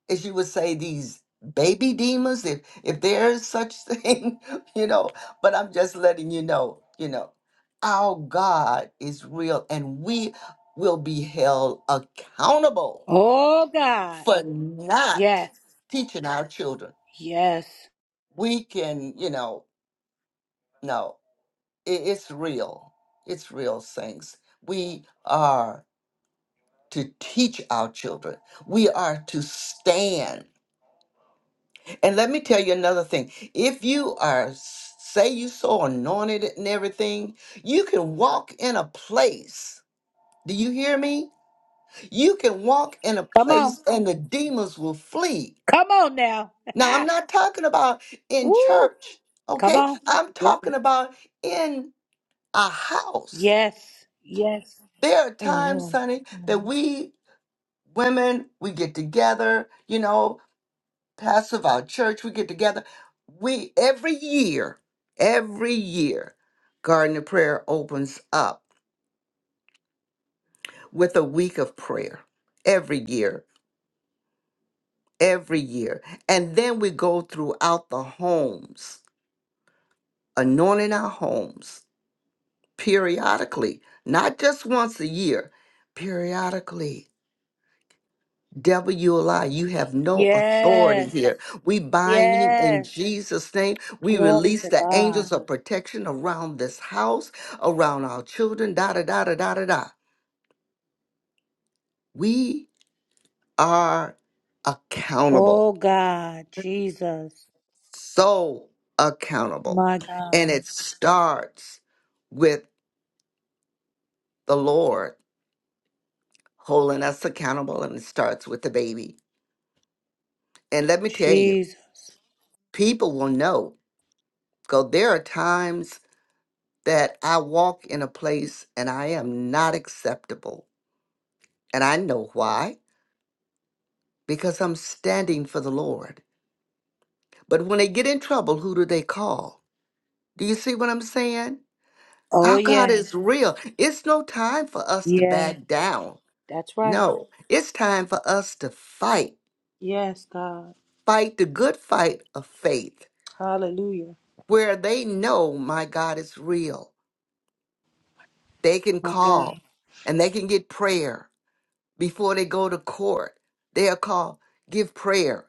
as you would say, these baby demons, if if there is such thing, <laughs> you know. But I'm just letting you know, you know, our God is real, and we will be held accountable
Oh God.
for not
Yes,
teaching our children.
yes.
We can, you know, no, it, it's real. It's real things. We are to teach our children. We are to stand And let me tell you another thing. If you are, say you so anointed and everything, you can walk in a place. Do you hear me? You can walk in a
Come on.
place and the demons will flee.
Come on now.
Now, I'm
<laughs>
not talking about in
Woo.
church,
Come
okay?
on.
I'm
Yep.
talking about in a house.
Yes, yes,
There are times,
Amen.
Sonny, that
Amen.
we women, we get together, you know, pastor of our church. We get together. We every year, every year, Garden of Prayer opens up with a week of prayer. Every year, every year. And then we go throughout the homes, anointing our homes periodically, not just once a year, periodically Devil, you a lie. You have no authority
yes,
here. We bind you in
yes.
Jesus' name. We
Glory
release
to
the
God.
angels of protection around this house, around our children. Da da da da da da da. We are accountable.
Oh God, Jesus,
So accountable.
my
And
God,
it starts with the Lord holding us accountable, and it starts with the baby. And let me tell you,
Jesus.
people will know. Go, there are times that I walk in a place and I am not acceptable. And I know why, because I'm standing for the Lord. But when they get in trouble, who do they call? Do you see what I'm saying?
Oh
Our God
yes,
is real. It's no time for us to
yes,
back down.
that's right.
No, it's time for us to fight.
Yes, God,
Fight the good fight of faith,
Hallelujah,
where they know my God is real. They can
my God,
call and they can get prayer before they go to court. They are called give prayer.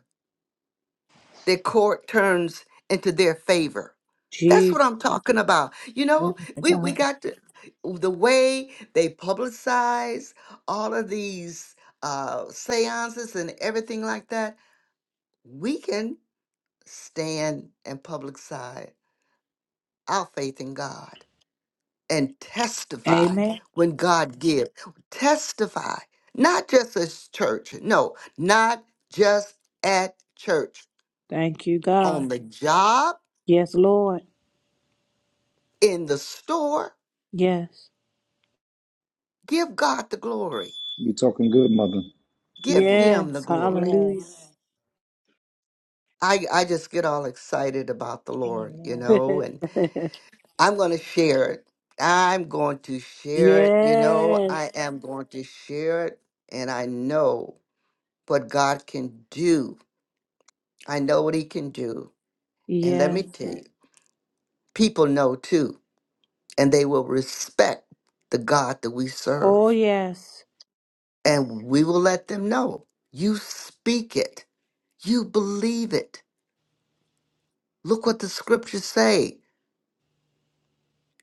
Their court turns into their favor. That's what
Jesus,
I'm talking about. You
Glory
know,
to
we, we
God.
got to, the way they publicize all of these uh, seances and everything like that. We can stand and publicize our faith in God. and testify
Amen.
when God gives. Testify, not just as church. No, not just at church.
Thank you, God.
On the job,
Yes, Lord.
in the store,
Yes,
give God the glory.
You talking good, mother.
Give him the
yes,
glory.
Hallelujah.
Yes.
I, I just get all excited about the Lord, you
Amen.
<laughs>
know, and I'm going to share it. I'm going to share it, you know,
yes,
I am going to share it. And I know what God can do. I know what he can do. And let
yes.
me tell you, people know too, and they will respect the God that we
Oh
serve.
yes,
And we will let them know you speak it, you believe it. Look what the scriptures say.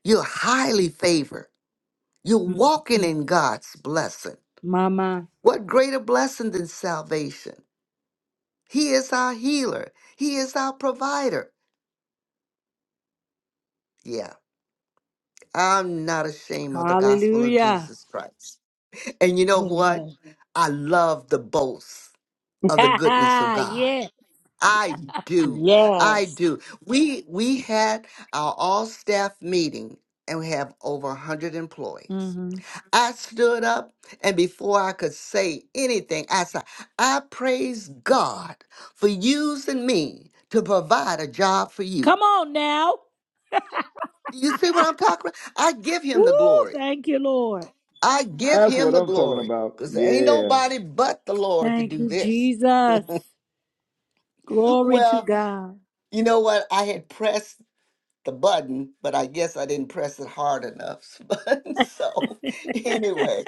You're highly favored, you're walking in God's blessing.
Mama.
What greater blessing than salvation? He is our healer, He is our provider. Yeah, I'm not ashamed of the gospel of
Hallelujah.
Jesus Christ. And you know what?
Amen.
I love the boast.
<laughs>
of the goodness of God.
yeah.
I do. I
Yes.
do. We we had our all staff meeting and we have over 100 employees.
Mm-hmm.
I stood up and before I could say anything, I said, I praise God for using me to provide a job for you.
Come on now.
you see what I'm talking about? I give
Woo!
him the glory.
Thank you, Lord.
I give
That's
him
what
the
I'm talking
glory
about.
because there ain't
Yeah.
nobody but the Lord to
Thank
do
you,
this.
Jesus.
<laughs>
Glory to
Well,
God.
you know what? I had pressed. the button, but I guess I didn't press it hard enough. <laughs> But so
<laughs>
anyway,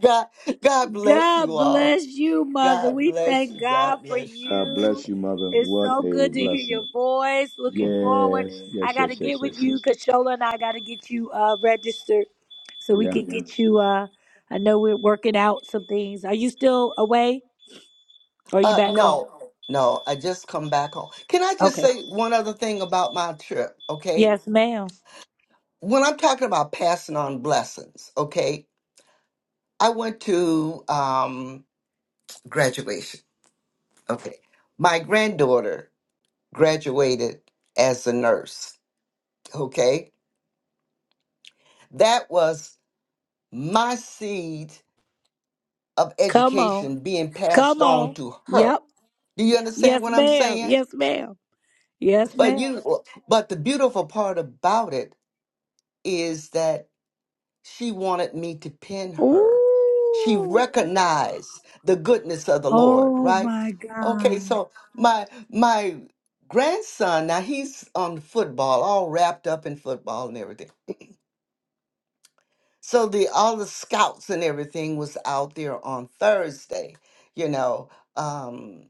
God God bless you
God
all.
bless you, Mother.
God
We
bless
thank
you.
God
God
for
bless you.
God bless
you.
you, mother.
It's
What
so
a
good to hear
blessing.
your voice. Looking forward.
Yes.
I
Yes,
got to
yes, yes,
get
yes,
with
yes.
you, Kashola, and I got to get you uh, registered so we
Yeah.
can get you. Uh, I know we're working out some things. Are you still away or are you
Uh
back home?
no, no, I just come back home. Can I just
Okay.
say one other thing about my trip, okay?
Yes, ma'am.
When I'm talking about passing on blessings, okay? I went to um graduation. Okay. My granddaughter graduated as a nurse, okay? That was my seed of
Come on.
education being passed
Come
on
on.
to
Yes,
her. Do you understand
yes
what I'm
ma'am.
saying?
Yes, ma'am. Yes,
But
ma'am.
you but the beautiful part about it is that she wanted me to pin her. She
Ooh.
recognized the goodness of the Lord,
Oh
right?
my
Okay,
God.
so my my grandson now he's on football all wrapped up in football and everything So the all the scouts and everything was out there on Thursday, you know, um,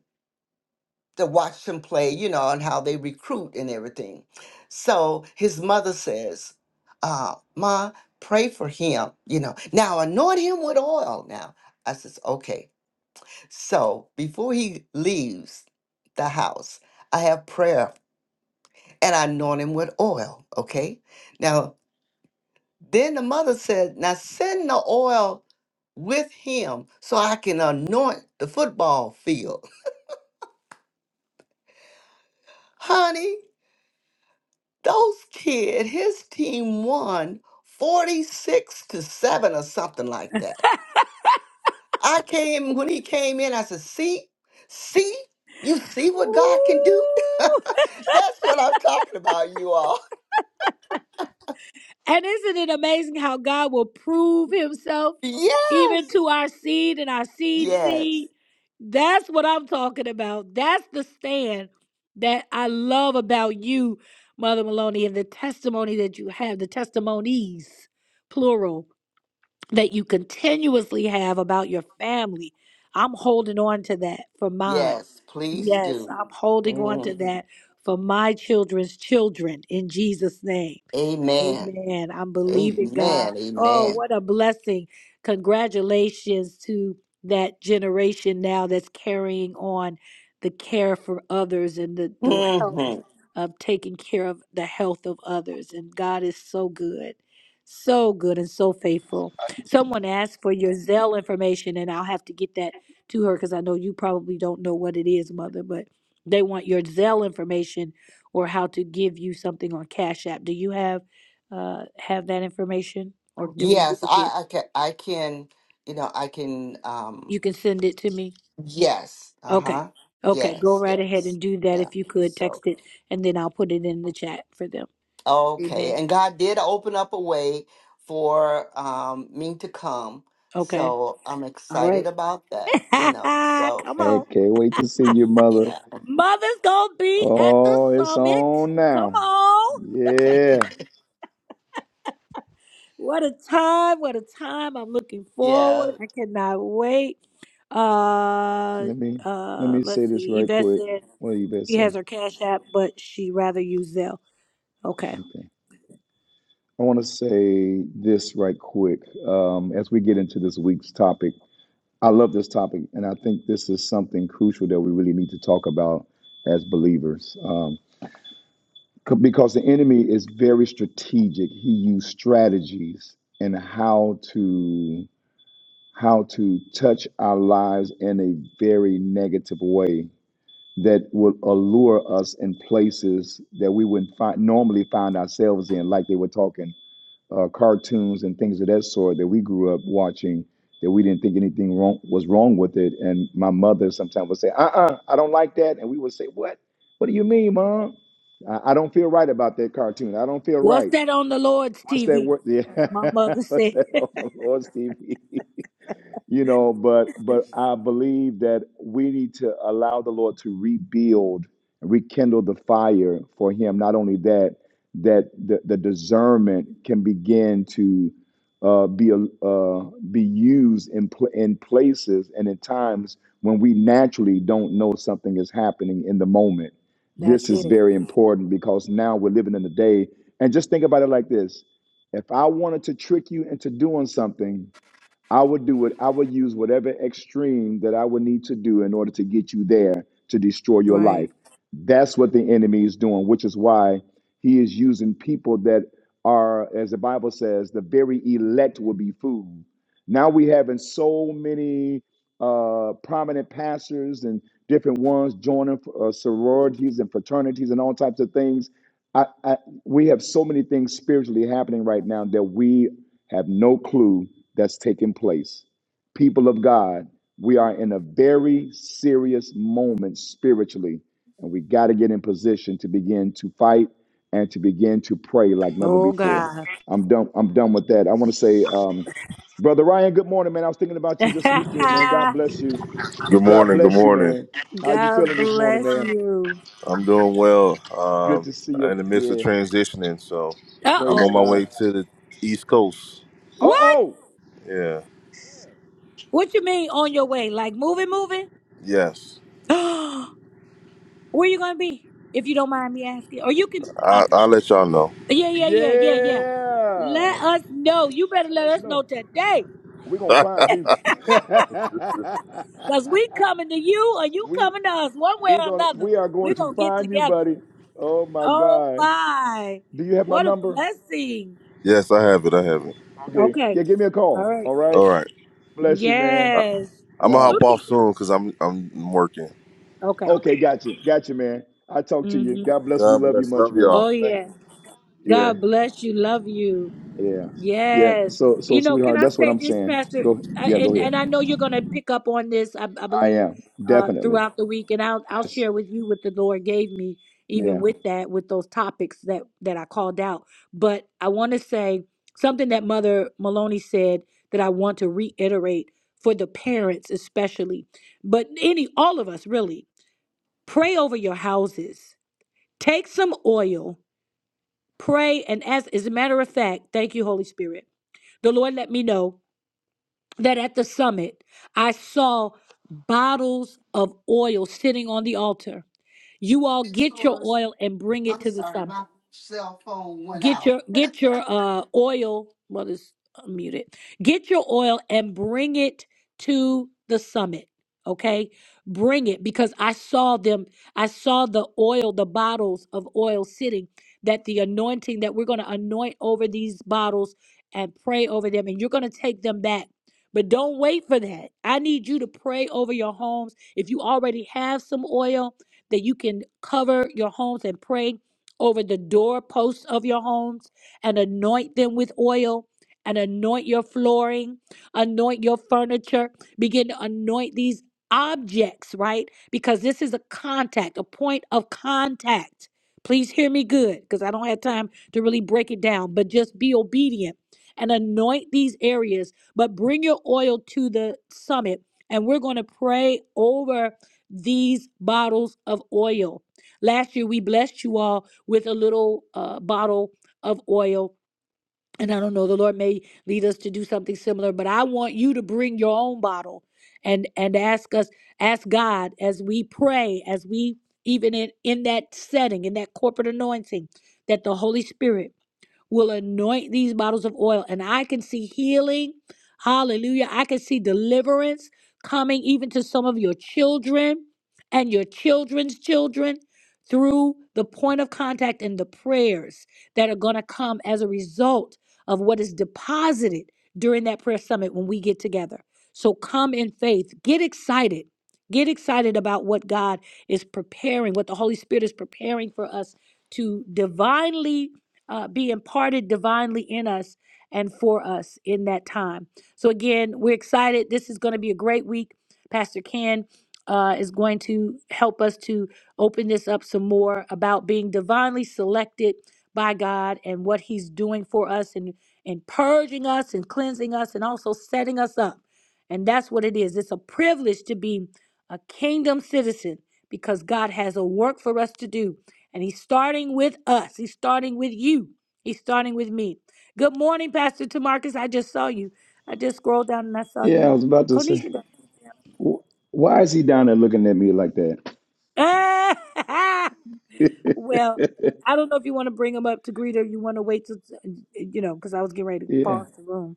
to watch them play, you know, and how they recruit and everything. So his mother says, uh, "Ma, pray for him, you know. Now anoint him with oil." Now I says, "Okay." So before he leaves the house, I have prayer and I anoint him with oil. Okay. Now Then the mother said, Now send the oil with him so I can anoint the football field. <laughs> Honey, those kid, his team won 46 to 7 or something like that. I came when he came in, I said, see, see, you see what God can do? <laughs>
Ooh. <laughs>
That's what I'm talking about, you all. <laughs>
And isn't it amazing how God will prove himself even
Yes,
to our seed and our seed
yes,
seed? That's what I'm talking about. That's the stand that I love about you, Mother Maloney, and the testimony that you have, the testimonies, plural that you continuously have about your family. I'm holding on to that for mine.
yes, please
Yes,
do.
I'm holding on to
Mm,
that for my children's children in Jesus' name.
Amen.
Amen. I'm believing God.
Amen.
Oh,
Amen.
what a blessing. Congratulations to that generation now that's carrying on the care for others and the, the
hmm
health of taking care of the health of others. And God is so good, so good and so faithful. Someone asked for your Zelle information, and I'll have to get that to her because I know you probably don't know what it is, Mother, but they want your Zelle information or how to give you something on Cash App. Do you have? uh, have that information, or do we need
Yes,
to get?
I, I can. I can. You know, I can. Um.
You can send it to me.
Yes. Uh
Okay,
huh.
okay, go
Yes.
right ahead
Yes.
and do that
Yeah.
if you could
So
text it, and then I'll put it in the chat for them.
okay,
Amen.
and God did open up a way for um me to come.
Okay.
So I'm
All
excited
right.
about that. You know.
<laughs>
So
Come
I
on,
can't wait to see you, mother.
yeah.
mother's gonna be at the
Oh, it's
summit.
on
Come
now.
on.
Yeah.
What a time! What a time! I'm looking
Yeah.
forward. I cannot wait. Uh,
Let me let
uh.
me say
Let's
this
see.
right
Yvette
quick.
said
What do you best
she
say?
has her Cash App, but she rather use Zelle. Okay.
Okay. I want to say this right quick um, as we get into this week's topic. I love this topic, and I think this is something crucial that we really need to talk about as believers um, c- because the enemy is very strategic. He used strategies and how to how to touch our lives in a very negative way that will allure us in places that we wouldn't find, normally find ourselves in, like they were talking uh, cartoons and things of that sort that we grew up watching that we didn't think anything wrong was wrong with it. And my mother sometimes would say, "Uh-uh, I don't like that," and we would say, "What? What do you mean, mom? I, I don't feel right about that cartoon. I don't feel
What's
right.
that on the Lord's
What's that
TV?
word? <laughs> Yeah,
My mother
<laughs> what's
said.
that on the Lord's TV? you know but but i believe that we need to allow the lord to rebuild rekindle the fire for him not only that that the, the discernment can begin to uh, be a- uh, be used in pl- in places and in times when we naturally don't know something is happening in the moment.
That's
This is
it.
very important because now we're living in the day. And just think about it like this: if I wanted to trick you into doing something, I would do it. I would use whatever extreme that I would need to do in order to get you there to destroy your life.
Right.
That's what the enemy is doing, which is why he is using people that are, as the Bible says, the very elect will be fooled. Now we having so many uh, prominent pastors and different ones joining uh, sororities and fraternities and all types of things. I, I, we have so many things spiritually happening right now that we have no clue that's taking place. People of God, we are in a very serious moment spiritually, and we got to get in position to begin to fight and to begin to pray like never
Oh
before.
God.
I'm done. I'm done with that. I want to say, um, brother Ryan, good morning, man. I was thinking about you this weekend, man. God bless you.
Good
God
morning. Good
bless you,
morning.
man.
<laughs>
How you
God
feeling this morning,
bless
man?
you.
I'm doing well.
Good
Um,
to see you.
in the midst of
Yeah,
transitioning, so
Uh
I'm
praise
on my
oh.
way
God.
to the East Coast.
Uh
What?
oh.
Yeah.
Where?
What you mean on your way? Like moving, moving?
Yes.
<gasps> Where you gonna be? If you don't mind me asking, or you can
I,
contact
I'll let
us.
y'all know.
Yeah, yeah, yeah, yeah, yeah.
Yeah.
Let us know. You better
Let
let
us
us know
know.
today,
We're gonna find you.
cause we
<laughs>
coming to you, or you
we
coming to us, one way
we
or
gonna
another.
we are going
We're
to
gonna get
find you,
together.
buddy. Oh my
Oh
God.
my.
Do you have my
What a
number?
blessing.
Yes, I have it. I have it.
Okay.
Okay.
Yeah, give me a
All
call.
right.
All right.
All right.
Bless you, man.
I,
Yes.
I'm gonna hop
Look
Wow.
at
off
God.
soon because I'm I'm working.
Okay.
Okay, gotcha. Gotcha, man. I talk to you.
hmm
God bless. We
God
love you
bless.
much,
Love
man.
Oh
y'all. Thank
yeah.
Yeah,
God bless you. Love you.
yeah. Yeah.
Yes.
So so
You know, can
sweetheart,
I
that's what
say
I'm
this,
saying.
Pastor?
Go
I,
yeah, go
and
ahead.
and I know you're going to pick up on this, I, I
I
believe,
am.
uh,
Definitely.
throughout the week, and I'll I'll
Yes.
share with you what the Lord gave me, even
Yeah.
with that, with those topics that that I called out. But I want to say something that Mother Maloney said that I want to reiterate for the parents, especially, but any all of us really. Pray over your houses. Take some oil Pray and ask. As a matter of fact, thank you, Holy Spirit. The Lord let me know that at the summit, I saw bottles of oil sitting on the altar. You all get your oil and bring it
I'm
to the
sorry,
summit
my cell phone went
get
out.
your get your uh oil well it's muted get your oil and bring it to the summit okay bring it because i saw them i saw the oil the bottles of oil sitting that the anointing that we're going to anoint over these bottles and pray over them and you're going to take them back but don't wait for that i need you to pray over your homes if you already have some oil that you can cover your homes and pray over the doorposts of your homes and anoint them with oil and anoint your flooring, anoint your furniture, begin to anoint these objects, right? Because this is a contact, a point of contact. Please hear me good because I don't have time to really break it down, but just be obedient and anoint these areas, but bring your oil to the summit. And we're going to pray over these bottles of oil. Last year, we blessed you all with a little uh, bottle of oil. And I don't know, the Lord may lead us to do something similar, but I want you to bring your own bottle and and ask us, ask God as we pray, as we even in, in that setting, in that corporate anointing, that the Holy Spirit will anoint these bottles of oil. And I can see healing. Hallelujah. I can see deliverance coming even to some of your children and your children's children through the point of contact and the prayers that are going to come as a result of what is deposited during that prayer summit when we get together. So come in faith. Get excited. Get excited about what God is preparing, what the Holy Spirit is preparing for us to divinely uh, be imparted divinely in us and for us in that time. So, again, we're excited. This is going to be a great week. Pastor Ken uh, is going to help us to open this up some more about being divinely selected by God and what He's doing for us and, and purging us and cleansing us and also setting us up. And that's what it is. It's a privilege to be a kingdom citizen because God has a work for us to do and he's starting with us. He's starting with you. He's starting with me. Good morning, Pastor Tamarcus. I just saw you. I just scrolled down and I saw
Yeah, I
you.
was about to say.
Konisha. got-
wh- Why is he down there looking at me like that?
<laughs> Ah,
<laughs>
well, I don't know if you want to bring him up to greet her. You want to wait till, you know, because I was getting ready to
Yeah,
pause the room.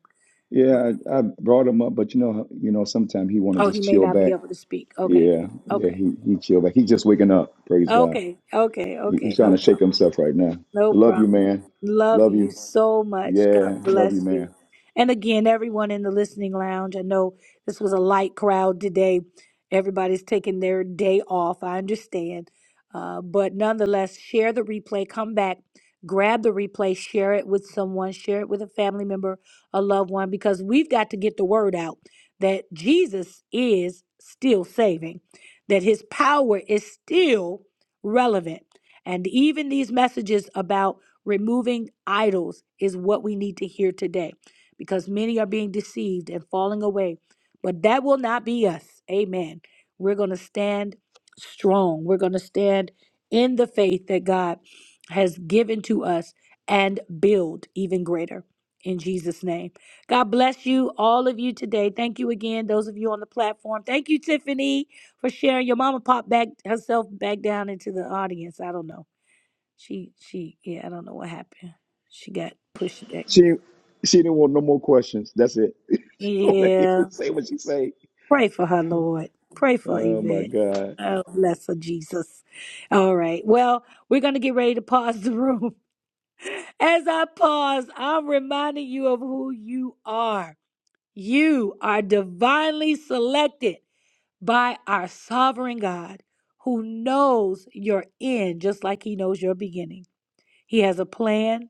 But,
yeah,
uh,
I, I brought him up, but you know, you know, sometimes he want to
oh,
just
he may
chill
not be
back.
able to speak. Okay.
Yeah, yeah,
Okay.
he he chill back. He's just waking up. Praise God.
Okay. Okay.
He, he's
Okay.
trying
No
to
problem.
shake himself right now.
No
Love you,
problem.
man.
Love
Love
you
you.
so much.
Yeah,
God
love you,
bless
man.
you. And again, everyone in the listening lounge, I know this was a light crowd today. Everybody's taking their day off. I understand. Uh, but nonetheless, share the replay. Come back, grab the replay, share it with someone, share it with a family member, a loved one, because we've got to get the word out that Jesus is still saving, that his power is still relevant and even these messages about removing idols is what we need to hear today because many are being deceived and falling away. But that will not be us. Amen. We're going to stand strong. We're going to stand in the faith that God has given to us and build even greater in Jesus' name. God bless you, all of you today. Thank you again, those of you on the platform. Thank you, Tiffany for sharing. Your mama popped back herself back down into the audience. I don't know. She she yeah, I don't know what happened. She got pushed back.
She she didn't want no more questions. That's it. <laughs> She don't wanna
Yeah.
say what she say.
Pray for her, Lord. Pray for
Oh my
Yvette.
God.
Oh, bless her, Jesus. All right. Well, we're going to get ready to pause the room. <laughs> As I pause, I'm reminding you of who you are. You are divinely selected by our sovereign God who knows your end just like he knows your beginning. He has a plan,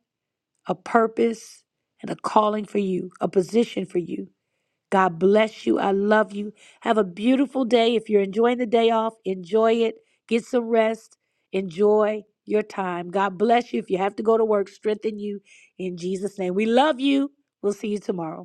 a purpose, and a calling for you, a position for you. God bless you. I love you. Have a beautiful day. If you're enjoying the day off, enjoy it. Get some rest. Enjoy your time. God bless you. If you have to go to work, strengthen you in Jesus' name. We love you. We'll see you tomorrow.